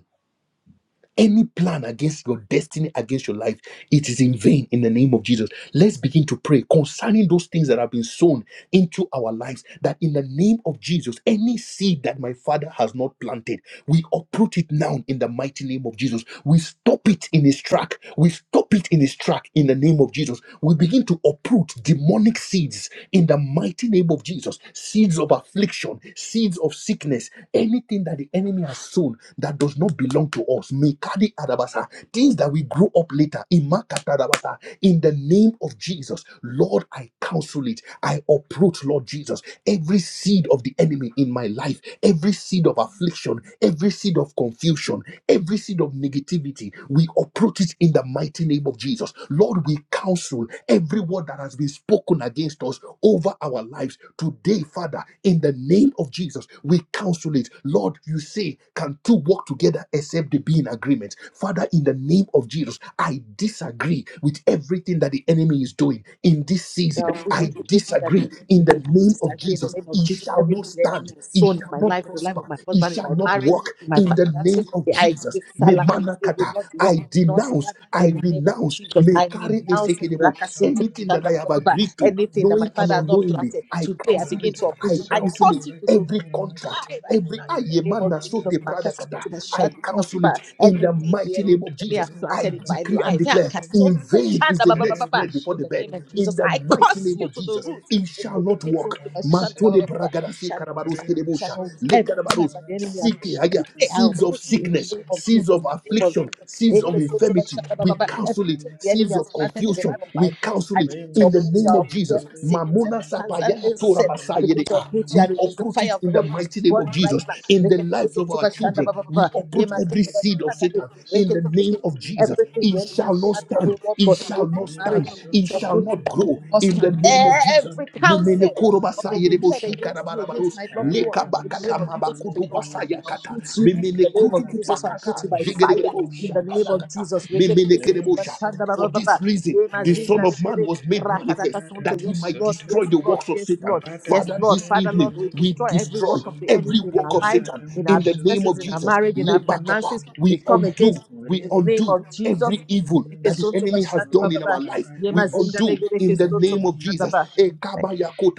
[SPEAKER 1] Any plan against your destiny, against your life, it is in vain in the name of Jesus. Let's begin to pray concerning those things that have been sown into our lives. That in the name of Jesus, any seed that my father has not planted, we uproot it now in the mighty name of Jesus. We stop it in its track. We stop it in its track in the name of Jesus. We begin to uproot demonic seeds in the mighty name of Jesus. Seeds of affliction, seeds of sickness, anything that the enemy has sown that does not belong belong to us. Mekadi adabasa. Things that we grew up later. Imakata adabasa. In the name of Jesus, Lord, I counsel it. I uproot, Lord Jesus, every seed of the enemy in my life, every seed of affliction, every seed of confusion, every seed of negativity. We uproot it in the mighty name of Jesus. Lord, we counsel every word that has been spoken against us over our lives today, Father, in the name of Jesus. We counsel it. Lord, you say, Can two two walk together except they be in agreement. Father, in the name of Jesus, I disagree with everything that the enemy is doing in this season. I
[SPEAKER 3] Everything that the
[SPEAKER 1] disagree. In
[SPEAKER 3] enemy,
[SPEAKER 1] the
[SPEAKER 3] I
[SPEAKER 1] name of
[SPEAKER 3] disagree in the
[SPEAKER 1] Jesus,
[SPEAKER 3] name of
[SPEAKER 1] it
[SPEAKER 3] Jesus.
[SPEAKER 1] shall not
[SPEAKER 3] Everything the enemy
[SPEAKER 1] stand,
[SPEAKER 3] has
[SPEAKER 1] it
[SPEAKER 3] sown in
[SPEAKER 1] shall
[SPEAKER 3] my
[SPEAKER 1] not
[SPEAKER 3] life, in the life of
[SPEAKER 1] prosper,
[SPEAKER 3] my
[SPEAKER 1] it
[SPEAKER 3] husband, in
[SPEAKER 1] shall
[SPEAKER 3] my
[SPEAKER 1] not
[SPEAKER 3] marriage,
[SPEAKER 1] work.
[SPEAKER 3] in my
[SPEAKER 1] In the name
[SPEAKER 3] finances,
[SPEAKER 1] of
[SPEAKER 3] I
[SPEAKER 1] Jesus, me
[SPEAKER 3] disallow it. It will
[SPEAKER 1] manakata,
[SPEAKER 3] not work.
[SPEAKER 1] I
[SPEAKER 3] It will not
[SPEAKER 1] denounce,
[SPEAKER 3] stand in
[SPEAKER 1] I
[SPEAKER 3] the name of
[SPEAKER 1] renounce,
[SPEAKER 3] Jesus.
[SPEAKER 1] me
[SPEAKER 3] I
[SPEAKER 1] carry a
[SPEAKER 3] renounce it.
[SPEAKER 6] Rata
[SPEAKER 3] Rakasunto
[SPEAKER 6] Masanto
[SPEAKER 1] anything that
[SPEAKER 3] tanda,
[SPEAKER 1] I
[SPEAKER 3] ba, ba,
[SPEAKER 1] have
[SPEAKER 6] Rebe
[SPEAKER 3] ba, ba.
[SPEAKER 1] agreed to,
[SPEAKER 6] Lekeme
[SPEAKER 3] anything that my
[SPEAKER 1] knowing and
[SPEAKER 3] father has not
[SPEAKER 6] Masanto
[SPEAKER 1] unknowingly,
[SPEAKER 3] planted
[SPEAKER 1] I
[SPEAKER 3] today, I
[SPEAKER 1] counsel
[SPEAKER 3] begin
[SPEAKER 1] it,
[SPEAKER 6] Rata
[SPEAKER 3] to
[SPEAKER 1] I
[SPEAKER 3] uproot it. I
[SPEAKER 6] Masanto
[SPEAKER 1] counsel
[SPEAKER 3] curse
[SPEAKER 1] it.
[SPEAKER 3] you to the root
[SPEAKER 1] Every
[SPEAKER 6] Lekeme
[SPEAKER 1] contract,
[SPEAKER 3] die
[SPEAKER 6] Masanto
[SPEAKER 3] right
[SPEAKER 1] Every
[SPEAKER 3] now in the name
[SPEAKER 6] Reba
[SPEAKER 3] of
[SPEAKER 1] ayemana
[SPEAKER 6] Rata
[SPEAKER 3] Jesus.
[SPEAKER 1] sote
[SPEAKER 3] my
[SPEAKER 1] pradakata,
[SPEAKER 6] Masente
[SPEAKER 1] I
[SPEAKER 3] mashanda ba ba ba.
[SPEAKER 1] counsel it
[SPEAKER 3] ba.
[SPEAKER 1] in the
[SPEAKER 6] Rema
[SPEAKER 3] Anything the
[SPEAKER 1] mighty
[SPEAKER 3] enemy
[SPEAKER 1] name of
[SPEAKER 6] Santo
[SPEAKER 3] enemy
[SPEAKER 1] Jesus.
[SPEAKER 3] have
[SPEAKER 6] Leba
[SPEAKER 1] I
[SPEAKER 3] planted in my
[SPEAKER 6] Rata
[SPEAKER 1] decree and
[SPEAKER 3] life. yeah,
[SPEAKER 1] declare, in
[SPEAKER 6] Masente
[SPEAKER 3] kasoto
[SPEAKER 1] vain is
[SPEAKER 3] mashanda
[SPEAKER 1] the
[SPEAKER 3] ba ba ba
[SPEAKER 1] net
[SPEAKER 3] ba
[SPEAKER 6] Rema
[SPEAKER 3] ba.
[SPEAKER 1] spread before
[SPEAKER 3] In
[SPEAKER 1] the
[SPEAKER 3] the
[SPEAKER 1] bed.
[SPEAKER 6] Santo
[SPEAKER 3] name of
[SPEAKER 1] In
[SPEAKER 3] Jesus,
[SPEAKER 1] the
[SPEAKER 6] Leba
[SPEAKER 3] I
[SPEAKER 6] Rata
[SPEAKER 1] mighty
[SPEAKER 3] curse
[SPEAKER 1] name
[SPEAKER 3] you
[SPEAKER 1] of
[SPEAKER 3] to the
[SPEAKER 1] Jesus,
[SPEAKER 3] root.
[SPEAKER 6] Masanto
[SPEAKER 1] it shall
[SPEAKER 6] Leba
[SPEAKER 1] not
[SPEAKER 3] Ekedekesoto
[SPEAKER 1] work.
[SPEAKER 6] Rata
[SPEAKER 3] mashanda ba ba
[SPEAKER 1] Matole
[SPEAKER 3] ba
[SPEAKER 6] Masente
[SPEAKER 3] ba ba.
[SPEAKER 1] bragadasi
[SPEAKER 3] Shall not
[SPEAKER 1] karabarus
[SPEAKER 3] find
[SPEAKER 6] Rema
[SPEAKER 3] me, shall
[SPEAKER 1] kerebusha,
[SPEAKER 3] not-
[SPEAKER 1] le
[SPEAKER 6] Santo
[SPEAKER 3] Every time
[SPEAKER 6] Leba
[SPEAKER 1] karabarus.
[SPEAKER 3] that the
[SPEAKER 6] Rata
[SPEAKER 3] enemy has
[SPEAKER 1] Sick, ah, yeah,
[SPEAKER 6] Masanta
[SPEAKER 3] they are
[SPEAKER 1] seeds of
[SPEAKER 3] put
[SPEAKER 6] Rakame
[SPEAKER 3] you in
[SPEAKER 1] sickness,
[SPEAKER 3] the name of
[SPEAKER 6] Masanto
[SPEAKER 1] seeds
[SPEAKER 3] Jesus,
[SPEAKER 1] of
[SPEAKER 3] in the name of
[SPEAKER 1] affliction,
[SPEAKER 3] Jesus.
[SPEAKER 1] seeds of
[SPEAKER 3] Ekesoto
[SPEAKER 6] Rema
[SPEAKER 1] infirmity,
[SPEAKER 3] mashanda ba
[SPEAKER 6] Santo
[SPEAKER 1] we
[SPEAKER 3] ba ba.
[SPEAKER 6] Reba
[SPEAKER 1] counsel it.
[SPEAKER 3] Everything the
[SPEAKER 6] Rata
[SPEAKER 3] enemy
[SPEAKER 1] Seeds
[SPEAKER 3] has
[SPEAKER 1] of
[SPEAKER 3] planted in
[SPEAKER 6] Masanto
[SPEAKER 3] the
[SPEAKER 1] confusion,
[SPEAKER 3] life of my
[SPEAKER 1] we
[SPEAKER 3] mouth,
[SPEAKER 1] counsel
[SPEAKER 3] I
[SPEAKER 1] it
[SPEAKER 3] begin to
[SPEAKER 6] Lima
[SPEAKER 1] in the
[SPEAKER 3] uproot you, I
[SPEAKER 1] name of
[SPEAKER 3] uproot you
[SPEAKER 1] Jesus.
[SPEAKER 3] every
[SPEAKER 6] Centere
[SPEAKER 3] sickness,
[SPEAKER 1] Mamona
[SPEAKER 3] every
[SPEAKER 6] Balada
[SPEAKER 1] sapayana tora
[SPEAKER 3] cancer,
[SPEAKER 6] Masonto
[SPEAKER 3] I begin
[SPEAKER 1] basayede
[SPEAKER 3] to
[SPEAKER 1] ah.
[SPEAKER 3] approach you. I
[SPEAKER 1] We
[SPEAKER 6] Lekimimo
[SPEAKER 3] release the
[SPEAKER 1] uproot
[SPEAKER 6] Sonto
[SPEAKER 3] fire
[SPEAKER 1] it
[SPEAKER 3] of the
[SPEAKER 1] in the
[SPEAKER 3] Holy Ghost to
[SPEAKER 1] mighty name
[SPEAKER 3] burn
[SPEAKER 1] of
[SPEAKER 3] you right
[SPEAKER 1] Jesus.
[SPEAKER 6] Lima
[SPEAKER 3] now.
[SPEAKER 1] In the
[SPEAKER 3] Rekete
[SPEAKER 1] lives
[SPEAKER 3] kisu
[SPEAKER 1] of
[SPEAKER 6] Centere
[SPEAKER 1] our
[SPEAKER 3] tuba shanda
[SPEAKER 1] children,
[SPEAKER 3] ba ba
[SPEAKER 6] Kimimo
[SPEAKER 3] ba
[SPEAKER 1] we
[SPEAKER 3] ba.
[SPEAKER 6] Sonto
[SPEAKER 1] uproot
[SPEAKER 3] Yema
[SPEAKER 1] every
[SPEAKER 3] zindu ba
[SPEAKER 1] seed of
[SPEAKER 3] shanda
[SPEAKER 6] Rebalada
[SPEAKER 3] le.
[SPEAKER 1] Satan in the
[SPEAKER 3] Rekete
[SPEAKER 1] name
[SPEAKER 3] kisu
[SPEAKER 6] Masonto
[SPEAKER 1] of
[SPEAKER 3] tu.
[SPEAKER 1] Jesus.
[SPEAKER 3] Everything the
[SPEAKER 1] It
[SPEAKER 6] Rebalada
[SPEAKER 3] enemy has
[SPEAKER 1] shall not
[SPEAKER 3] planted
[SPEAKER 6] Masente
[SPEAKER 1] stand.
[SPEAKER 3] in what
[SPEAKER 1] It
[SPEAKER 3] God
[SPEAKER 1] shall
[SPEAKER 3] in my
[SPEAKER 1] not
[SPEAKER 6] Lima
[SPEAKER 3] marriage,
[SPEAKER 1] stand.
[SPEAKER 3] I begin
[SPEAKER 1] It
[SPEAKER 3] to
[SPEAKER 6] Sonto
[SPEAKER 1] shall
[SPEAKER 3] uproot you.
[SPEAKER 1] not
[SPEAKER 3] It
[SPEAKER 1] grow
[SPEAKER 6] Rebele
[SPEAKER 3] must
[SPEAKER 1] in the
[SPEAKER 3] stand.
[SPEAKER 1] name
[SPEAKER 6] Kimimo
[SPEAKER 1] of Jesus.
[SPEAKER 3] Every
[SPEAKER 6] Sonto
[SPEAKER 1] Mumene
[SPEAKER 3] counsel of
[SPEAKER 1] korobasa
[SPEAKER 6] Rebalada
[SPEAKER 3] the
[SPEAKER 1] yerebo
[SPEAKER 3] wicked
[SPEAKER 1] shikara
[SPEAKER 6] Masanta
[SPEAKER 3] against me, against my loved one.
[SPEAKER 1] leka
[SPEAKER 6] Arada
[SPEAKER 3] In the
[SPEAKER 1] bakata
[SPEAKER 3] name of
[SPEAKER 6] Masente
[SPEAKER 3] Jesus, it
[SPEAKER 1] mabaku
[SPEAKER 3] will not
[SPEAKER 1] dubasa
[SPEAKER 3] stand.
[SPEAKER 6] Lekimimo
[SPEAKER 3] I'll
[SPEAKER 1] yakata
[SPEAKER 3] put you
[SPEAKER 6] Sonto
[SPEAKER 3] in
[SPEAKER 1] memene
[SPEAKER 3] the name
[SPEAKER 1] krutu
[SPEAKER 3] of
[SPEAKER 6] Rebalada
[SPEAKER 3] Jesus. I'll put
[SPEAKER 1] kupakaka
[SPEAKER 3] you by
[SPEAKER 6] Masente
[SPEAKER 3] fire
[SPEAKER 1] jigeregerebo
[SPEAKER 3] in the
[SPEAKER 6] Lekimimo
[SPEAKER 3] name of
[SPEAKER 6] Sonto
[SPEAKER 1] shakadakata
[SPEAKER 3] Jesus. Rekete
[SPEAKER 1] memene
[SPEAKER 3] kisu
[SPEAKER 1] kerebo
[SPEAKER 6] Lima
[SPEAKER 3] tuba shanda
[SPEAKER 6] Centere
[SPEAKER 3] ba ba
[SPEAKER 1] For
[SPEAKER 3] ba ba.
[SPEAKER 1] this reason,
[SPEAKER 3] Yema
[SPEAKER 1] the
[SPEAKER 6] Rema
[SPEAKER 1] Son
[SPEAKER 3] zinda
[SPEAKER 1] of Man
[SPEAKER 3] le.
[SPEAKER 6] sente
[SPEAKER 1] was made
[SPEAKER 6] reba
[SPEAKER 1] manifest
[SPEAKER 6] rada
[SPEAKER 3] Rakatakasunto.
[SPEAKER 1] that he
[SPEAKER 3] Yes,
[SPEAKER 1] might
[SPEAKER 3] Lord.
[SPEAKER 6] masunto
[SPEAKER 1] destroy
[SPEAKER 3] Yes,
[SPEAKER 1] the
[SPEAKER 3] Lord.
[SPEAKER 1] works of
[SPEAKER 3] Yes,
[SPEAKER 1] Satan.
[SPEAKER 3] Lord.
[SPEAKER 6] rada
[SPEAKER 3] Yes,
[SPEAKER 1] Father,
[SPEAKER 3] Lord.
[SPEAKER 1] this
[SPEAKER 3] Father,
[SPEAKER 6] masente
[SPEAKER 1] evening
[SPEAKER 3] Lord, we
[SPEAKER 1] we
[SPEAKER 6] lekin
[SPEAKER 3] destroy
[SPEAKER 6] me
[SPEAKER 3] every
[SPEAKER 1] destroy
[SPEAKER 3] work of the
[SPEAKER 6] masunto
[SPEAKER 1] every
[SPEAKER 3] enemy in
[SPEAKER 1] work
[SPEAKER 3] our
[SPEAKER 1] of
[SPEAKER 6] reba
[SPEAKER 3] lives,
[SPEAKER 1] Satan
[SPEAKER 6] rada
[SPEAKER 3] in our
[SPEAKER 1] in the name
[SPEAKER 6] masunto
[SPEAKER 3] businesses,
[SPEAKER 1] of
[SPEAKER 3] in our
[SPEAKER 1] Jesus.
[SPEAKER 6] lekin
[SPEAKER 3] marriage, in our
[SPEAKER 6] me
[SPEAKER 1] Lebakata,
[SPEAKER 3] finances.
[SPEAKER 6] masunto
[SPEAKER 3] We
[SPEAKER 1] we
[SPEAKER 3] come
[SPEAKER 1] undo
[SPEAKER 3] against
[SPEAKER 1] we
[SPEAKER 3] you in the
[SPEAKER 6] rema
[SPEAKER 3] name
[SPEAKER 1] undo
[SPEAKER 3] of
[SPEAKER 6] sunto
[SPEAKER 3] Jesus.
[SPEAKER 1] every
[SPEAKER 6] lekin
[SPEAKER 1] evil
[SPEAKER 6] me
[SPEAKER 1] that the
[SPEAKER 3] Ikesunto
[SPEAKER 1] enemy
[SPEAKER 6] masunto
[SPEAKER 1] has
[SPEAKER 3] bashanda ba
[SPEAKER 1] done
[SPEAKER 3] ba
[SPEAKER 1] in
[SPEAKER 3] ba.
[SPEAKER 1] our
[SPEAKER 6] reba
[SPEAKER 1] life.
[SPEAKER 6] rada
[SPEAKER 3] Yema
[SPEAKER 1] We
[SPEAKER 3] zinda
[SPEAKER 1] undo
[SPEAKER 6] masente
[SPEAKER 3] legere
[SPEAKER 1] in the
[SPEAKER 6] lekin
[SPEAKER 3] kesunto
[SPEAKER 1] name of
[SPEAKER 6] me
[SPEAKER 3] bashanda
[SPEAKER 1] Jesus.
[SPEAKER 3] ba.
[SPEAKER 6] masunto
[SPEAKER 3] Thank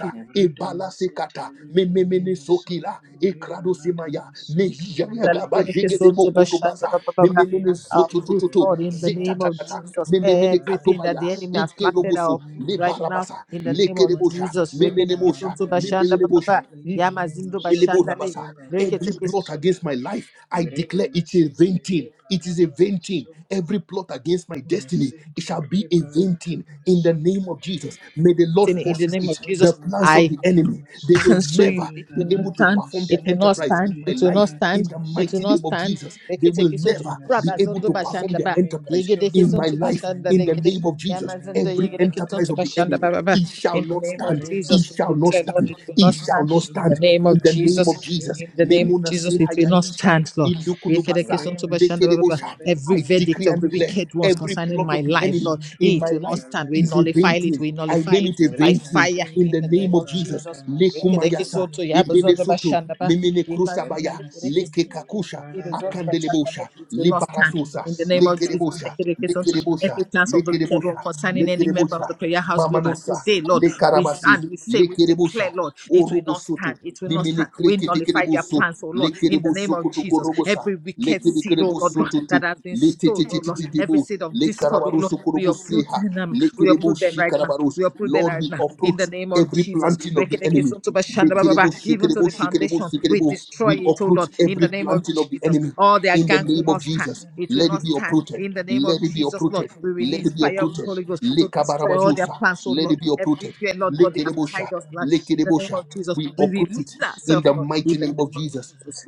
[SPEAKER 3] you,
[SPEAKER 6] rada masente
[SPEAKER 1] ebalasekata,
[SPEAKER 6] lekin me
[SPEAKER 1] mememenesokila,
[SPEAKER 6] masunto reba rada
[SPEAKER 1] ekradosemaya,
[SPEAKER 6] masunto
[SPEAKER 1] nehiyagabajegedemokotobaza,
[SPEAKER 6] Rima
[SPEAKER 3] Our
[SPEAKER 6] sente
[SPEAKER 3] fruit,
[SPEAKER 1] mememenezototototo,
[SPEAKER 3] Lord,
[SPEAKER 6] leke
[SPEAKER 3] in the
[SPEAKER 6] me
[SPEAKER 3] name of
[SPEAKER 1] zetatata,
[SPEAKER 6] masunto
[SPEAKER 3] Jesus.
[SPEAKER 6] liberata
[SPEAKER 3] Everything that the
[SPEAKER 1] mememenekatobaya,
[SPEAKER 3] enemy has
[SPEAKER 6] masente
[SPEAKER 3] planted,
[SPEAKER 6] leke
[SPEAKER 1] ekeroboso,
[SPEAKER 3] our
[SPEAKER 6] me
[SPEAKER 3] fruit right
[SPEAKER 6] masunto
[SPEAKER 3] now,
[SPEAKER 1] lebarabasa,
[SPEAKER 3] in the name of
[SPEAKER 6] Awada
[SPEAKER 1] lekerebosha,
[SPEAKER 3] Jesus.
[SPEAKER 6] masanta
[SPEAKER 1] memenemosha,
[SPEAKER 3] Reketekesuntu
[SPEAKER 6] arada
[SPEAKER 3] bashanda ba ba
[SPEAKER 6] masunto
[SPEAKER 3] ba.
[SPEAKER 1] mememenemosha,
[SPEAKER 6] leke me
[SPEAKER 3] Yamazindo
[SPEAKER 1] Elebo
[SPEAKER 6] masunto
[SPEAKER 3] bashanda le.
[SPEAKER 1] Rabasa,
[SPEAKER 6] liberata
[SPEAKER 1] Every
[SPEAKER 3] Reketekesutini,
[SPEAKER 1] plot
[SPEAKER 6] masunto
[SPEAKER 1] against my life, I
[SPEAKER 6] Reda
[SPEAKER 1] declare it is a
[SPEAKER 6] masente
[SPEAKER 1] vain thing. It is a
[SPEAKER 6] liberata
[SPEAKER 1] vain thing.
[SPEAKER 6] masunto
[SPEAKER 1] Every plot against my destiny, it
[SPEAKER 6] Masente
[SPEAKER 1] shall be a vain
[SPEAKER 6] liberata
[SPEAKER 1] thing. In the name
[SPEAKER 6] masunto
[SPEAKER 1] of Jesus, may the Lord
[SPEAKER 3] In
[SPEAKER 6] Gara
[SPEAKER 3] the name
[SPEAKER 1] frustrate
[SPEAKER 3] of
[SPEAKER 1] the
[SPEAKER 6] masunto
[SPEAKER 3] Jesus,
[SPEAKER 1] plans
[SPEAKER 3] I
[SPEAKER 1] of
[SPEAKER 6] leke
[SPEAKER 1] the
[SPEAKER 6] me
[SPEAKER 1] enemy. They will
[SPEAKER 6] masunto
[SPEAKER 3] so
[SPEAKER 1] never
[SPEAKER 3] you, it
[SPEAKER 1] be
[SPEAKER 3] will not
[SPEAKER 1] able
[SPEAKER 6] liberata
[SPEAKER 1] to
[SPEAKER 3] stand,
[SPEAKER 1] perform their
[SPEAKER 3] it will not
[SPEAKER 1] enterprise
[SPEAKER 6] masunto
[SPEAKER 3] stand,
[SPEAKER 1] in my
[SPEAKER 3] it will
[SPEAKER 1] life.
[SPEAKER 3] not
[SPEAKER 6] liberata
[SPEAKER 3] stand,
[SPEAKER 1] In the
[SPEAKER 3] it will
[SPEAKER 1] mighty
[SPEAKER 6] masunto
[SPEAKER 3] not
[SPEAKER 1] name of
[SPEAKER 3] stand.
[SPEAKER 1] Jesus, they will
[SPEAKER 3] Leketeke sonto,
[SPEAKER 1] never
[SPEAKER 6] Name
[SPEAKER 1] be
[SPEAKER 3] braba
[SPEAKER 1] able
[SPEAKER 6] Sente
[SPEAKER 3] zondo
[SPEAKER 1] to perform
[SPEAKER 3] bashanda
[SPEAKER 6] Lake
[SPEAKER 1] their
[SPEAKER 3] ba,
[SPEAKER 6] Name
[SPEAKER 1] enterprise
[SPEAKER 3] yegedeke
[SPEAKER 1] in
[SPEAKER 6] Sunto
[SPEAKER 1] my
[SPEAKER 3] sonto
[SPEAKER 6] Lake
[SPEAKER 1] life.
[SPEAKER 3] bashanda
[SPEAKER 1] In
[SPEAKER 6] Name
[SPEAKER 1] in the
[SPEAKER 3] legede,
[SPEAKER 1] name of Jesus.
[SPEAKER 6] Sente
[SPEAKER 3] yamazendo
[SPEAKER 6] Reba
[SPEAKER 1] Every
[SPEAKER 3] yegedeke
[SPEAKER 6] Lada
[SPEAKER 1] enterprise
[SPEAKER 3] sonto
[SPEAKER 1] of the
[SPEAKER 3] bashanda
[SPEAKER 1] enemy,
[SPEAKER 6] Masund
[SPEAKER 3] ba ba ba.
[SPEAKER 1] it shall
[SPEAKER 3] In the
[SPEAKER 1] not
[SPEAKER 3] name of
[SPEAKER 1] stand.
[SPEAKER 6] Rema
[SPEAKER 1] It
[SPEAKER 3] Jesus,
[SPEAKER 1] shall
[SPEAKER 3] we
[SPEAKER 1] not
[SPEAKER 6] Sente
[SPEAKER 3] declare, Lord,
[SPEAKER 1] stand.
[SPEAKER 3] it
[SPEAKER 6] Lake
[SPEAKER 3] will
[SPEAKER 1] It
[SPEAKER 3] not
[SPEAKER 1] shall
[SPEAKER 6] Name
[SPEAKER 3] stand.
[SPEAKER 1] not
[SPEAKER 3] In the
[SPEAKER 1] stand.
[SPEAKER 3] name
[SPEAKER 6] Sunto
[SPEAKER 1] In
[SPEAKER 3] of
[SPEAKER 1] the
[SPEAKER 6] Rada
[SPEAKER 1] name
[SPEAKER 3] Jesus,
[SPEAKER 1] of Jesus.
[SPEAKER 3] in
[SPEAKER 6] Masente
[SPEAKER 3] the name of
[SPEAKER 1] Memuna
[SPEAKER 6] Leba
[SPEAKER 3] Jesus, it
[SPEAKER 6] Rada
[SPEAKER 3] will not
[SPEAKER 1] Sihayalisha,
[SPEAKER 6] Masund
[SPEAKER 3] stand, Lord. Yekedeke
[SPEAKER 1] Indukudubasa,
[SPEAKER 3] sonto
[SPEAKER 6] Rema
[SPEAKER 3] bashanda ba ba
[SPEAKER 6] Sente
[SPEAKER 3] ba.
[SPEAKER 1] Lekedebosha.
[SPEAKER 6] Leba
[SPEAKER 3] Every
[SPEAKER 1] I
[SPEAKER 6] Rada
[SPEAKER 3] verdict
[SPEAKER 1] decree
[SPEAKER 3] of
[SPEAKER 1] and
[SPEAKER 3] the
[SPEAKER 1] declare
[SPEAKER 3] wicked ones
[SPEAKER 6] Masunto
[SPEAKER 1] every
[SPEAKER 6] Lake
[SPEAKER 3] concerning
[SPEAKER 1] plot
[SPEAKER 3] my
[SPEAKER 1] of the
[SPEAKER 6] Name
[SPEAKER 3] life,
[SPEAKER 1] enemy
[SPEAKER 3] Lord,
[SPEAKER 6] Sunto
[SPEAKER 1] in
[SPEAKER 3] it
[SPEAKER 1] my
[SPEAKER 3] will not
[SPEAKER 1] life
[SPEAKER 6] Reba
[SPEAKER 3] stand. We
[SPEAKER 6] Lada
[SPEAKER 1] is a
[SPEAKER 3] nullify
[SPEAKER 1] vain
[SPEAKER 3] it,
[SPEAKER 1] thing.
[SPEAKER 6] Masente
[SPEAKER 3] we
[SPEAKER 1] I
[SPEAKER 3] nullify
[SPEAKER 1] name
[SPEAKER 3] it
[SPEAKER 1] it a
[SPEAKER 3] by
[SPEAKER 1] vain
[SPEAKER 6] Rema
[SPEAKER 1] thing
[SPEAKER 3] fire
[SPEAKER 1] in
[SPEAKER 6] Sente
[SPEAKER 3] in
[SPEAKER 1] the
[SPEAKER 3] the name
[SPEAKER 1] name of
[SPEAKER 3] of
[SPEAKER 6] Leba
[SPEAKER 1] Jesus.
[SPEAKER 3] Jesus.
[SPEAKER 6] Rada Masunto
[SPEAKER 3] Rekereke
[SPEAKER 1] Lekumayasa.
[SPEAKER 3] soto
[SPEAKER 6] Lake
[SPEAKER 3] yabazonda
[SPEAKER 6] Name
[SPEAKER 1] Ibelesutu,
[SPEAKER 3] bashanda ba
[SPEAKER 1] Mimini
[SPEAKER 3] yemazinda
[SPEAKER 1] Krusabaya,
[SPEAKER 6] Rima
[SPEAKER 3] rekereke
[SPEAKER 1] Leke
[SPEAKER 3] soto
[SPEAKER 6] Center
[SPEAKER 1] Kakusha,
[SPEAKER 6] Liberata
[SPEAKER 1] Akandelebosha,
[SPEAKER 6] Masunto
[SPEAKER 3] it will not stand.
[SPEAKER 6] Likime
[SPEAKER 1] Libarasusa,
[SPEAKER 3] In the name of
[SPEAKER 6] Masanta
[SPEAKER 3] Jesus,
[SPEAKER 1] Lekerebosha,
[SPEAKER 6] Arata
[SPEAKER 3] rekereke to
[SPEAKER 1] Lekerebosha,
[SPEAKER 6] Masunto.
[SPEAKER 3] every plans of the wicked one
[SPEAKER 1] Lekerebosha,
[SPEAKER 6] Mm.
[SPEAKER 3] concerning any member of the
[SPEAKER 1] Lekerebosha,
[SPEAKER 3] prayer house global
[SPEAKER 1] Mamanosa,
[SPEAKER 3] today, Lord, we
[SPEAKER 1] Lekarabasi,
[SPEAKER 3] stand, we say, we
[SPEAKER 1] Lekerebosha,
[SPEAKER 3] declare, Lord, it will not
[SPEAKER 1] Urubusutu,
[SPEAKER 3] stand, it will not
[SPEAKER 1] Mimini
[SPEAKER 3] stand. We nullify their
[SPEAKER 1] Krikitikirebusu,
[SPEAKER 3] plans, oh Lord, in the name
[SPEAKER 1] Lekerebusu
[SPEAKER 3] of Jesus.
[SPEAKER 1] Kutukurubusa,
[SPEAKER 3] Every wicked seed, oh Lord God, that
[SPEAKER 1] Lekerebusutu,
[SPEAKER 3] has been sown, oh Lord, every
[SPEAKER 1] Letititibu,
[SPEAKER 3] seed of discord, oh Lord,
[SPEAKER 1] Lekarabarusu
[SPEAKER 3] we uproot
[SPEAKER 1] Kurubusiha,
[SPEAKER 3] them, we uproot them
[SPEAKER 1] Lekerebushi
[SPEAKER 3] right now.
[SPEAKER 1] Karabarus.
[SPEAKER 3] We uproot them
[SPEAKER 1] Lord,
[SPEAKER 3] right
[SPEAKER 1] we
[SPEAKER 3] now in the
[SPEAKER 1] uproot
[SPEAKER 3] name of
[SPEAKER 1] every
[SPEAKER 3] Jesus.
[SPEAKER 1] planting of the enemy.
[SPEAKER 6] Rima
[SPEAKER 1] Lekerebo,
[SPEAKER 6] Sunto
[SPEAKER 3] Even to
[SPEAKER 1] shekerebo,
[SPEAKER 3] the
[SPEAKER 1] shekerebo,
[SPEAKER 3] foundation,
[SPEAKER 6] Liberata
[SPEAKER 3] we
[SPEAKER 1] shekerebo.
[SPEAKER 3] destroy
[SPEAKER 1] We
[SPEAKER 6] Masunto
[SPEAKER 3] it, oh
[SPEAKER 1] uproot
[SPEAKER 3] Lord, in the
[SPEAKER 1] every
[SPEAKER 6] Likime
[SPEAKER 3] name of
[SPEAKER 1] planting of the
[SPEAKER 6] Masunto.
[SPEAKER 3] Jesus.
[SPEAKER 1] enemy
[SPEAKER 3] All their
[SPEAKER 1] in the
[SPEAKER 3] gangs
[SPEAKER 6] Sunto,
[SPEAKER 3] will
[SPEAKER 1] name of
[SPEAKER 3] not stand.
[SPEAKER 1] Jesus.
[SPEAKER 3] It will
[SPEAKER 1] Let it
[SPEAKER 3] not
[SPEAKER 1] be
[SPEAKER 3] stand
[SPEAKER 1] uprooted.
[SPEAKER 3] in the name of
[SPEAKER 1] Let it be
[SPEAKER 3] Jesus, Lord.
[SPEAKER 1] uprooted.
[SPEAKER 3] We
[SPEAKER 1] Let
[SPEAKER 3] release
[SPEAKER 1] it be
[SPEAKER 3] fire of the
[SPEAKER 1] uprooted.
[SPEAKER 3] Holy Ghost to destroy all their
[SPEAKER 1] Lekabarabazusa.
[SPEAKER 3] plans, oh
[SPEAKER 1] Let
[SPEAKER 3] Lord.
[SPEAKER 1] it be uprooted.
[SPEAKER 3] Everywhere, Lord God, they have
[SPEAKER 1] Lekerebosha.
[SPEAKER 3] tied us, Lord. In the name
[SPEAKER 1] Lekerebosha.
[SPEAKER 3] of Jesus,
[SPEAKER 1] We
[SPEAKER 3] we
[SPEAKER 1] uproot
[SPEAKER 3] release
[SPEAKER 1] it in
[SPEAKER 3] ourselves,
[SPEAKER 1] the
[SPEAKER 3] Lord,
[SPEAKER 1] mighty
[SPEAKER 3] in the
[SPEAKER 1] name of
[SPEAKER 3] name of
[SPEAKER 1] Jesus.
[SPEAKER 3] Jesus.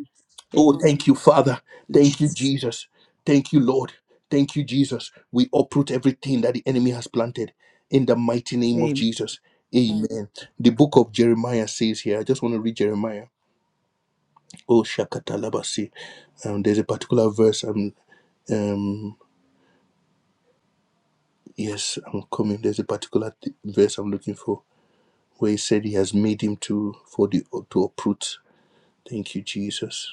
[SPEAKER 1] Oh,
[SPEAKER 3] Amen.
[SPEAKER 1] thank you, Father.
[SPEAKER 3] In
[SPEAKER 1] Thank you,
[SPEAKER 3] Jesus.
[SPEAKER 1] Jesus. Thank you, Lord. Thank you, Jesus. We uproot everything that the enemy has planted in the mighty name of
[SPEAKER 3] Amen.
[SPEAKER 1] Jesus. Amen. Amen. The book of Jeremiah says here, I just want to read Jeremiah. Oh, Shakatalabasi. Um, there's a particular verse. Um, um, yes, I'm coming. There's a particular th- verse I'm looking for where he said he has made him to for the to uproot. Thank you, Jesus.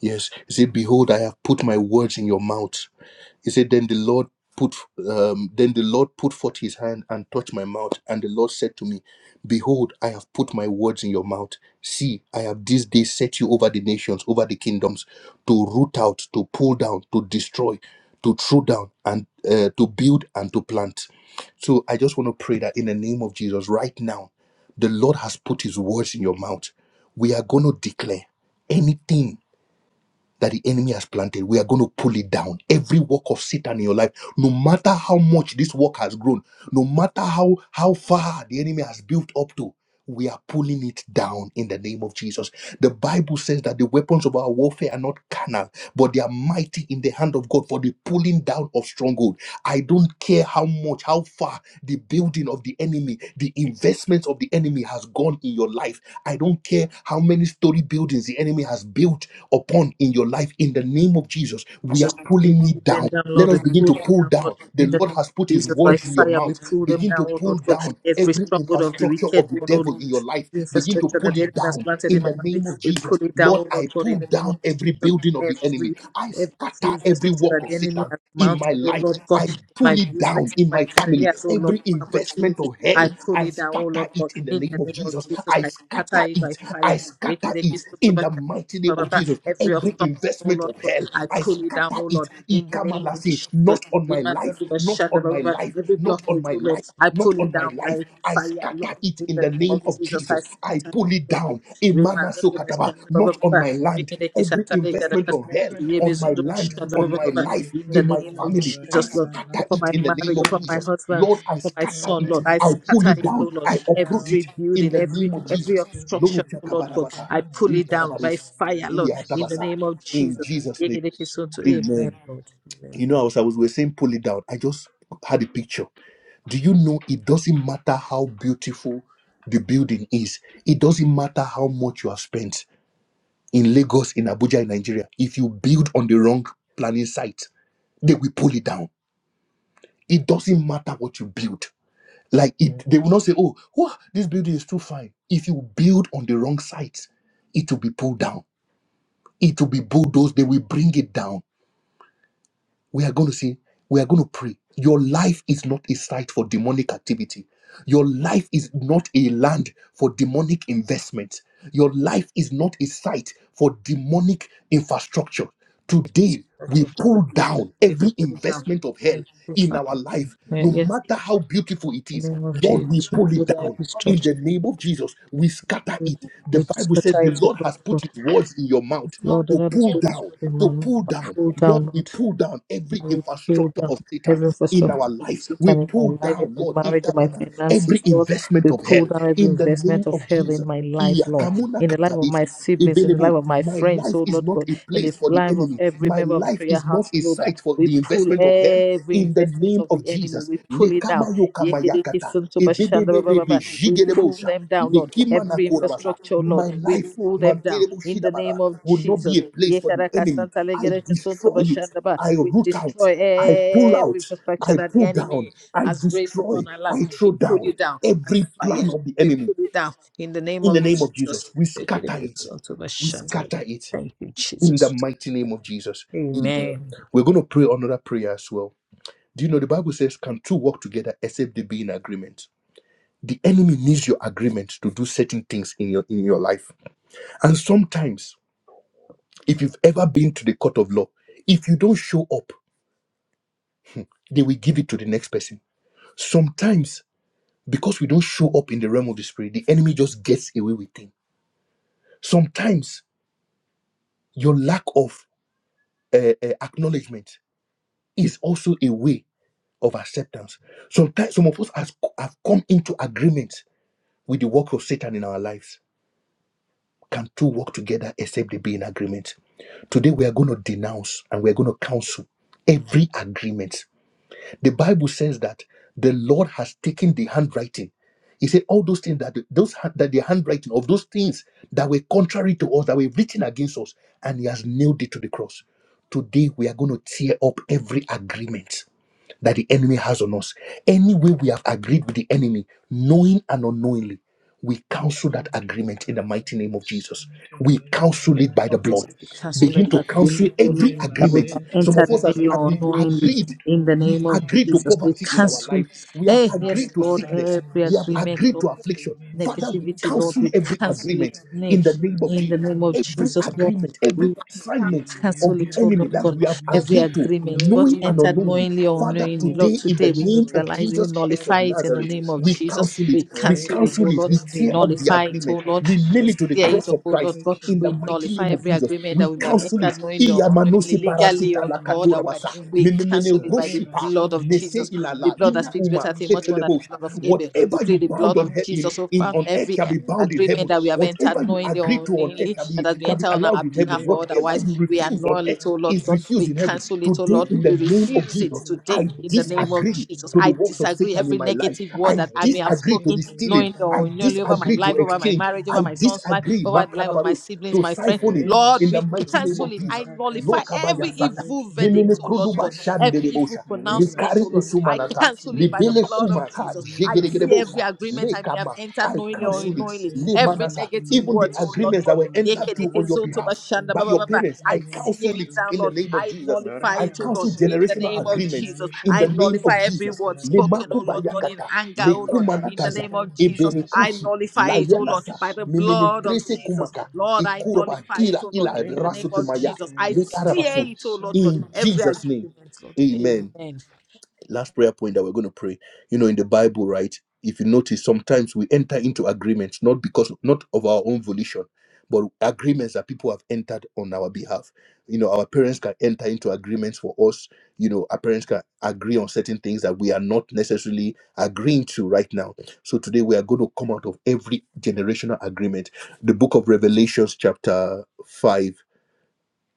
[SPEAKER 1] Yes. He said, Behold, I have put my words in your mouth. He said, Then the Lord put um, then the Lord put forth his hand and touched my mouth, and the Lord said to me, Behold, I have put my words in your mouth. See, I have this day set you over the nations, over the kingdoms, to root out, to pull down, to destroy, to throw down, and uh, to build and to plant. So I just want to pray that in the name of Jesus, right now, the Lord has put his words in your mouth. We are going to declare anything that the enemy has planted, we are going to pull it down. Every work of Satan in your life, no matter how much this work has grown, no matter how how far the enemy has built up to, we are pulling it down in the name of Jesus. The Bible says that the weapons of our warfare are not carnal, but they are mighty in the hand of God for the pulling down of stronghold. I don't care how much, how far the building of the enemy, the investments of the enemy has gone in your life. I don't care how many story buildings the enemy has built upon in your life. In the name of Jesus, we
[SPEAKER 3] Jesus.
[SPEAKER 1] are
[SPEAKER 3] We
[SPEAKER 1] pulling
[SPEAKER 3] pull
[SPEAKER 1] it
[SPEAKER 3] them
[SPEAKER 1] down
[SPEAKER 3] down,
[SPEAKER 1] let
[SPEAKER 3] Lord. We
[SPEAKER 1] us begin
[SPEAKER 3] pull
[SPEAKER 1] to
[SPEAKER 3] them
[SPEAKER 1] pull
[SPEAKER 3] down, Lord.
[SPEAKER 1] down. The
[SPEAKER 3] In the
[SPEAKER 1] Lord
[SPEAKER 3] name of
[SPEAKER 1] has put His
[SPEAKER 3] Jesus, by
[SPEAKER 1] words in your
[SPEAKER 3] fire, we
[SPEAKER 1] mouth.
[SPEAKER 3] pull them
[SPEAKER 1] Begin to
[SPEAKER 3] down, oh Lord
[SPEAKER 1] pull
[SPEAKER 3] God.
[SPEAKER 1] down
[SPEAKER 3] Every
[SPEAKER 1] every
[SPEAKER 3] stronghold of the
[SPEAKER 1] infrastructure of
[SPEAKER 3] wicked
[SPEAKER 1] the
[SPEAKER 3] one, oh Lord.
[SPEAKER 1] devil in your life.
[SPEAKER 3] The
[SPEAKER 1] Begin to
[SPEAKER 3] infrastructure
[SPEAKER 1] pull
[SPEAKER 3] that the
[SPEAKER 1] it
[SPEAKER 3] enemy has
[SPEAKER 1] down
[SPEAKER 3] planted in
[SPEAKER 1] in
[SPEAKER 3] my
[SPEAKER 1] the
[SPEAKER 3] family,
[SPEAKER 1] name of
[SPEAKER 3] we
[SPEAKER 1] Jesus.
[SPEAKER 3] pull it down,
[SPEAKER 1] Lord,
[SPEAKER 3] oh
[SPEAKER 1] I
[SPEAKER 3] Lord God,
[SPEAKER 1] pull
[SPEAKER 3] in the name of
[SPEAKER 1] down every
[SPEAKER 3] Jesus.
[SPEAKER 1] building of the enemy.
[SPEAKER 3] Every
[SPEAKER 1] I
[SPEAKER 3] every
[SPEAKER 1] scatter every
[SPEAKER 3] infrastructure
[SPEAKER 1] work
[SPEAKER 3] that
[SPEAKER 1] of
[SPEAKER 3] the enemy
[SPEAKER 1] Satan
[SPEAKER 3] has
[SPEAKER 1] in my
[SPEAKER 3] mounted, oh
[SPEAKER 1] life.
[SPEAKER 3] Lord God,
[SPEAKER 1] I
[SPEAKER 3] in
[SPEAKER 1] pull
[SPEAKER 3] my
[SPEAKER 1] it down
[SPEAKER 3] business,
[SPEAKER 1] in
[SPEAKER 3] my
[SPEAKER 1] my family.
[SPEAKER 3] career, oh Lord,
[SPEAKER 1] Every
[SPEAKER 3] my
[SPEAKER 1] investment
[SPEAKER 3] opportunity.
[SPEAKER 1] of hell,
[SPEAKER 3] I pull
[SPEAKER 1] I
[SPEAKER 3] it down, oh
[SPEAKER 1] scatter
[SPEAKER 3] Lord God,
[SPEAKER 1] it in the
[SPEAKER 3] in
[SPEAKER 1] name
[SPEAKER 3] the
[SPEAKER 1] of
[SPEAKER 3] name of
[SPEAKER 1] Jesus.
[SPEAKER 3] Jesus.
[SPEAKER 1] I
[SPEAKER 3] I scatter
[SPEAKER 1] scatter
[SPEAKER 3] it by
[SPEAKER 1] it. I
[SPEAKER 3] fire.
[SPEAKER 1] scatter it in the mighty name of Jesus.
[SPEAKER 3] Every
[SPEAKER 1] Every
[SPEAKER 3] obstruction, oh
[SPEAKER 1] investment
[SPEAKER 3] Lord
[SPEAKER 1] of
[SPEAKER 3] God.
[SPEAKER 1] hell,
[SPEAKER 3] I
[SPEAKER 1] I
[SPEAKER 3] pull it
[SPEAKER 1] scatter
[SPEAKER 3] down, oh
[SPEAKER 1] it
[SPEAKER 3] Lord, in the name of
[SPEAKER 1] Ikamalasi,
[SPEAKER 3] Jesus.
[SPEAKER 1] not on my life,
[SPEAKER 3] Every
[SPEAKER 1] not on my life, not on
[SPEAKER 3] blockage,
[SPEAKER 1] my
[SPEAKER 3] oh Lord,
[SPEAKER 1] life.
[SPEAKER 3] I
[SPEAKER 1] Not
[SPEAKER 3] pull it
[SPEAKER 1] on my
[SPEAKER 3] down
[SPEAKER 1] life.
[SPEAKER 3] by
[SPEAKER 1] I
[SPEAKER 3] fire,
[SPEAKER 1] scatter
[SPEAKER 3] Lord,
[SPEAKER 1] it
[SPEAKER 3] in
[SPEAKER 1] in
[SPEAKER 3] the
[SPEAKER 1] the
[SPEAKER 3] name
[SPEAKER 1] name
[SPEAKER 3] of
[SPEAKER 1] of
[SPEAKER 3] Jesus. I
[SPEAKER 1] Jesus. I
[SPEAKER 3] scatter.
[SPEAKER 1] pull it
[SPEAKER 3] Lord.
[SPEAKER 1] down.
[SPEAKER 3] In
[SPEAKER 1] Imana sokataba. Not on my land. Every
[SPEAKER 6] Every
[SPEAKER 1] investment of hell
[SPEAKER 6] investment of
[SPEAKER 1] on
[SPEAKER 6] hell
[SPEAKER 1] my
[SPEAKER 6] in
[SPEAKER 1] land,
[SPEAKER 6] my
[SPEAKER 1] on
[SPEAKER 6] life,
[SPEAKER 1] my
[SPEAKER 6] Lord, we
[SPEAKER 1] life,
[SPEAKER 3] the
[SPEAKER 6] pull
[SPEAKER 1] in my
[SPEAKER 6] it
[SPEAKER 3] name of
[SPEAKER 6] down.
[SPEAKER 1] family. I
[SPEAKER 6] Pare
[SPEAKER 3] Jesus, Lord,
[SPEAKER 1] scatter
[SPEAKER 3] upon
[SPEAKER 1] it
[SPEAKER 6] balata
[SPEAKER 3] my
[SPEAKER 1] in the name
[SPEAKER 3] marriage,
[SPEAKER 1] of
[SPEAKER 3] upon
[SPEAKER 6] masent
[SPEAKER 3] my
[SPEAKER 1] Jesus.
[SPEAKER 3] husband,
[SPEAKER 1] Lord, I
[SPEAKER 3] upon my
[SPEAKER 1] scatter
[SPEAKER 3] son,
[SPEAKER 6] Every
[SPEAKER 1] it.
[SPEAKER 3] Lord, I
[SPEAKER 1] I pull
[SPEAKER 3] scatter
[SPEAKER 1] it
[SPEAKER 6] investment
[SPEAKER 3] it,
[SPEAKER 6] of
[SPEAKER 3] oh
[SPEAKER 1] down.
[SPEAKER 3] Lord,
[SPEAKER 1] I uproot
[SPEAKER 6] hell,
[SPEAKER 3] every
[SPEAKER 1] it in
[SPEAKER 3] building,
[SPEAKER 1] the name
[SPEAKER 3] every
[SPEAKER 6] we
[SPEAKER 1] of
[SPEAKER 3] every
[SPEAKER 1] Jesus.
[SPEAKER 6] rebuke it,
[SPEAKER 3] obstruction,
[SPEAKER 1] Lord,
[SPEAKER 6] we
[SPEAKER 3] oh
[SPEAKER 6] pull
[SPEAKER 3] Lord God,
[SPEAKER 6] it
[SPEAKER 1] Chakabarabasa.
[SPEAKER 3] I
[SPEAKER 6] down in
[SPEAKER 3] pull it down
[SPEAKER 6] Jesus'
[SPEAKER 3] by
[SPEAKER 1] Yutarabarus.
[SPEAKER 6] name.
[SPEAKER 3] fire,
[SPEAKER 6] Pare
[SPEAKER 3] Lord, in the
[SPEAKER 6] masent
[SPEAKER 1] Iyatabasa.
[SPEAKER 3] name of
[SPEAKER 6] hobe
[SPEAKER 3] Jesus
[SPEAKER 1] In Jesus'
[SPEAKER 6] barata
[SPEAKER 1] name.
[SPEAKER 3] so
[SPEAKER 6] masent
[SPEAKER 3] to Amen,
[SPEAKER 1] Amen.
[SPEAKER 3] Lord. Amen.
[SPEAKER 1] You know, as I was we were saying, pull it down. I just had a picture. Do you know it doesn't matter how beautiful the building is? It doesn't matter how much you have spent in Lagos, in Abuja, in Nigeria. If you build on the wrong planning site, they will pull it down. It doesn't matter what you build. Like it, they will not say, "Oh, wha- this building is too fine." If you build on the wrong site, it will be pulled down. It will be bulldozed. They will bring it down we are going to see, we are going to pray. Your life is not a site for demonic activity. Your life is not a land for demonic investment. Your life is not a site for demonic infrastructure. Today,
[SPEAKER 3] That's
[SPEAKER 1] we
[SPEAKER 3] it.
[SPEAKER 1] pull
[SPEAKER 3] Today
[SPEAKER 1] down
[SPEAKER 3] we
[SPEAKER 1] every
[SPEAKER 3] pull down
[SPEAKER 1] investment of hell
[SPEAKER 3] every
[SPEAKER 1] in our
[SPEAKER 3] family.
[SPEAKER 1] life, no
[SPEAKER 3] Yes,
[SPEAKER 1] matter how beautiful it
[SPEAKER 3] in the
[SPEAKER 1] is.
[SPEAKER 3] name of
[SPEAKER 1] Lord,
[SPEAKER 3] Jesus,
[SPEAKER 1] we
[SPEAKER 3] we
[SPEAKER 1] pull
[SPEAKER 3] pull
[SPEAKER 1] it
[SPEAKER 3] down
[SPEAKER 1] down.
[SPEAKER 3] every
[SPEAKER 1] In
[SPEAKER 3] structure.
[SPEAKER 1] the name of Jesus, we scatter it. The
[SPEAKER 3] We
[SPEAKER 1] Bible says
[SPEAKER 3] scatter
[SPEAKER 1] the
[SPEAKER 3] it, O
[SPEAKER 1] Lord
[SPEAKER 3] Lord
[SPEAKER 1] has put
[SPEAKER 3] God.
[SPEAKER 1] his words in your mouth
[SPEAKER 3] Lord, the
[SPEAKER 1] to
[SPEAKER 3] Lord is
[SPEAKER 1] pull
[SPEAKER 3] good is
[SPEAKER 1] down,
[SPEAKER 3] good in
[SPEAKER 1] to
[SPEAKER 3] my mouth.
[SPEAKER 1] pull down.
[SPEAKER 3] Pull
[SPEAKER 1] Lord,
[SPEAKER 3] down,
[SPEAKER 1] we
[SPEAKER 3] Lord.
[SPEAKER 1] pull down every
[SPEAKER 3] I rebuild
[SPEAKER 1] infrastructure
[SPEAKER 3] the
[SPEAKER 1] of Satan
[SPEAKER 3] every
[SPEAKER 1] in
[SPEAKER 3] frustration
[SPEAKER 1] our life. We pull
[SPEAKER 3] in my life, in
[SPEAKER 1] down, Lord,
[SPEAKER 3] my marriage, in my
[SPEAKER 1] Ikamana, every
[SPEAKER 3] finances, Lord.
[SPEAKER 1] investment
[SPEAKER 3] We
[SPEAKER 1] of
[SPEAKER 3] pull
[SPEAKER 1] hell
[SPEAKER 3] down every
[SPEAKER 1] in the name
[SPEAKER 3] investment of
[SPEAKER 1] of
[SPEAKER 3] hell in
[SPEAKER 1] Jesus.
[SPEAKER 3] my life, Lord.
[SPEAKER 1] Iyakamuna
[SPEAKER 3] In the life of
[SPEAKER 1] katabisa.
[SPEAKER 3] my siblings, in the life
[SPEAKER 1] Available.
[SPEAKER 3] of my
[SPEAKER 1] My
[SPEAKER 3] friends,
[SPEAKER 1] life
[SPEAKER 3] oh
[SPEAKER 1] is
[SPEAKER 3] Lord
[SPEAKER 1] not
[SPEAKER 3] God,
[SPEAKER 1] a
[SPEAKER 3] in the
[SPEAKER 1] place for the
[SPEAKER 3] life of
[SPEAKER 1] enemy.
[SPEAKER 3] every
[SPEAKER 1] My
[SPEAKER 3] member of the
[SPEAKER 1] life
[SPEAKER 3] prayer
[SPEAKER 1] is not
[SPEAKER 3] house
[SPEAKER 1] a
[SPEAKER 3] global.
[SPEAKER 1] site for
[SPEAKER 3] We
[SPEAKER 1] the
[SPEAKER 3] pull
[SPEAKER 1] investment of hell.
[SPEAKER 3] every
[SPEAKER 1] In the
[SPEAKER 3] investment
[SPEAKER 1] name
[SPEAKER 3] of
[SPEAKER 1] of
[SPEAKER 3] the enemy.
[SPEAKER 1] Jesus.
[SPEAKER 3] We pull it down.
[SPEAKER 1] Lekamayo
[SPEAKER 3] Yekeleke
[SPEAKER 1] kamayakata.
[SPEAKER 3] suntoba shanda ba ba ba
[SPEAKER 1] Ebebebebebe
[SPEAKER 3] ba. We pull
[SPEAKER 1] jigelebosha.
[SPEAKER 3] them down, Lord.
[SPEAKER 1] Lekimana
[SPEAKER 3] Every
[SPEAKER 1] korabasa.
[SPEAKER 3] infrastructure, Lord.
[SPEAKER 1] My
[SPEAKER 3] We
[SPEAKER 1] life
[SPEAKER 3] pull them down.
[SPEAKER 1] mantelebo
[SPEAKER 3] In the
[SPEAKER 1] shidabara,
[SPEAKER 3] name of
[SPEAKER 1] will not
[SPEAKER 3] Jesus.
[SPEAKER 1] be a place for the
[SPEAKER 3] Yekaraka
[SPEAKER 1] enemy.
[SPEAKER 3] Santa
[SPEAKER 1] I destroy it.
[SPEAKER 3] Bashandaba.
[SPEAKER 1] I
[SPEAKER 3] We
[SPEAKER 1] root out.
[SPEAKER 3] destroy
[SPEAKER 1] I pull
[SPEAKER 3] every
[SPEAKER 1] out.
[SPEAKER 3] infrastructure
[SPEAKER 1] I
[SPEAKER 3] that the
[SPEAKER 1] pull down.
[SPEAKER 3] enemy
[SPEAKER 1] I
[SPEAKER 3] has raised upon
[SPEAKER 1] destroy.
[SPEAKER 3] our life.
[SPEAKER 1] I
[SPEAKER 3] We
[SPEAKER 1] throw
[SPEAKER 3] pull
[SPEAKER 1] down
[SPEAKER 3] it down by
[SPEAKER 1] every
[SPEAKER 3] fire.
[SPEAKER 1] plan of the
[SPEAKER 3] We
[SPEAKER 1] enemy.
[SPEAKER 3] pull it down in the name
[SPEAKER 1] In
[SPEAKER 3] of
[SPEAKER 1] the name of Jesus,
[SPEAKER 3] Jesus.
[SPEAKER 1] we scatter
[SPEAKER 3] Legereke
[SPEAKER 1] it.
[SPEAKER 3] Soto
[SPEAKER 1] We
[SPEAKER 3] Bashandaba.
[SPEAKER 1] scatter it
[SPEAKER 3] Thank you,
[SPEAKER 1] in the
[SPEAKER 3] Jesus.
[SPEAKER 1] mighty name of Jesus. Amen.
[SPEAKER 3] Amen.
[SPEAKER 1] We're going to pray another prayer as well. Do you know the Bible says, Can two walk together except they be in agreement? The enemy needs your agreement to do certain things in your in your life. And sometimes, if you've ever been to the court of law, if you don't show up, they will give it to the next person. Sometimes, because we don't show up in the realm of the spirit, the enemy just gets away with things. Sometimes your lack of uh, uh, acknowledgement is also a way of acceptance. Sometimes some of us has, have come into agreement with the work of Satan in our lives. Can two work together except they be in agreement? Today we are going to denounce and we are going to counsel every agreement. The Bible says that the Lord has taken the handwriting. He said all those things that those hand- that the handwriting of those things that were contrary to us, that were written against us, and he has nailed it to the cross. Today we are going to tear up every agreement that the enemy has on us. Any way we have agreed with the enemy, knowing and unknowingly, we counsel
[SPEAKER 6] Sunto
[SPEAKER 1] that agreement in the
[SPEAKER 6] Suntarata
[SPEAKER 1] mighty name of Jesus.
[SPEAKER 6] Masente
[SPEAKER 1] We counsel it by
[SPEAKER 6] Leparata
[SPEAKER 1] the
[SPEAKER 3] of Jesus
[SPEAKER 1] blood.
[SPEAKER 3] be cancelled
[SPEAKER 6] Masunto
[SPEAKER 1] Begin to
[SPEAKER 3] that we have
[SPEAKER 1] counsel
[SPEAKER 3] done,
[SPEAKER 1] every
[SPEAKER 6] Rima
[SPEAKER 3] that we
[SPEAKER 1] agreement.
[SPEAKER 3] have
[SPEAKER 6] Sente
[SPEAKER 1] Some of
[SPEAKER 3] entered
[SPEAKER 1] us, has,
[SPEAKER 6] Leke
[SPEAKER 3] many
[SPEAKER 1] we've
[SPEAKER 6] Mima
[SPEAKER 3] unknowingly
[SPEAKER 1] agreed.
[SPEAKER 3] in the
[SPEAKER 6] Sunto
[SPEAKER 1] We've
[SPEAKER 3] name of
[SPEAKER 6] Reke
[SPEAKER 1] agreed to
[SPEAKER 3] Jesus.
[SPEAKER 6] Mima
[SPEAKER 3] We
[SPEAKER 1] poverty in our
[SPEAKER 6] Sente
[SPEAKER 3] cancel,
[SPEAKER 1] life. We have
[SPEAKER 3] hey, yes,
[SPEAKER 1] agreed to
[SPEAKER 3] Lord,
[SPEAKER 6] Rebalata
[SPEAKER 1] sickness.
[SPEAKER 3] every
[SPEAKER 1] We have
[SPEAKER 3] agreement
[SPEAKER 6] Masunto
[SPEAKER 1] agreed
[SPEAKER 3] of
[SPEAKER 1] to
[SPEAKER 6] Leke
[SPEAKER 1] affliction.
[SPEAKER 6] Mima
[SPEAKER 1] Father, we
[SPEAKER 3] negativity,
[SPEAKER 6] Sunto
[SPEAKER 3] Lord,
[SPEAKER 1] counsel
[SPEAKER 3] we
[SPEAKER 1] every
[SPEAKER 3] cancel it
[SPEAKER 6] Rebalata
[SPEAKER 1] agreement
[SPEAKER 6] We
[SPEAKER 3] name
[SPEAKER 1] in the
[SPEAKER 6] cancel
[SPEAKER 1] name of
[SPEAKER 6] every
[SPEAKER 3] in the
[SPEAKER 1] Jesus.
[SPEAKER 3] name
[SPEAKER 6] agreement
[SPEAKER 3] of
[SPEAKER 6] that
[SPEAKER 1] Every
[SPEAKER 6] we've
[SPEAKER 3] Jesus,
[SPEAKER 6] made
[SPEAKER 3] Lord.
[SPEAKER 1] agreement, every
[SPEAKER 3] We
[SPEAKER 6] with the
[SPEAKER 1] assignment
[SPEAKER 6] enemy.
[SPEAKER 1] of
[SPEAKER 3] cancel
[SPEAKER 6] Every
[SPEAKER 1] the
[SPEAKER 3] it, oh
[SPEAKER 1] enemy
[SPEAKER 3] Lord
[SPEAKER 1] that
[SPEAKER 6] agreement
[SPEAKER 3] God,
[SPEAKER 1] we
[SPEAKER 6] we've
[SPEAKER 1] have
[SPEAKER 6] made
[SPEAKER 3] every
[SPEAKER 1] agreed to,
[SPEAKER 3] agreement, but
[SPEAKER 1] knowing
[SPEAKER 6] knowingly or
[SPEAKER 1] and
[SPEAKER 3] entered
[SPEAKER 1] unknowingly.
[SPEAKER 6] unknowingly
[SPEAKER 3] knowingly
[SPEAKER 6] with
[SPEAKER 3] or
[SPEAKER 6] the
[SPEAKER 1] Father,
[SPEAKER 3] unknowingly.
[SPEAKER 6] enemy,
[SPEAKER 3] Lord,
[SPEAKER 1] today
[SPEAKER 6] we
[SPEAKER 1] in the
[SPEAKER 3] today we
[SPEAKER 6] cancel,
[SPEAKER 1] name
[SPEAKER 6] we
[SPEAKER 1] of
[SPEAKER 6] rebuke,
[SPEAKER 3] neutralize it,
[SPEAKER 6] we
[SPEAKER 3] we
[SPEAKER 1] Jesus
[SPEAKER 6] tear
[SPEAKER 1] Christ of
[SPEAKER 3] nullify
[SPEAKER 6] down
[SPEAKER 3] it in
[SPEAKER 6] in
[SPEAKER 3] the
[SPEAKER 1] Nazareth,
[SPEAKER 3] name of
[SPEAKER 1] we
[SPEAKER 6] Jesus' name.
[SPEAKER 3] Jesus.
[SPEAKER 1] counsel it,
[SPEAKER 3] We
[SPEAKER 1] we
[SPEAKER 3] cancel it, oh
[SPEAKER 1] counsel it,
[SPEAKER 3] Lord.
[SPEAKER 1] we
[SPEAKER 3] We
[SPEAKER 6] Redamasinta
[SPEAKER 1] tear up the
[SPEAKER 3] nullify
[SPEAKER 6] libera
[SPEAKER 3] it,
[SPEAKER 1] agreement,
[SPEAKER 3] oh Lord.
[SPEAKER 1] we
[SPEAKER 3] We
[SPEAKER 1] nail it to the
[SPEAKER 3] tear
[SPEAKER 6] damasunta
[SPEAKER 3] it,
[SPEAKER 1] cross
[SPEAKER 3] up.
[SPEAKER 1] of
[SPEAKER 3] oh Lord
[SPEAKER 6] libera
[SPEAKER 1] Christ.
[SPEAKER 3] God.
[SPEAKER 6] que
[SPEAKER 1] In the
[SPEAKER 6] me
[SPEAKER 3] We
[SPEAKER 1] mighty
[SPEAKER 3] nullify
[SPEAKER 1] name
[SPEAKER 6] mascente
[SPEAKER 1] of
[SPEAKER 3] every
[SPEAKER 1] Jesus,
[SPEAKER 3] agreement
[SPEAKER 1] we
[SPEAKER 3] that we may have
[SPEAKER 1] counsel
[SPEAKER 6] Rada
[SPEAKER 1] it.
[SPEAKER 3] entered knowingly or
[SPEAKER 6] masonto
[SPEAKER 3] unknowingly,
[SPEAKER 1] Iyamanosi
[SPEAKER 6] lebe
[SPEAKER 3] legally
[SPEAKER 1] parasita
[SPEAKER 3] or,
[SPEAKER 6] leke
[SPEAKER 1] la
[SPEAKER 6] me
[SPEAKER 3] or
[SPEAKER 1] katora
[SPEAKER 3] otherwise.
[SPEAKER 1] basa.
[SPEAKER 6] masonto.
[SPEAKER 3] We
[SPEAKER 1] Mememene
[SPEAKER 3] cancel it by
[SPEAKER 6] Re
[SPEAKER 3] the
[SPEAKER 1] roshipa.
[SPEAKER 3] blood of
[SPEAKER 6] masente
[SPEAKER 1] Nese
[SPEAKER 3] Jesus,
[SPEAKER 6] leba
[SPEAKER 3] the
[SPEAKER 1] ilala,
[SPEAKER 6] rada.
[SPEAKER 3] blood
[SPEAKER 6] And
[SPEAKER 3] that
[SPEAKER 1] ina
[SPEAKER 6] we
[SPEAKER 3] speaks
[SPEAKER 1] uma,
[SPEAKER 3] better thing,
[SPEAKER 6] cancel
[SPEAKER 3] much more than the
[SPEAKER 6] every
[SPEAKER 1] ketelebosha.
[SPEAKER 3] blood of
[SPEAKER 6] agreement we
[SPEAKER 3] Abel.
[SPEAKER 1] Whatever
[SPEAKER 3] We
[SPEAKER 6] make
[SPEAKER 1] you
[SPEAKER 6] with
[SPEAKER 3] plead the
[SPEAKER 6] the
[SPEAKER 1] bound
[SPEAKER 3] blood
[SPEAKER 1] on
[SPEAKER 3] of
[SPEAKER 6] enemy
[SPEAKER 1] he- in,
[SPEAKER 3] Jesus
[SPEAKER 1] in
[SPEAKER 6] in
[SPEAKER 3] over
[SPEAKER 1] on earth
[SPEAKER 3] every
[SPEAKER 1] shall
[SPEAKER 6] Jesus'
[SPEAKER 1] be
[SPEAKER 6] name.
[SPEAKER 1] bound in
[SPEAKER 6] Re
[SPEAKER 3] agreement
[SPEAKER 1] heaven.
[SPEAKER 3] that we have
[SPEAKER 6] masonto
[SPEAKER 1] Whatever
[SPEAKER 3] entered
[SPEAKER 1] you
[SPEAKER 3] knowingly
[SPEAKER 6] leba
[SPEAKER 1] agree
[SPEAKER 3] or
[SPEAKER 1] to on
[SPEAKER 6] rada
[SPEAKER 1] earth
[SPEAKER 3] unknowingly
[SPEAKER 1] shall
[SPEAKER 3] that
[SPEAKER 1] be
[SPEAKER 3] has
[SPEAKER 6] masente.
[SPEAKER 3] been
[SPEAKER 1] shall be
[SPEAKER 3] entered on
[SPEAKER 1] allowed
[SPEAKER 3] our
[SPEAKER 1] in heaven.
[SPEAKER 6] Re
[SPEAKER 3] behalf or
[SPEAKER 1] Whatever
[SPEAKER 3] otherwise.
[SPEAKER 1] you
[SPEAKER 6] masente
[SPEAKER 3] We
[SPEAKER 1] refuse on
[SPEAKER 6] leba
[SPEAKER 3] annul it,
[SPEAKER 1] earth
[SPEAKER 3] oh
[SPEAKER 6] rada
[SPEAKER 3] Lord
[SPEAKER 1] is
[SPEAKER 3] God. We
[SPEAKER 1] refused in
[SPEAKER 6] masonto.
[SPEAKER 1] heaven.
[SPEAKER 3] cancel it, oh
[SPEAKER 1] Today,
[SPEAKER 3] Lord.
[SPEAKER 6] Re
[SPEAKER 1] in the
[SPEAKER 3] We
[SPEAKER 1] name of
[SPEAKER 3] refuse
[SPEAKER 6] masente
[SPEAKER 3] it
[SPEAKER 1] Jesus,
[SPEAKER 6] leke
[SPEAKER 3] today
[SPEAKER 1] I
[SPEAKER 3] in
[SPEAKER 6] me
[SPEAKER 3] the name of
[SPEAKER 1] disagree
[SPEAKER 6] masonto
[SPEAKER 3] Jesus.
[SPEAKER 1] to the
[SPEAKER 3] I
[SPEAKER 6] rada
[SPEAKER 1] works of
[SPEAKER 3] disagree
[SPEAKER 1] Satan
[SPEAKER 3] every
[SPEAKER 1] in my
[SPEAKER 6] masonto.
[SPEAKER 1] life.
[SPEAKER 3] negative word
[SPEAKER 1] I
[SPEAKER 3] that I
[SPEAKER 6] Re
[SPEAKER 3] may have
[SPEAKER 1] disagree to
[SPEAKER 3] spoken
[SPEAKER 1] the
[SPEAKER 6] masente
[SPEAKER 1] stealing.
[SPEAKER 3] knowingly
[SPEAKER 6] leba
[SPEAKER 1] I
[SPEAKER 3] or
[SPEAKER 6] rada
[SPEAKER 3] unknowingly over my
[SPEAKER 1] disagree to
[SPEAKER 3] life,
[SPEAKER 6] masonto
[SPEAKER 3] over my
[SPEAKER 1] exchange.
[SPEAKER 6] leke
[SPEAKER 3] marriage, over
[SPEAKER 1] I
[SPEAKER 3] my
[SPEAKER 6] me
[SPEAKER 3] son's life
[SPEAKER 6] masente.
[SPEAKER 1] disagree,
[SPEAKER 3] over the life of my
[SPEAKER 1] Makarabarus, to
[SPEAKER 3] siblings, my friends.
[SPEAKER 1] siphoning
[SPEAKER 6] Rema
[SPEAKER 3] Lord,
[SPEAKER 1] in
[SPEAKER 3] we
[SPEAKER 1] the
[SPEAKER 6] Santo
[SPEAKER 1] mighty name
[SPEAKER 3] cancel
[SPEAKER 1] of
[SPEAKER 3] it. I
[SPEAKER 1] Jesus.
[SPEAKER 6] Liberata
[SPEAKER 3] nullify every
[SPEAKER 1] Lokabaya
[SPEAKER 6] Masente
[SPEAKER 1] Sata.
[SPEAKER 3] evil
[SPEAKER 1] Mimini
[SPEAKER 3] verdict,
[SPEAKER 6] Lekimimo
[SPEAKER 3] oh Lord
[SPEAKER 1] Kruduma
[SPEAKER 3] God,
[SPEAKER 6] Santo
[SPEAKER 3] every evil
[SPEAKER 1] Shandelebosha.
[SPEAKER 6] Lema
[SPEAKER 3] pronouncement, oh
[SPEAKER 1] Likari
[SPEAKER 3] Lord.
[SPEAKER 6] Sente
[SPEAKER 3] I
[SPEAKER 1] Isumanata.
[SPEAKER 3] cancel it by the
[SPEAKER 6] Lekimimo
[SPEAKER 1] Libele
[SPEAKER 3] blood of
[SPEAKER 6] Santo
[SPEAKER 1] Kumaka
[SPEAKER 3] Jesus. I see
[SPEAKER 6] Liberata
[SPEAKER 3] every
[SPEAKER 1] Jegeregerebosa.
[SPEAKER 3] agreement I may
[SPEAKER 6] Masanto
[SPEAKER 3] have
[SPEAKER 1] Lekama. I
[SPEAKER 3] entered knowingly or
[SPEAKER 1] counsel
[SPEAKER 6] Rema
[SPEAKER 1] it.
[SPEAKER 3] unknowingly
[SPEAKER 1] Le
[SPEAKER 6] Sente
[SPEAKER 3] Every
[SPEAKER 1] manasa.
[SPEAKER 3] negative
[SPEAKER 1] Even
[SPEAKER 3] word,
[SPEAKER 1] the
[SPEAKER 6] Lekimimo
[SPEAKER 3] oh Lord
[SPEAKER 1] agreements
[SPEAKER 6] Santo
[SPEAKER 1] that
[SPEAKER 3] God.
[SPEAKER 1] were entered to
[SPEAKER 3] Yekereke
[SPEAKER 1] on your
[SPEAKER 6] Liberata
[SPEAKER 3] soto
[SPEAKER 1] behalf.
[SPEAKER 3] bashanda ba
[SPEAKER 6] Masente
[SPEAKER 1] But
[SPEAKER 3] ba
[SPEAKER 1] your
[SPEAKER 3] ba ba.
[SPEAKER 1] parents,
[SPEAKER 3] I
[SPEAKER 1] I
[SPEAKER 6] Lekimimo
[SPEAKER 3] tear
[SPEAKER 1] counsel
[SPEAKER 3] it
[SPEAKER 1] it
[SPEAKER 6] Santo
[SPEAKER 3] down,
[SPEAKER 1] in the
[SPEAKER 3] Lord.
[SPEAKER 1] name of
[SPEAKER 3] I
[SPEAKER 1] Jesus.
[SPEAKER 3] nullify
[SPEAKER 1] I
[SPEAKER 6] Liberata
[SPEAKER 3] it, oh Lord,
[SPEAKER 1] counsel
[SPEAKER 3] in
[SPEAKER 6] Masente
[SPEAKER 3] the
[SPEAKER 1] generational
[SPEAKER 3] name
[SPEAKER 6] Any
[SPEAKER 3] of
[SPEAKER 1] agreements
[SPEAKER 3] Jesus.
[SPEAKER 1] in
[SPEAKER 3] I
[SPEAKER 1] the
[SPEAKER 6] generational
[SPEAKER 1] name of
[SPEAKER 3] nullify
[SPEAKER 6] agreements
[SPEAKER 3] every
[SPEAKER 6] that
[SPEAKER 1] Jesus.
[SPEAKER 6] we
[SPEAKER 3] word
[SPEAKER 6] have made
[SPEAKER 3] spoken,
[SPEAKER 6] with
[SPEAKER 3] oh
[SPEAKER 1] Lemaku
[SPEAKER 6] the
[SPEAKER 3] Lord God,
[SPEAKER 6] enemy,
[SPEAKER 3] in
[SPEAKER 1] bayakata,
[SPEAKER 3] anger,
[SPEAKER 6] we
[SPEAKER 3] oh Lord, in the
[SPEAKER 6] cancel
[SPEAKER 1] lekumanakaza,
[SPEAKER 3] name
[SPEAKER 6] them
[SPEAKER 3] of
[SPEAKER 6] in
[SPEAKER 3] Jesus. I
[SPEAKER 6] Jesus'
[SPEAKER 1] eberekushu,
[SPEAKER 6] name.
[SPEAKER 3] nullify it, oh
[SPEAKER 6] Rema
[SPEAKER 3] Lord,
[SPEAKER 1] layanasa,
[SPEAKER 3] by the
[SPEAKER 6] Santo
[SPEAKER 3] blood of
[SPEAKER 1] miminitrese
[SPEAKER 3] Jesus.
[SPEAKER 6] Liberata
[SPEAKER 1] kumaka,
[SPEAKER 3] Lord, I
[SPEAKER 6] Masente
[SPEAKER 1] ikuraba
[SPEAKER 3] nullify it,
[SPEAKER 1] kira
[SPEAKER 3] oh Lord,
[SPEAKER 1] ila
[SPEAKER 3] in the
[SPEAKER 6] Greater
[SPEAKER 3] name of
[SPEAKER 1] rasutemaya,
[SPEAKER 6] masente
[SPEAKER 3] Jesus. I
[SPEAKER 1] le
[SPEAKER 6] lekini
[SPEAKER 3] tear
[SPEAKER 1] arabasu.
[SPEAKER 3] it, oh Lord God,
[SPEAKER 6] masuntu
[SPEAKER 1] In
[SPEAKER 3] every
[SPEAKER 1] Jesus' name,
[SPEAKER 3] agreement, Lord.
[SPEAKER 1] amen
[SPEAKER 3] Amen.
[SPEAKER 1] last prayer point that we're going to pray you know in the bible right if you notice sometimes we enter into agreements not because not of our own volition but agreements that people have entered on our behalf you know our parents can enter into agreements for us you know our parents can agree on certain things that we are not necessarily agreeing to right now so today we are going to come out of every generational agreement the book of revelations chapter 5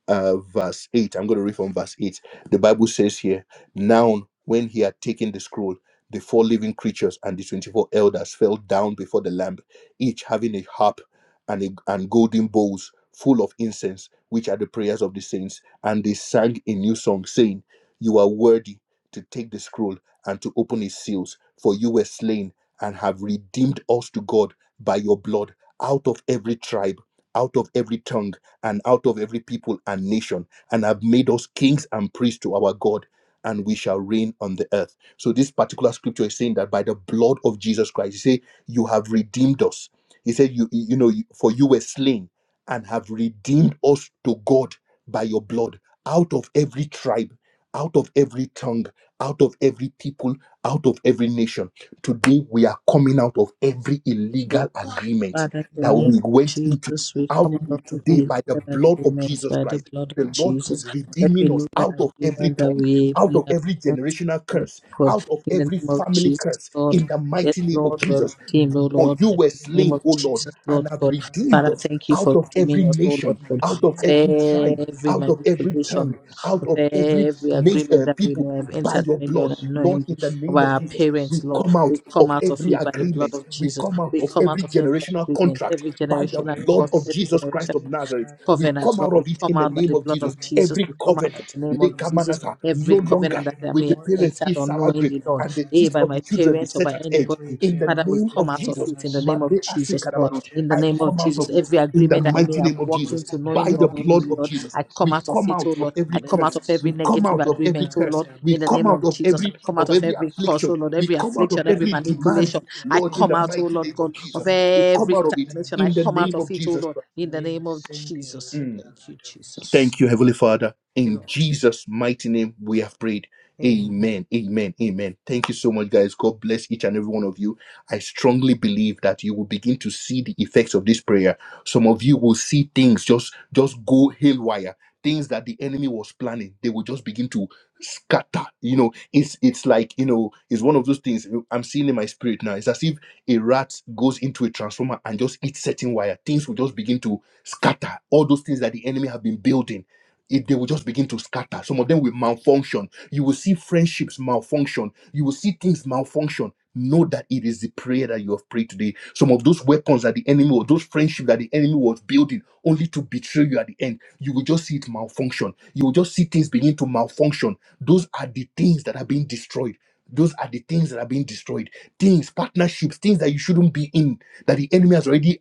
[SPEAKER 1] uh, verse 8. I'm going to read from verse 8. The Bible says here, Now, when he had taken the scroll, the four living creatures and the 24 elders fell down before the Lamb, each having a harp and, a, and golden bowls full of incense, which are the prayers of the saints. And they sang a new song, saying, You are worthy to take the scroll and to open its seals. For you were slain and have redeemed us to God by your blood out of every tribe, out of every tongue, and out of every people and nation, and have made us kings and priests to our God. And we shall reign on the earth. So this particular scripture is saying that by the blood of Jesus Christ, he say, "You have redeemed us." He said, "You, you know, for you were slain and have redeemed us to God by your blood out of every tribe." out of every tongue, out of every people, out of every nation. Today, we are coming out of every illegal agreement
[SPEAKER 3] Father, in
[SPEAKER 1] that
[SPEAKER 3] the name
[SPEAKER 1] we
[SPEAKER 3] of
[SPEAKER 1] went into.
[SPEAKER 3] Jesus, we come
[SPEAKER 1] Out of
[SPEAKER 3] out of
[SPEAKER 1] it today,
[SPEAKER 3] every
[SPEAKER 1] by the
[SPEAKER 3] legal
[SPEAKER 1] blood of
[SPEAKER 3] agreement
[SPEAKER 1] Jesus
[SPEAKER 3] by the
[SPEAKER 1] Christ,
[SPEAKER 3] blood of
[SPEAKER 1] the Lord
[SPEAKER 3] Jesus,
[SPEAKER 1] is
[SPEAKER 3] every
[SPEAKER 1] redeeming us
[SPEAKER 3] legal
[SPEAKER 1] out of every
[SPEAKER 3] agreement that
[SPEAKER 1] tongue,
[SPEAKER 3] we,
[SPEAKER 1] out
[SPEAKER 3] we
[SPEAKER 1] of
[SPEAKER 3] have
[SPEAKER 1] every
[SPEAKER 3] entered,
[SPEAKER 1] generational
[SPEAKER 3] Lord
[SPEAKER 1] curse,
[SPEAKER 3] God,
[SPEAKER 1] out of
[SPEAKER 3] in the
[SPEAKER 1] every
[SPEAKER 3] name of
[SPEAKER 1] family
[SPEAKER 3] Jesus,
[SPEAKER 1] curse,
[SPEAKER 3] Lord.
[SPEAKER 1] in the
[SPEAKER 3] Yes,
[SPEAKER 1] mighty name of
[SPEAKER 3] Lord, we are
[SPEAKER 1] Jesus.
[SPEAKER 3] redeemed, oh
[SPEAKER 1] For
[SPEAKER 3] Lord,
[SPEAKER 1] you
[SPEAKER 3] in
[SPEAKER 1] were
[SPEAKER 3] the
[SPEAKER 6] being
[SPEAKER 3] name
[SPEAKER 1] slain,
[SPEAKER 3] of
[SPEAKER 1] O Lord
[SPEAKER 3] Jesus,
[SPEAKER 6] redeemed,
[SPEAKER 1] and
[SPEAKER 3] Lord
[SPEAKER 6] Lord
[SPEAKER 1] have
[SPEAKER 3] God.
[SPEAKER 1] redeemed
[SPEAKER 3] Father,
[SPEAKER 6] Arada
[SPEAKER 1] us
[SPEAKER 3] thank you
[SPEAKER 1] out
[SPEAKER 3] for
[SPEAKER 1] of
[SPEAKER 6] masuntu.
[SPEAKER 3] redeeming
[SPEAKER 1] every
[SPEAKER 3] us, oh
[SPEAKER 1] nation,
[SPEAKER 3] Lord God,
[SPEAKER 1] out of
[SPEAKER 3] for
[SPEAKER 6] Redeemed
[SPEAKER 1] every
[SPEAKER 6] out of
[SPEAKER 1] tribe,
[SPEAKER 6] every
[SPEAKER 3] every
[SPEAKER 1] out of every
[SPEAKER 6] generational
[SPEAKER 3] manipulation,
[SPEAKER 1] tongue,
[SPEAKER 6] cause,
[SPEAKER 1] out
[SPEAKER 3] for
[SPEAKER 1] of
[SPEAKER 6] Arada
[SPEAKER 1] every
[SPEAKER 3] every
[SPEAKER 1] nation,
[SPEAKER 6] masente
[SPEAKER 3] agreement
[SPEAKER 1] uh,
[SPEAKER 3] that we
[SPEAKER 1] people
[SPEAKER 3] may have
[SPEAKER 1] by
[SPEAKER 3] entered
[SPEAKER 6] liberata
[SPEAKER 1] your
[SPEAKER 3] knowingly
[SPEAKER 1] blood.
[SPEAKER 3] or
[SPEAKER 6] masuntu.
[SPEAKER 1] Lord, in
[SPEAKER 3] unknowingly
[SPEAKER 1] the
[SPEAKER 3] of
[SPEAKER 1] name of
[SPEAKER 3] our
[SPEAKER 6] Le
[SPEAKER 1] Jesus, we
[SPEAKER 3] parents, Lord.
[SPEAKER 6] masuntu
[SPEAKER 1] come out
[SPEAKER 3] We come
[SPEAKER 1] of
[SPEAKER 3] out of
[SPEAKER 1] every
[SPEAKER 3] it
[SPEAKER 6] rebalata
[SPEAKER 3] by the blood
[SPEAKER 1] agreement,
[SPEAKER 3] of
[SPEAKER 1] we
[SPEAKER 6] masente
[SPEAKER 3] Jesus.
[SPEAKER 1] come out
[SPEAKER 3] We
[SPEAKER 1] of
[SPEAKER 3] come
[SPEAKER 1] every
[SPEAKER 3] out
[SPEAKER 6] lekini
[SPEAKER 3] of every
[SPEAKER 1] generational
[SPEAKER 6] masuntu.
[SPEAKER 3] agreement,
[SPEAKER 1] contract
[SPEAKER 3] every
[SPEAKER 1] by the
[SPEAKER 3] generational
[SPEAKER 1] blood
[SPEAKER 3] cost,
[SPEAKER 1] of
[SPEAKER 3] every
[SPEAKER 1] Jesus
[SPEAKER 6] Remasente
[SPEAKER 3] generational
[SPEAKER 1] Christ of
[SPEAKER 6] le
[SPEAKER 1] Nazareth.
[SPEAKER 6] barada
[SPEAKER 1] We
[SPEAKER 3] covenants,
[SPEAKER 1] come
[SPEAKER 3] God.
[SPEAKER 1] out
[SPEAKER 3] We
[SPEAKER 1] of
[SPEAKER 6] masonto
[SPEAKER 1] it
[SPEAKER 3] come
[SPEAKER 1] in the
[SPEAKER 3] out
[SPEAKER 6] le
[SPEAKER 3] by
[SPEAKER 1] name
[SPEAKER 3] the
[SPEAKER 1] of
[SPEAKER 3] blood
[SPEAKER 6] kime
[SPEAKER 1] Jesus.
[SPEAKER 3] of Jesus.
[SPEAKER 1] Every
[SPEAKER 3] We
[SPEAKER 6] masente.
[SPEAKER 3] come out
[SPEAKER 1] covenant,
[SPEAKER 3] in the
[SPEAKER 6] We
[SPEAKER 3] name of
[SPEAKER 6] come out
[SPEAKER 3] Jesus.
[SPEAKER 6] of
[SPEAKER 1] Lekamanasa,
[SPEAKER 6] every
[SPEAKER 3] Every
[SPEAKER 1] no
[SPEAKER 3] covenant
[SPEAKER 1] longer
[SPEAKER 3] that I
[SPEAKER 6] generational
[SPEAKER 1] with
[SPEAKER 3] may
[SPEAKER 1] the
[SPEAKER 3] have
[SPEAKER 6] curse
[SPEAKER 1] parents
[SPEAKER 6] in
[SPEAKER 3] entered
[SPEAKER 1] eat sour
[SPEAKER 6] Jesus'
[SPEAKER 1] grape
[SPEAKER 3] unknowingly,
[SPEAKER 6] name,
[SPEAKER 3] Lord,
[SPEAKER 1] and the
[SPEAKER 3] eh,
[SPEAKER 1] teeth
[SPEAKER 3] by
[SPEAKER 6] barada
[SPEAKER 1] of the
[SPEAKER 3] my
[SPEAKER 1] children be
[SPEAKER 6] masente.
[SPEAKER 3] parents or
[SPEAKER 1] set
[SPEAKER 3] by
[SPEAKER 1] at edge.
[SPEAKER 3] anybody,
[SPEAKER 6] Every
[SPEAKER 1] In the
[SPEAKER 6] veil
[SPEAKER 3] Father, we
[SPEAKER 6] ever
[SPEAKER 1] name
[SPEAKER 6] been
[SPEAKER 3] come
[SPEAKER 1] of
[SPEAKER 3] out of
[SPEAKER 1] Jesus,
[SPEAKER 6] holding
[SPEAKER 3] it in the
[SPEAKER 6] us
[SPEAKER 3] name
[SPEAKER 6] back,
[SPEAKER 3] of
[SPEAKER 1] Mande Ase
[SPEAKER 3] Jesus,
[SPEAKER 6] we
[SPEAKER 3] Lord.
[SPEAKER 1] Kadabaros,
[SPEAKER 3] In the
[SPEAKER 6] reject
[SPEAKER 1] I
[SPEAKER 6] it
[SPEAKER 3] name of
[SPEAKER 6] in
[SPEAKER 1] come out
[SPEAKER 3] Jesus,
[SPEAKER 1] of it
[SPEAKER 3] every
[SPEAKER 6] Jesus' name.
[SPEAKER 1] in
[SPEAKER 6] We
[SPEAKER 1] the
[SPEAKER 3] agreement that I
[SPEAKER 6] come
[SPEAKER 3] may
[SPEAKER 1] mighty
[SPEAKER 6] out
[SPEAKER 3] have
[SPEAKER 1] name
[SPEAKER 6] of
[SPEAKER 1] of
[SPEAKER 6] it,
[SPEAKER 3] walked
[SPEAKER 1] Jesus.
[SPEAKER 6] we
[SPEAKER 3] into
[SPEAKER 6] step
[SPEAKER 1] By
[SPEAKER 3] knowingly
[SPEAKER 6] out
[SPEAKER 1] the
[SPEAKER 3] or
[SPEAKER 6] of it
[SPEAKER 1] blood
[SPEAKER 3] unknowingly,
[SPEAKER 1] of
[SPEAKER 6] in
[SPEAKER 3] Lord,
[SPEAKER 1] Jesus,
[SPEAKER 3] I come
[SPEAKER 1] we
[SPEAKER 6] Jesus'
[SPEAKER 3] out of
[SPEAKER 1] come
[SPEAKER 3] it,
[SPEAKER 1] out
[SPEAKER 3] oh
[SPEAKER 1] of
[SPEAKER 3] Lord.
[SPEAKER 1] every
[SPEAKER 3] I
[SPEAKER 6] name. Le
[SPEAKER 3] come out
[SPEAKER 1] curse.
[SPEAKER 3] of every
[SPEAKER 1] We come
[SPEAKER 3] negative
[SPEAKER 1] out
[SPEAKER 6] masonto
[SPEAKER 1] of
[SPEAKER 6] le
[SPEAKER 1] every
[SPEAKER 3] agreement, oh
[SPEAKER 1] curse.
[SPEAKER 3] Lord,
[SPEAKER 6] barada
[SPEAKER 1] We
[SPEAKER 3] in the
[SPEAKER 1] come
[SPEAKER 3] name
[SPEAKER 1] out
[SPEAKER 3] of
[SPEAKER 6] masente
[SPEAKER 1] of
[SPEAKER 3] Jesus. I
[SPEAKER 6] le
[SPEAKER 1] every
[SPEAKER 3] come out
[SPEAKER 1] of
[SPEAKER 3] of
[SPEAKER 6] kime
[SPEAKER 1] every
[SPEAKER 3] every curse, oh
[SPEAKER 1] affliction.
[SPEAKER 6] masonto.
[SPEAKER 3] Lord,
[SPEAKER 1] We
[SPEAKER 3] every
[SPEAKER 1] come out of
[SPEAKER 3] affliction, every
[SPEAKER 1] every
[SPEAKER 6] Barada
[SPEAKER 1] demand.
[SPEAKER 3] manipulation
[SPEAKER 6] masente
[SPEAKER 3] I
[SPEAKER 1] Lord,
[SPEAKER 6] le
[SPEAKER 1] in
[SPEAKER 3] come
[SPEAKER 1] the
[SPEAKER 3] out, oh
[SPEAKER 1] mighty
[SPEAKER 6] barada
[SPEAKER 3] Lord
[SPEAKER 1] name of
[SPEAKER 3] God, of
[SPEAKER 1] Jesus, we
[SPEAKER 6] masonto le
[SPEAKER 1] come
[SPEAKER 3] every
[SPEAKER 1] out of it
[SPEAKER 6] kime
[SPEAKER 3] stagnation. I
[SPEAKER 1] in the
[SPEAKER 3] come
[SPEAKER 6] masonto.
[SPEAKER 3] out
[SPEAKER 1] name
[SPEAKER 3] of
[SPEAKER 1] of
[SPEAKER 3] it, oh
[SPEAKER 1] Jesus.
[SPEAKER 3] Lord, in the
[SPEAKER 6] Lima
[SPEAKER 3] name of
[SPEAKER 6] Cinco
[SPEAKER 3] Jesus.
[SPEAKER 6] Riba
[SPEAKER 3] Thank you,
[SPEAKER 6] Lata
[SPEAKER 3] Jesus.
[SPEAKER 6] Masunto.
[SPEAKER 1] Thank you, Heavenly Father.
[SPEAKER 3] Thank you,
[SPEAKER 1] In
[SPEAKER 3] Lord.
[SPEAKER 1] Jesus' mighty name, we have prayed.
[SPEAKER 3] Amen.
[SPEAKER 1] Amen. Amen. Amen. Thank you so much, guys. God bless each and every one of you. I strongly believe that you will begin to see the effects of this prayer. Some of you will see things just just go haywire things that the enemy was planning they will just begin to scatter you know it's it's like you know it's one of those things i'm seeing in my spirit now it's as if a rat goes into a transformer and just eats certain wire things will just begin to scatter all those things that the enemy have been building it, they will just begin to scatter. Some of them will malfunction. You will see friendships malfunction. You will see things malfunction. Know that it is the prayer that you have prayed today. Some of those weapons that the enemy or those friendships that the enemy was building only to betray you at the end, you will just see it malfunction. You will just see things begin to malfunction. Those are the things that are being destroyed. Those are the things that are being destroyed. Things, partnerships, things that you shouldn't be in, that the enemy has already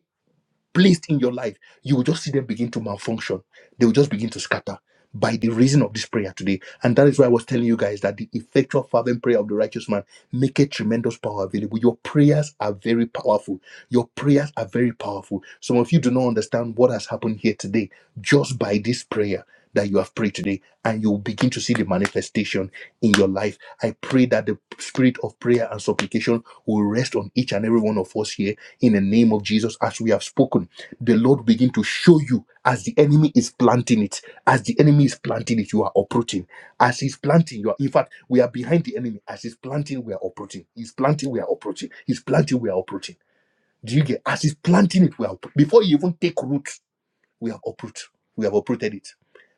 [SPEAKER 1] placed in your life, you will just see them begin to malfunction. They will just begin to scatter by the reason of this prayer today. And that is why I was telling you guys that the effectual fervent prayer of the righteous man make a tremendous power available. Your prayers are very powerful. Your prayers are very powerful. Some of you do not understand what has happened here today just by this prayer that you have prayed today and you will begin to see the manifestation in your life. I pray that the spirit of prayer and supplication will rest on each and every one of us here in the name of Jesus, as we have spoken, the Lord begin to show you as the enemy is planting it. As the enemy is planting it, you are operating. As he's planting, you are, in fact, we are behind the enemy. As he's planting, we are operating. He's planting, we are operating. He's planting, we are operating. Do you get? As he's planting it, we are, oper- before you even take root, we have uprooted. We have uprooted it.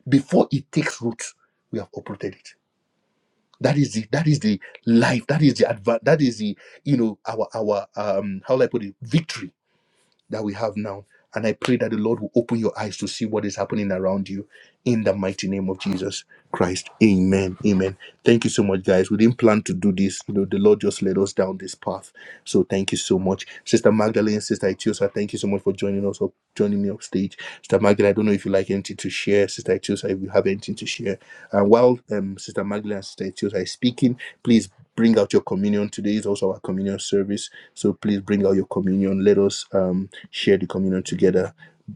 [SPEAKER 1] Before it takes root, we have uprooted it. That is the that is the life. That is the adva- That is the you know our our um how do I put it victory that we have now. And I pray that the Lord will open your eyes to see what is happening around you in the mighty name of Jesus Christ. Amen. Amen. Thank you so much, guys. We didn't plan to do this. You know, the Lord just led us down this path. So thank you so much. Sister Magdalene, Sister Itiosa, thank you so much for joining us up, joining me up stage. Sister Magdalene, I don't know if you like anything to share. Sister Itiosa, if you have anything to share. And while um, Sister Magdalene and Sister Itiosa is speaking, please bring out your communion. Today is also our communion service. So please bring out your communion. Let us um share the communion together,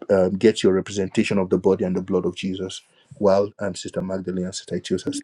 [SPEAKER 1] um, get your representation of the body and the blood of Jesus while um, Sister Magdalene and Sister Itiosa.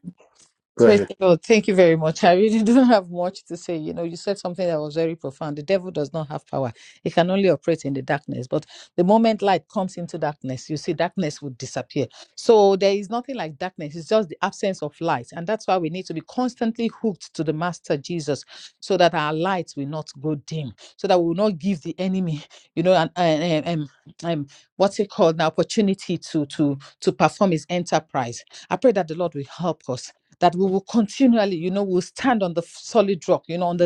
[SPEAKER 1] Go ahead.
[SPEAKER 3] Christopher, thank you very much. I really don't have much to say. You know, you said something that was very profound. The devil does not have power, he can only operate in the darkness. But the moment light comes into darkness, you see, darkness would disappear. So there is nothing like darkness, it's just the absence of light. And that's why we need to be constantly hooked to the Master Jesus so that our light will not go dim, so that we will not give the enemy, you know, an, an, an, an, um, what's it called, an opportunity to, to, to perform his enterprise. I pray that the Lord will help us that we will continually, you know, we'll stand on the solid rock, you know, on the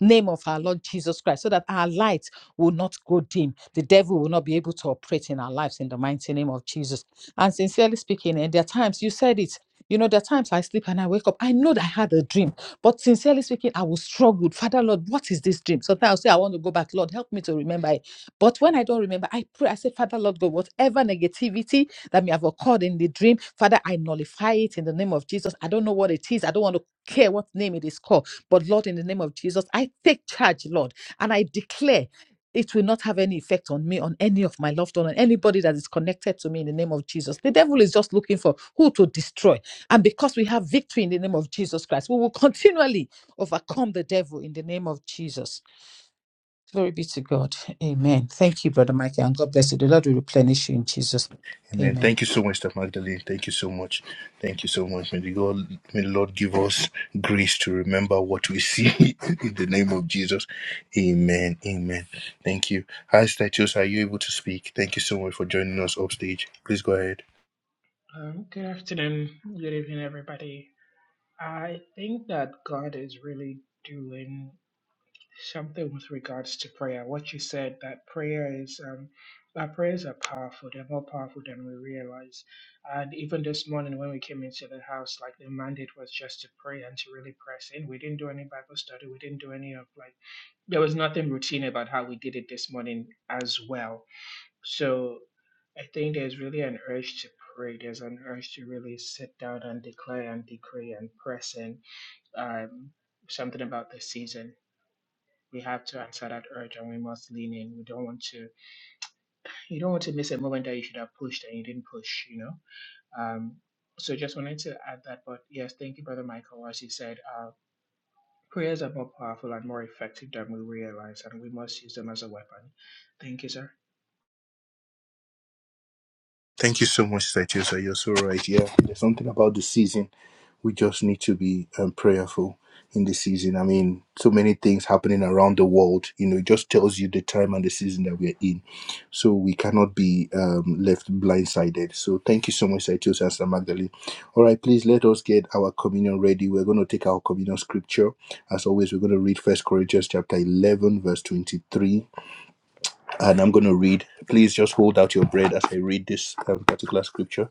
[SPEAKER 3] name of our Lord Jesus Christ, so that our light will not go dim. The devil will not be able to operate in our lives in the mighty name of Jesus. And sincerely speaking, and there are times you said it. You know, there are times I sleep and I wake up. I know that I had a dream, but sincerely speaking, I will struggle. Father, Lord, what is this dream? Sometimes I'll say, I want to go back. Lord, help me to remember it. But when I don't remember, I pray. I say, Father, Lord, God, whatever negativity that may have occurred in the dream. Father, I nullify it in the name of Jesus. I don't know what it is. I don't want to care what name it is called. But Lord, in the name of Jesus, I take charge, Lord, and I declare. It will not have any effect on me, on any of my loved one, on anybody that is connected to me in the name of Jesus. The devil is just looking for who to destroy. And because we have victory in the name of Jesus Christ, we will continually overcome the devil in the name of Jesus. Glory be to God. Amen. Thank you, Brother Michael, and God bless you. The Lord will replenish you in Jesus' name.
[SPEAKER 1] Amen.
[SPEAKER 3] Amen.
[SPEAKER 1] Thank you so much, Sister Magdalene. Thank you so much. Thank you so much. May the God, may the Lord give us grace to remember what we see in the name of Jesus. Amen. Amen. Thank you. Hi, Sister Itiosa. Are you able to speak? Thank you so much for joining us upstage. Please go ahead.
[SPEAKER 6] Um, good afternoon, good evening, everybody. I think that God is really doing something with regards to prayer. What you said that prayer is, um, our prayers are powerful. They're more powerful than we realize. And even this morning when we came into the house, like the mandate was just to pray and to really press in. We didn't do any Bible study. We didn't do any of like there was nothing routine about how we did it this morning as well So I think there's really an urge to pray. There's an urge to really sit down and declare and decree and press in um, something about the season. We have to answer that urge and we must lean in. We don't want to you don't want to miss a moment that you should have pushed and you didn't push, you know? Um, so just wanted to add that, but yes, thank you, Brother Michael. As you said, uh, prayers are more powerful and more effective than we realize, and we must use them as a weapon. Thank you, sir.
[SPEAKER 1] Thank you so much, Saitiosa. You're so right. Yeah, there's something about the season. We just need to be um, prayerful in the season. I mean, so many things happening around the world. You know, it just tells you the time and the season that we're in. So we cannot be um, left blindsided. So thank you so much, Saitiosa and Sister Magdalene. All right, please let us get our communion ready. We're going to take our communion scripture. As always, we're going to read First Corinthians chapter 11, verse 23 and I'm going to read. Please just hold out your bread as I read this um, particular scripture.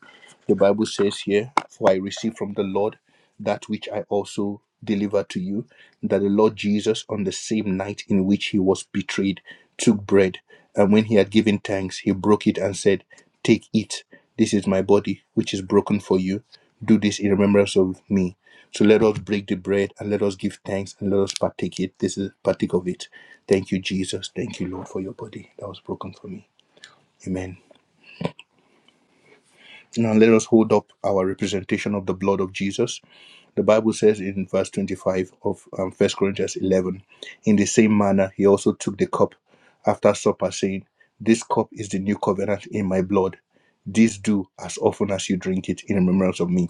[SPEAKER 1] The Bible says here, For I received from the Lord that which I also delivered to you, that the Lord Jesus, on the same night in which he was betrayed, took bread, and when he had given thanks, he broke it and said, Take, it. This is my body, which is broken for you. Do this in remembrance of me. So let us break the bread and let us give thanks and let us partake it. This is partake of it. Thank you, Jesus. Thank you, Lord, for your body that was broken for me. Amen. Now let us hold up our representation of the blood of Jesus. The Bible says in verse 25 of um, 1 Corinthians 11, in the same manner, he also took the cup after supper, saying, This cup is the new covenant in my blood. This do as often as you drink it in remembrance of me.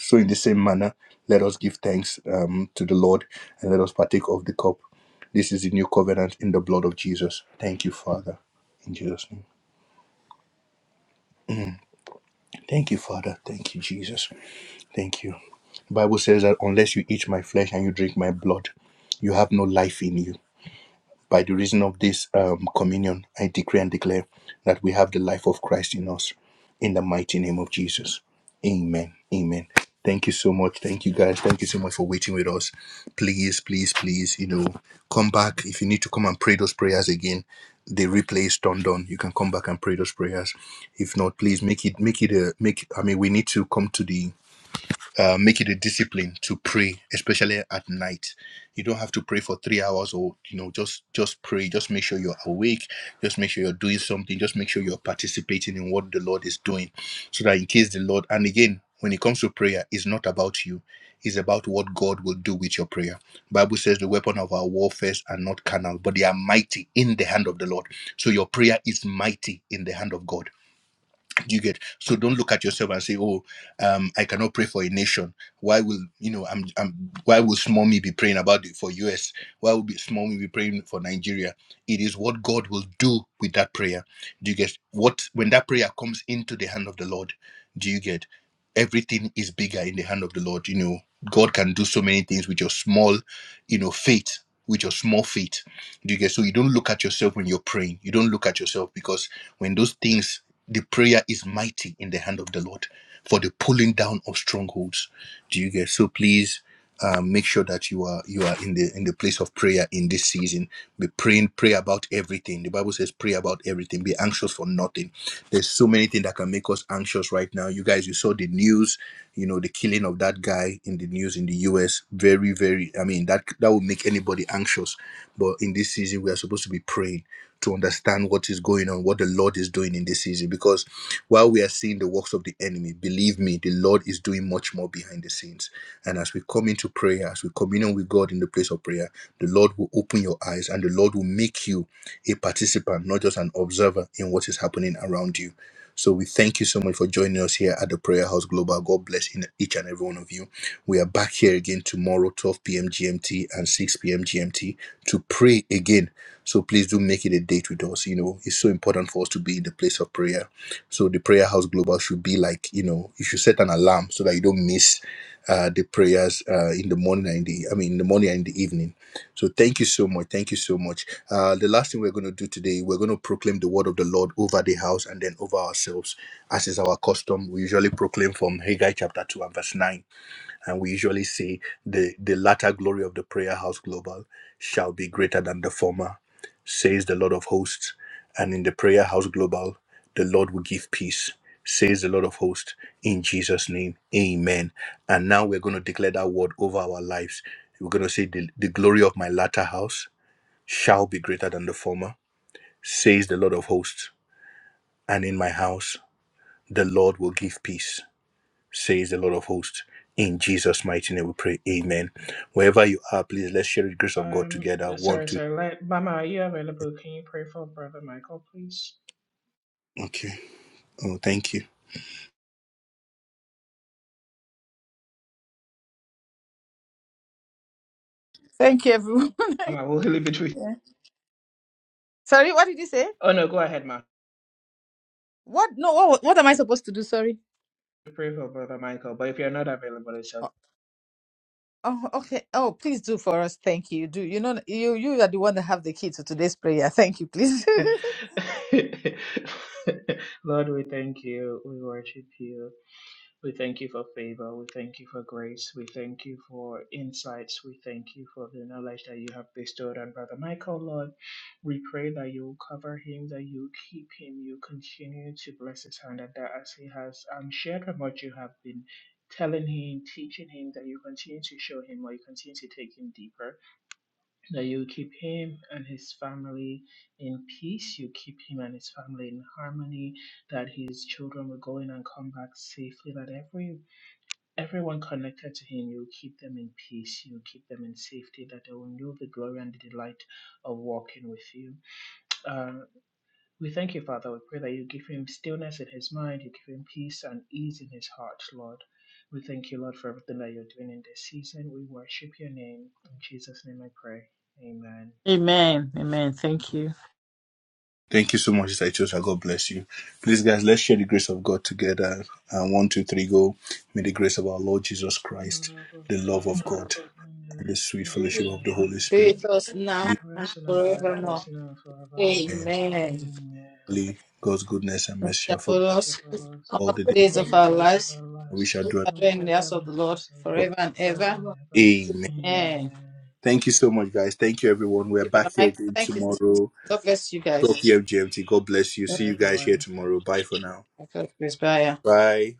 [SPEAKER 1] So, in the same manner, let us give thanks um, to the Lord and let us partake of the cup. This is the new covenant in the blood of Jesus. Thank you, Father. In Jesus' name. Thank you, Father. Thank you, Jesus. Thank you. Bible says that unless you eat my flesh and you drink my blood, you have no life in you. By the reason of this um, communion, I decree and declare that we have the life of Christ in us, in the mighty name of Jesus. Amen. Amen. Thank you so much. Thank you guys. Thank you so much for waiting with us. Please, please, please, you know, come back. If you need to come and pray those prayers again, the replay is turned on. You can come back and pray those prayers. If not, please make it make it a make I mean we need to come to the uh, make it a discipline to pray especially at night you don't have to pray for three hours or you know just just pray just make sure you're awake just make sure you're doing something just make sure you're participating in what the lord is doing so that in case the lord and again when it comes to prayer it's not about you it's about what god will do with your prayer bible says the weapon of our warfares are not carnal but they are mighty in the hand of the lord so your prayer is mighty in the hand of god do you get so don't look at yourself and say oh um i cannot pray for a nation why will you know i'm, I'm why will small me be praying about it for us why will be small me be praying for nigeria it is what god will do with that prayer do you get what when that prayer comes into the hand of the lord do you get everything is bigger in the hand of the lord you know god can do so many things with your small you know faith with your small faith do you get so you don't look at yourself when you're praying you don't look at yourself because when those things the prayer is mighty in the hand of the Lord for the pulling down of strongholds. Do you get so? Please um, make sure that you are you are in the in the place of prayer in this season. Be praying, pray about everything. The Bible says, pray about everything. Be anxious for nothing. There's so many things that can make us anxious right now. You guys, you saw the news. You know the killing of that guy in the news in the U.S. Very, very. I mean that that would make anybody anxious. But in this season, we are supposed to be praying to understand what is going on, what the Lord is doing in this season. Because while we are seeing the works of the enemy, believe me, the Lord is doing much more behind the scenes. And as we come into prayer, as we communion with God in the place of prayer, the Lord will open your eyes and the Lord will make you a participant, not just an observer in what is happening around you. So we thank you so much for joining us here at the Prayer House Global. God bless in- each and every one of you. We are back here again tomorrow, 12 p.m. GMT and 6 p.m. GMT, to pray again so please do make it a date with us. You know, it's so important for us to be in the place of prayer. So the prayer house global should be like, you know, you should set an alarm so that you don't miss uh, the prayers uh, in the morning and in the, I mean, in the morning and in the evening. So thank you so much. Thank you so much. Uh, the last thing we're going to do today, we're going to proclaim the word of the Lord over the house and then over ourselves, as is our custom. We usually proclaim from Haggai chapter 2 and verse 9. And we usually see the, the latter glory of the prayer house global shall be greater than the former, says the Lord of hosts. And in the prayer house global, the Lord will give peace, says the Lord of hosts. In Jesus' name, amen. And now we're going to declare that word over our lives. We're going to say, The, the glory of my latter house shall be greater than the former, says the Lord of hosts. And in my house, the Lord will give peace says the Lord of hosts. In Jesus' mighty name we pray. Amen. Wherever you are, please let's share the grace of God
[SPEAKER 6] Um,
[SPEAKER 1] together.
[SPEAKER 6] uh,
[SPEAKER 1] One,
[SPEAKER 6] sorry,
[SPEAKER 1] two.
[SPEAKER 6] sorry. Let, Mama, are you available? Can you pray for Brother Michael, please?
[SPEAKER 1] Okay. Oh, thank you.
[SPEAKER 3] Thank you, everyone.
[SPEAKER 6] Mama, we'll leave it with.
[SPEAKER 3] Yeah. Sorry, what did you say?
[SPEAKER 6] Oh no, go ahead, Ma.
[SPEAKER 3] What? No, what, what am I supposed to do? Sorry.
[SPEAKER 6] Pray for Brother Michael. But if you're not available, it's
[SPEAKER 3] Oh, oh, okay. Oh, please do for us. Thank you. Do you know you you are the one that have the key to today's prayer? Thank you, please.
[SPEAKER 6] okay. Lord, we thank you. We worship you. We thank you for favor. We thank you for grace. We thank you for insights. We thank you for the knowledge that you have bestowed on Brother Michael, Lord. We pray that you will cover him, that you keep him, you continue to bless his hand, and that as he has um, shared on what you have been telling him, teaching him, that you continue to show him, or you continue to take him deeper, that you keep him and his family in peace, you keep him and his family in harmony, that his children will go in and come back safely, that every Everyone connected to him, you keep them in peace, you keep them in safety, that they will know the glory and the delight of walking with you. Uh, we thank you, Father. We pray that you give him stillness in his mind, you give him peace and ease in his heart, Lord. We thank you, Lord, for everything that you're doing in this season. We worship your name. In Jesus' name I pray. Amen.
[SPEAKER 3] Amen. Amen. Thank you.
[SPEAKER 1] Thank you so much, Sister Ichosha. God bless you. Please, guys, let's share the grace of God together. Uh, one, two, three, go. May the grace of our Lord Jesus
[SPEAKER 6] In the
[SPEAKER 1] Christ,
[SPEAKER 6] love of
[SPEAKER 1] the love
[SPEAKER 6] God
[SPEAKER 1] of God,
[SPEAKER 6] and the
[SPEAKER 1] and the sweet
[SPEAKER 6] faith of
[SPEAKER 1] fellowship
[SPEAKER 6] the
[SPEAKER 1] of the
[SPEAKER 6] Holy
[SPEAKER 1] Holy
[SPEAKER 3] Be
[SPEAKER 1] Spirit
[SPEAKER 3] with
[SPEAKER 6] Spirit,
[SPEAKER 3] us now
[SPEAKER 1] be
[SPEAKER 3] and
[SPEAKER 6] rest and abide with
[SPEAKER 3] forevermore.
[SPEAKER 6] us now and forevermore.
[SPEAKER 1] and
[SPEAKER 3] Amen.
[SPEAKER 6] Amen.
[SPEAKER 1] Holy God's goodness and mercy shall
[SPEAKER 3] That for
[SPEAKER 1] follow
[SPEAKER 6] as we shall
[SPEAKER 3] us
[SPEAKER 6] follow us
[SPEAKER 1] all
[SPEAKER 3] all
[SPEAKER 1] the
[SPEAKER 3] the
[SPEAKER 1] days.
[SPEAKER 3] days
[SPEAKER 6] all
[SPEAKER 3] of
[SPEAKER 6] the
[SPEAKER 3] our
[SPEAKER 6] days of
[SPEAKER 3] lives,
[SPEAKER 6] our
[SPEAKER 1] and We
[SPEAKER 6] lives.
[SPEAKER 1] shall
[SPEAKER 3] we
[SPEAKER 1] dwell.
[SPEAKER 3] are
[SPEAKER 6] and We
[SPEAKER 3] dwelling in
[SPEAKER 6] shall
[SPEAKER 3] the
[SPEAKER 6] dwell
[SPEAKER 3] house
[SPEAKER 6] in
[SPEAKER 3] of the
[SPEAKER 6] the
[SPEAKER 3] Lord
[SPEAKER 6] house of the
[SPEAKER 3] forever
[SPEAKER 6] Lord
[SPEAKER 3] and
[SPEAKER 6] forever and
[SPEAKER 3] ever.
[SPEAKER 6] ever.
[SPEAKER 1] Amen.
[SPEAKER 3] Amen.
[SPEAKER 6] Amen.
[SPEAKER 3] Thank
[SPEAKER 1] Thank you so much, guys. Thank you, everyone. We're
[SPEAKER 3] you,
[SPEAKER 1] back
[SPEAKER 3] Brother
[SPEAKER 1] here
[SPEAKER 3] Michael.
[SPEAKER 1] again
[SPEAKER 3] Thank you.
[SPEAKER 1] tomorrow.
[SPEAKER 3] God bless you guys.
[SPEAKER 1] 12 p.m. GMT. God bless you. See
[SPEAKER 6] Bye,
[SPEAKER 1] you guys
[SPEAKER 6] everyone.
[SPEAKER 1] here tomorrow. Bye for now.
[SPEAKER 3] God bless. Bye.
[SPEAKER 1] Bye.